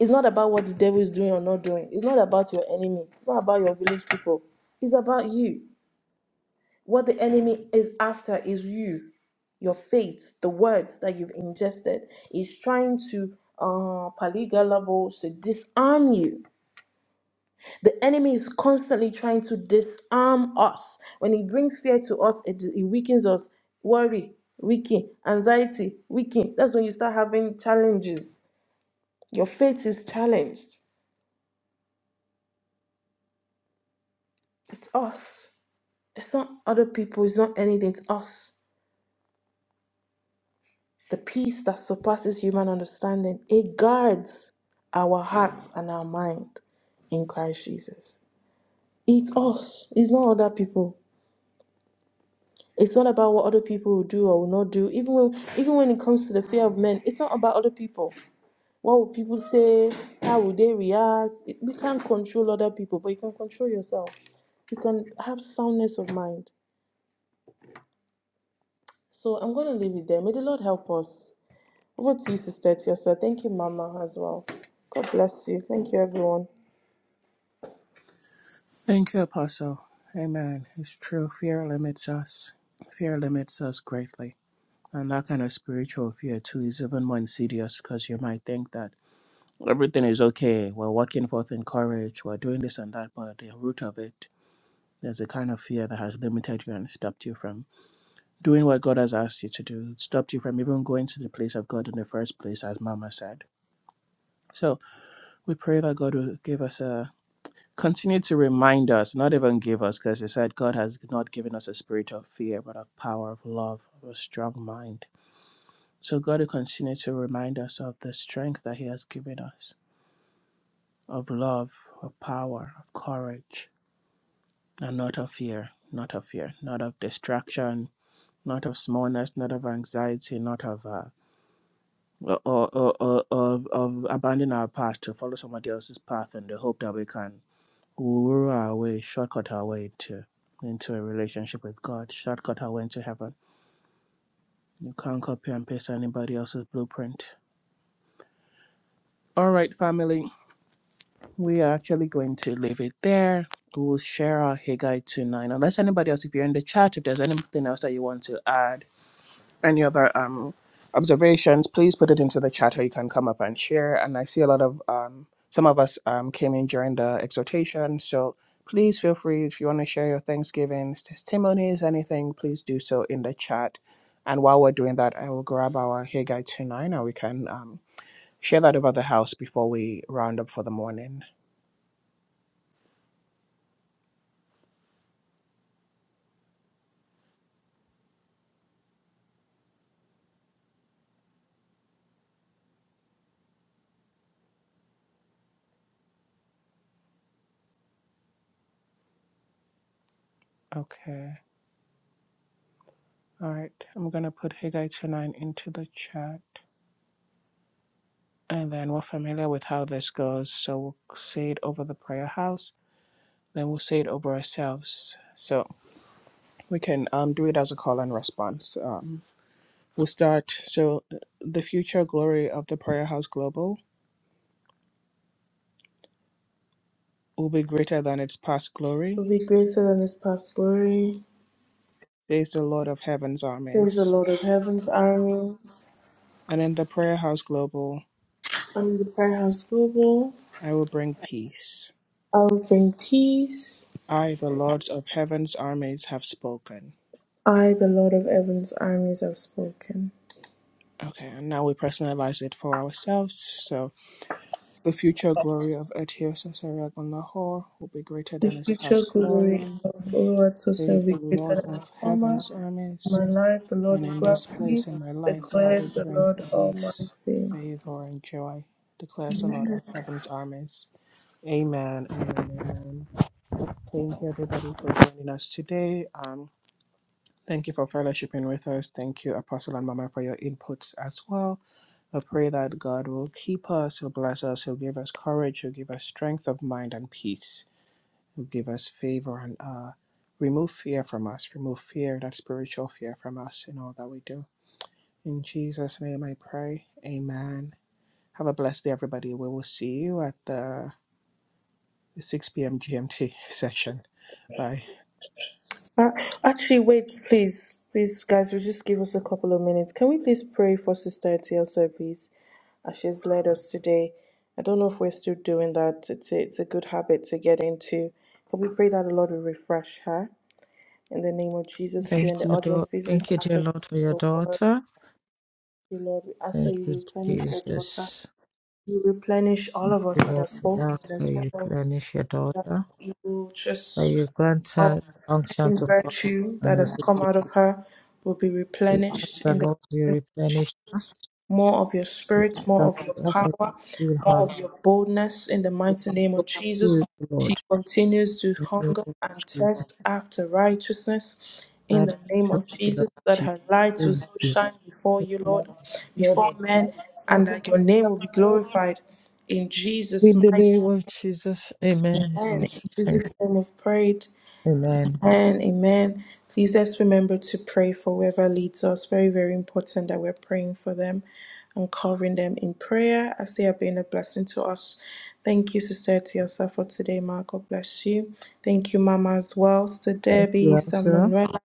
S2: It's not about what the devil is doing or not doing. It's not about your enemy. It's not about your village people. It's about you. What the enemy is after is you. your faith, the words that you've ingested, is trying to uh, paligalabo, to disarm you. The enemy is constantly trying to disarm us. When he brings fear to us, it, it weakens us. Worry, weaken. Anxiety, weaken. That's when you start having challenges. Your faith is challenged. It's us. It's not other people. It's not anything. It's us. The peace that surpasses human understanding. It guards our hearts and our mind. in Christ Jesus. It's us. It's not other people. It's not about what other people will do or will not do. Even when even when it comes to the fear of men, it's not about other people. What will people say? How will they react? It- we can't control other people, but you can control yourself. You can have soundness of mind. So I'm gonna leave it there. May the Lord help us. Over to you, Sister Tiosa. Thank you, Mama, as well. God bless you. Thank you, everyone.
S1: Thank you, Apostle. Amen. It's true. Fear limits us. Fear limits us greatly. And that kind of spiritual fear, too, is even more insidious because you might think that everything is okay. We're working forth in courage. We're doing this and that, but at the root of it, there's a kind of fear that has limited you and stopped you from doing what God has asked you to do, stopped you from even going to the place of God in the first place, as Mama said. So we pray that God will give us a continue to remind us, not even give us, because He said God has not given us a spirit of fear, but of power, of love, of a strong mind. So God will continue to remind us of the strength that He has given us, of love, of power, of courage and not of fear, not of fear, not of distraction, not of smallness, not of anxiety, not of uh, or, or, or, of, of abandoning our path to follow somebody else's path in the hope that we can woo our way, shortcut our way into into a relationship with God, shortcut our way into heaven. You can't copy and paste anybody else's blueprint. All right, family, we are actually going to leave it there. We'll share our Haggai 2 9. Unless anybody else, if you're in the chat, if there's anything else that you want to add, any other um, observations, please put it into the chat or you can come up and share. And I see a lot of um, some of us um, came in during the exhortation. So please feel free if you want to share your Thanksgivings, testimonies, anything, please do so in the chat. And while we're doing that, I will grab our Haggai 2 9 and we can um, share that over the house before we round up for the morning. Okay. All right. I'm going to put Haggai 2 9 into the chat. And then we're familiar with how this goes, so we'll say it over the prayer house, then we'll say it over ourselves. So we can um, do it as a call and response. Um, we'll start. So uh, the future glory of the prayer house global will be greater than its past glory,
S2: We'll be greater than this past glory.
S1: says the Lord of heaven's
S2: Praise the
S1: armies.
S2: Lord of Heaven's armies.
S1: And in the prayer house global,
S2: Under the Prayer House Global,
S1: I will bring peace.
S2: I will bring peace.
S1: I, the Lord of heaven's armies, have spoken.
S2: I, the Lord of Heaven's armies, have spoken.
S1: Okay, and now we personalize it for ourselves. so. The future glory of Etiosus Ariagunahor will be greater
S2: The
S1: than its
S2: future
S1: past
S2: glory
S1: glory,
S2: of Lord will
S1: says
S2: be
S1: the
S2: greater
S1: Lord
S2: than the
S1: of
S2: former.
S1: heaven's
S2: In
S1: armies.
S2: my life, the Lord
S1: And
S2: will
S1: in
S2: grant
S1: this place in
S2: peace,
S1: my life, the Lord will
S2: declares the
S1: bring
S2: Lord
S1: peace,
S2: Almighty.
S1: favor, and joy, declares the Lord of heaven's armies. Amen. Amen. amen. Thank you, everybody, for joining us today. Um, thank you for fellowshipping with us. Thank you, Apostle and Mama, for your inputs as well. I pray that God will keep us, He'll bless us, He'll give us courage, He'll give us strength of mind and peace, He'll give us favor and uh, remove fear from us, remove fear, that spiritual fear from us in all that we do. In Jesus' name I pray. Amen. Have a blessed day, everybody. We will see you at the 6 p.m. GMT session. Bye.
S2: Uh, actually, wait, please, please, guys, will you just give us a couple of minutes. Can we please pray for Sister Etielsa, please, as she's led us today? I don't know if we're still doing that. It's a, it's a good habit to get into. Can we pray that the Lord will refresh her in the name of Jesus? If you're in
S3: Thank
S2: the
S3: you,
S2: audience,
S3: Lord.
S2: please just
S3: Thank you,
S2: ask
S3: dear
S2: that
S3: Lord, for
S2: you
S3: your
S2: go for
S3: daughter.
S2: you, Lord. We ask that you
S3: Thank you,
S2: replenish your daughter.
S3: Jesus.
S2: You replenish all
S3: you,
S2: of us that
S3: Lord,
S2: has
S3: we
S2: spoken, that
S3: ask
S2: has
S3: that
S2: spoken
S3: you
S2: of
S3: replenish your daughter,
S2: evil,
S3: that
S2: just
S3: you grant
S2: of
S3: her unction
S2: any
S3: to follow
S2: virtue
S3: and
S2: that
S3: may
S2: has
S3: be-
S2: come out of her will be
S3: we ask
S2: replenished
S3: the Lord you replenish her,
S2: more of your
S3: we ask
S2: spirit, more
S3: that
S2: of
S3: we
S2: your
S3: ask that
S2: power,
S3: you fill
S2: more
S3: her
S2: of
S3: life
S2: your boldness in the
S3: with
S2: mighty
S3: the
S2: name of
S3: Holy
S2: Jesus.
S3: Spirit,
S2: She
S3: Lord,
S2: continues to
S3: in the name
S2: hunger
S3: of
S2: and
S3: Jesus.
S2: thirst after righteousness in
S3: Father,
S2: the name
S3: thank
S2: of
S3: you,
S2: Jesus,
S3: Lord
S2: that
S3: Jesus.
S2: her light will
S3: Thank
S2: still
S3: you.
S2: shine before you, Lord,
S3: Lord, we declare
S2: before
S3: that the life
S2: men,
S3: of your
S2: and
S3: daughter
S2: that your name
S3: shall
S2: will
S3: not
S2: be
S3: be blessed.
S2: glorified in Jesus'
S3: In the
S2: mighty
S3: name of Jesus, amen.
S2: name.
S3: Lord,
S2: In
S3: thank
S2: Jesus' name we've prayed.
S3: you. Amen.
S2: Amen. Amen. Please let's remember to pray for whoever leads us. Very, very important that we're praying for them and covering them in prayer as they have been a blessing to us. Thank you, Sister Tiosa, for today, Ma. God bless you. Thank you, Mama, as well. Sister
S3: Thank you,
S2: Debbie, Sister
S3: also.
S2: Manuela.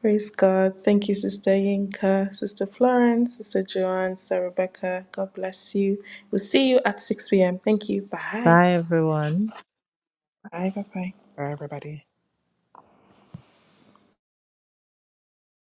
S2: Praise God. Thank you, Sister Yinka, Sister Florence, Sister Joanne, Sister Rebecca. God bless you. We'll see you at 6 p.m. Thank you. Bye.
S3: Bye, everyone.
S2: Bye. Bye. Bye.
S1: Bye, everybody.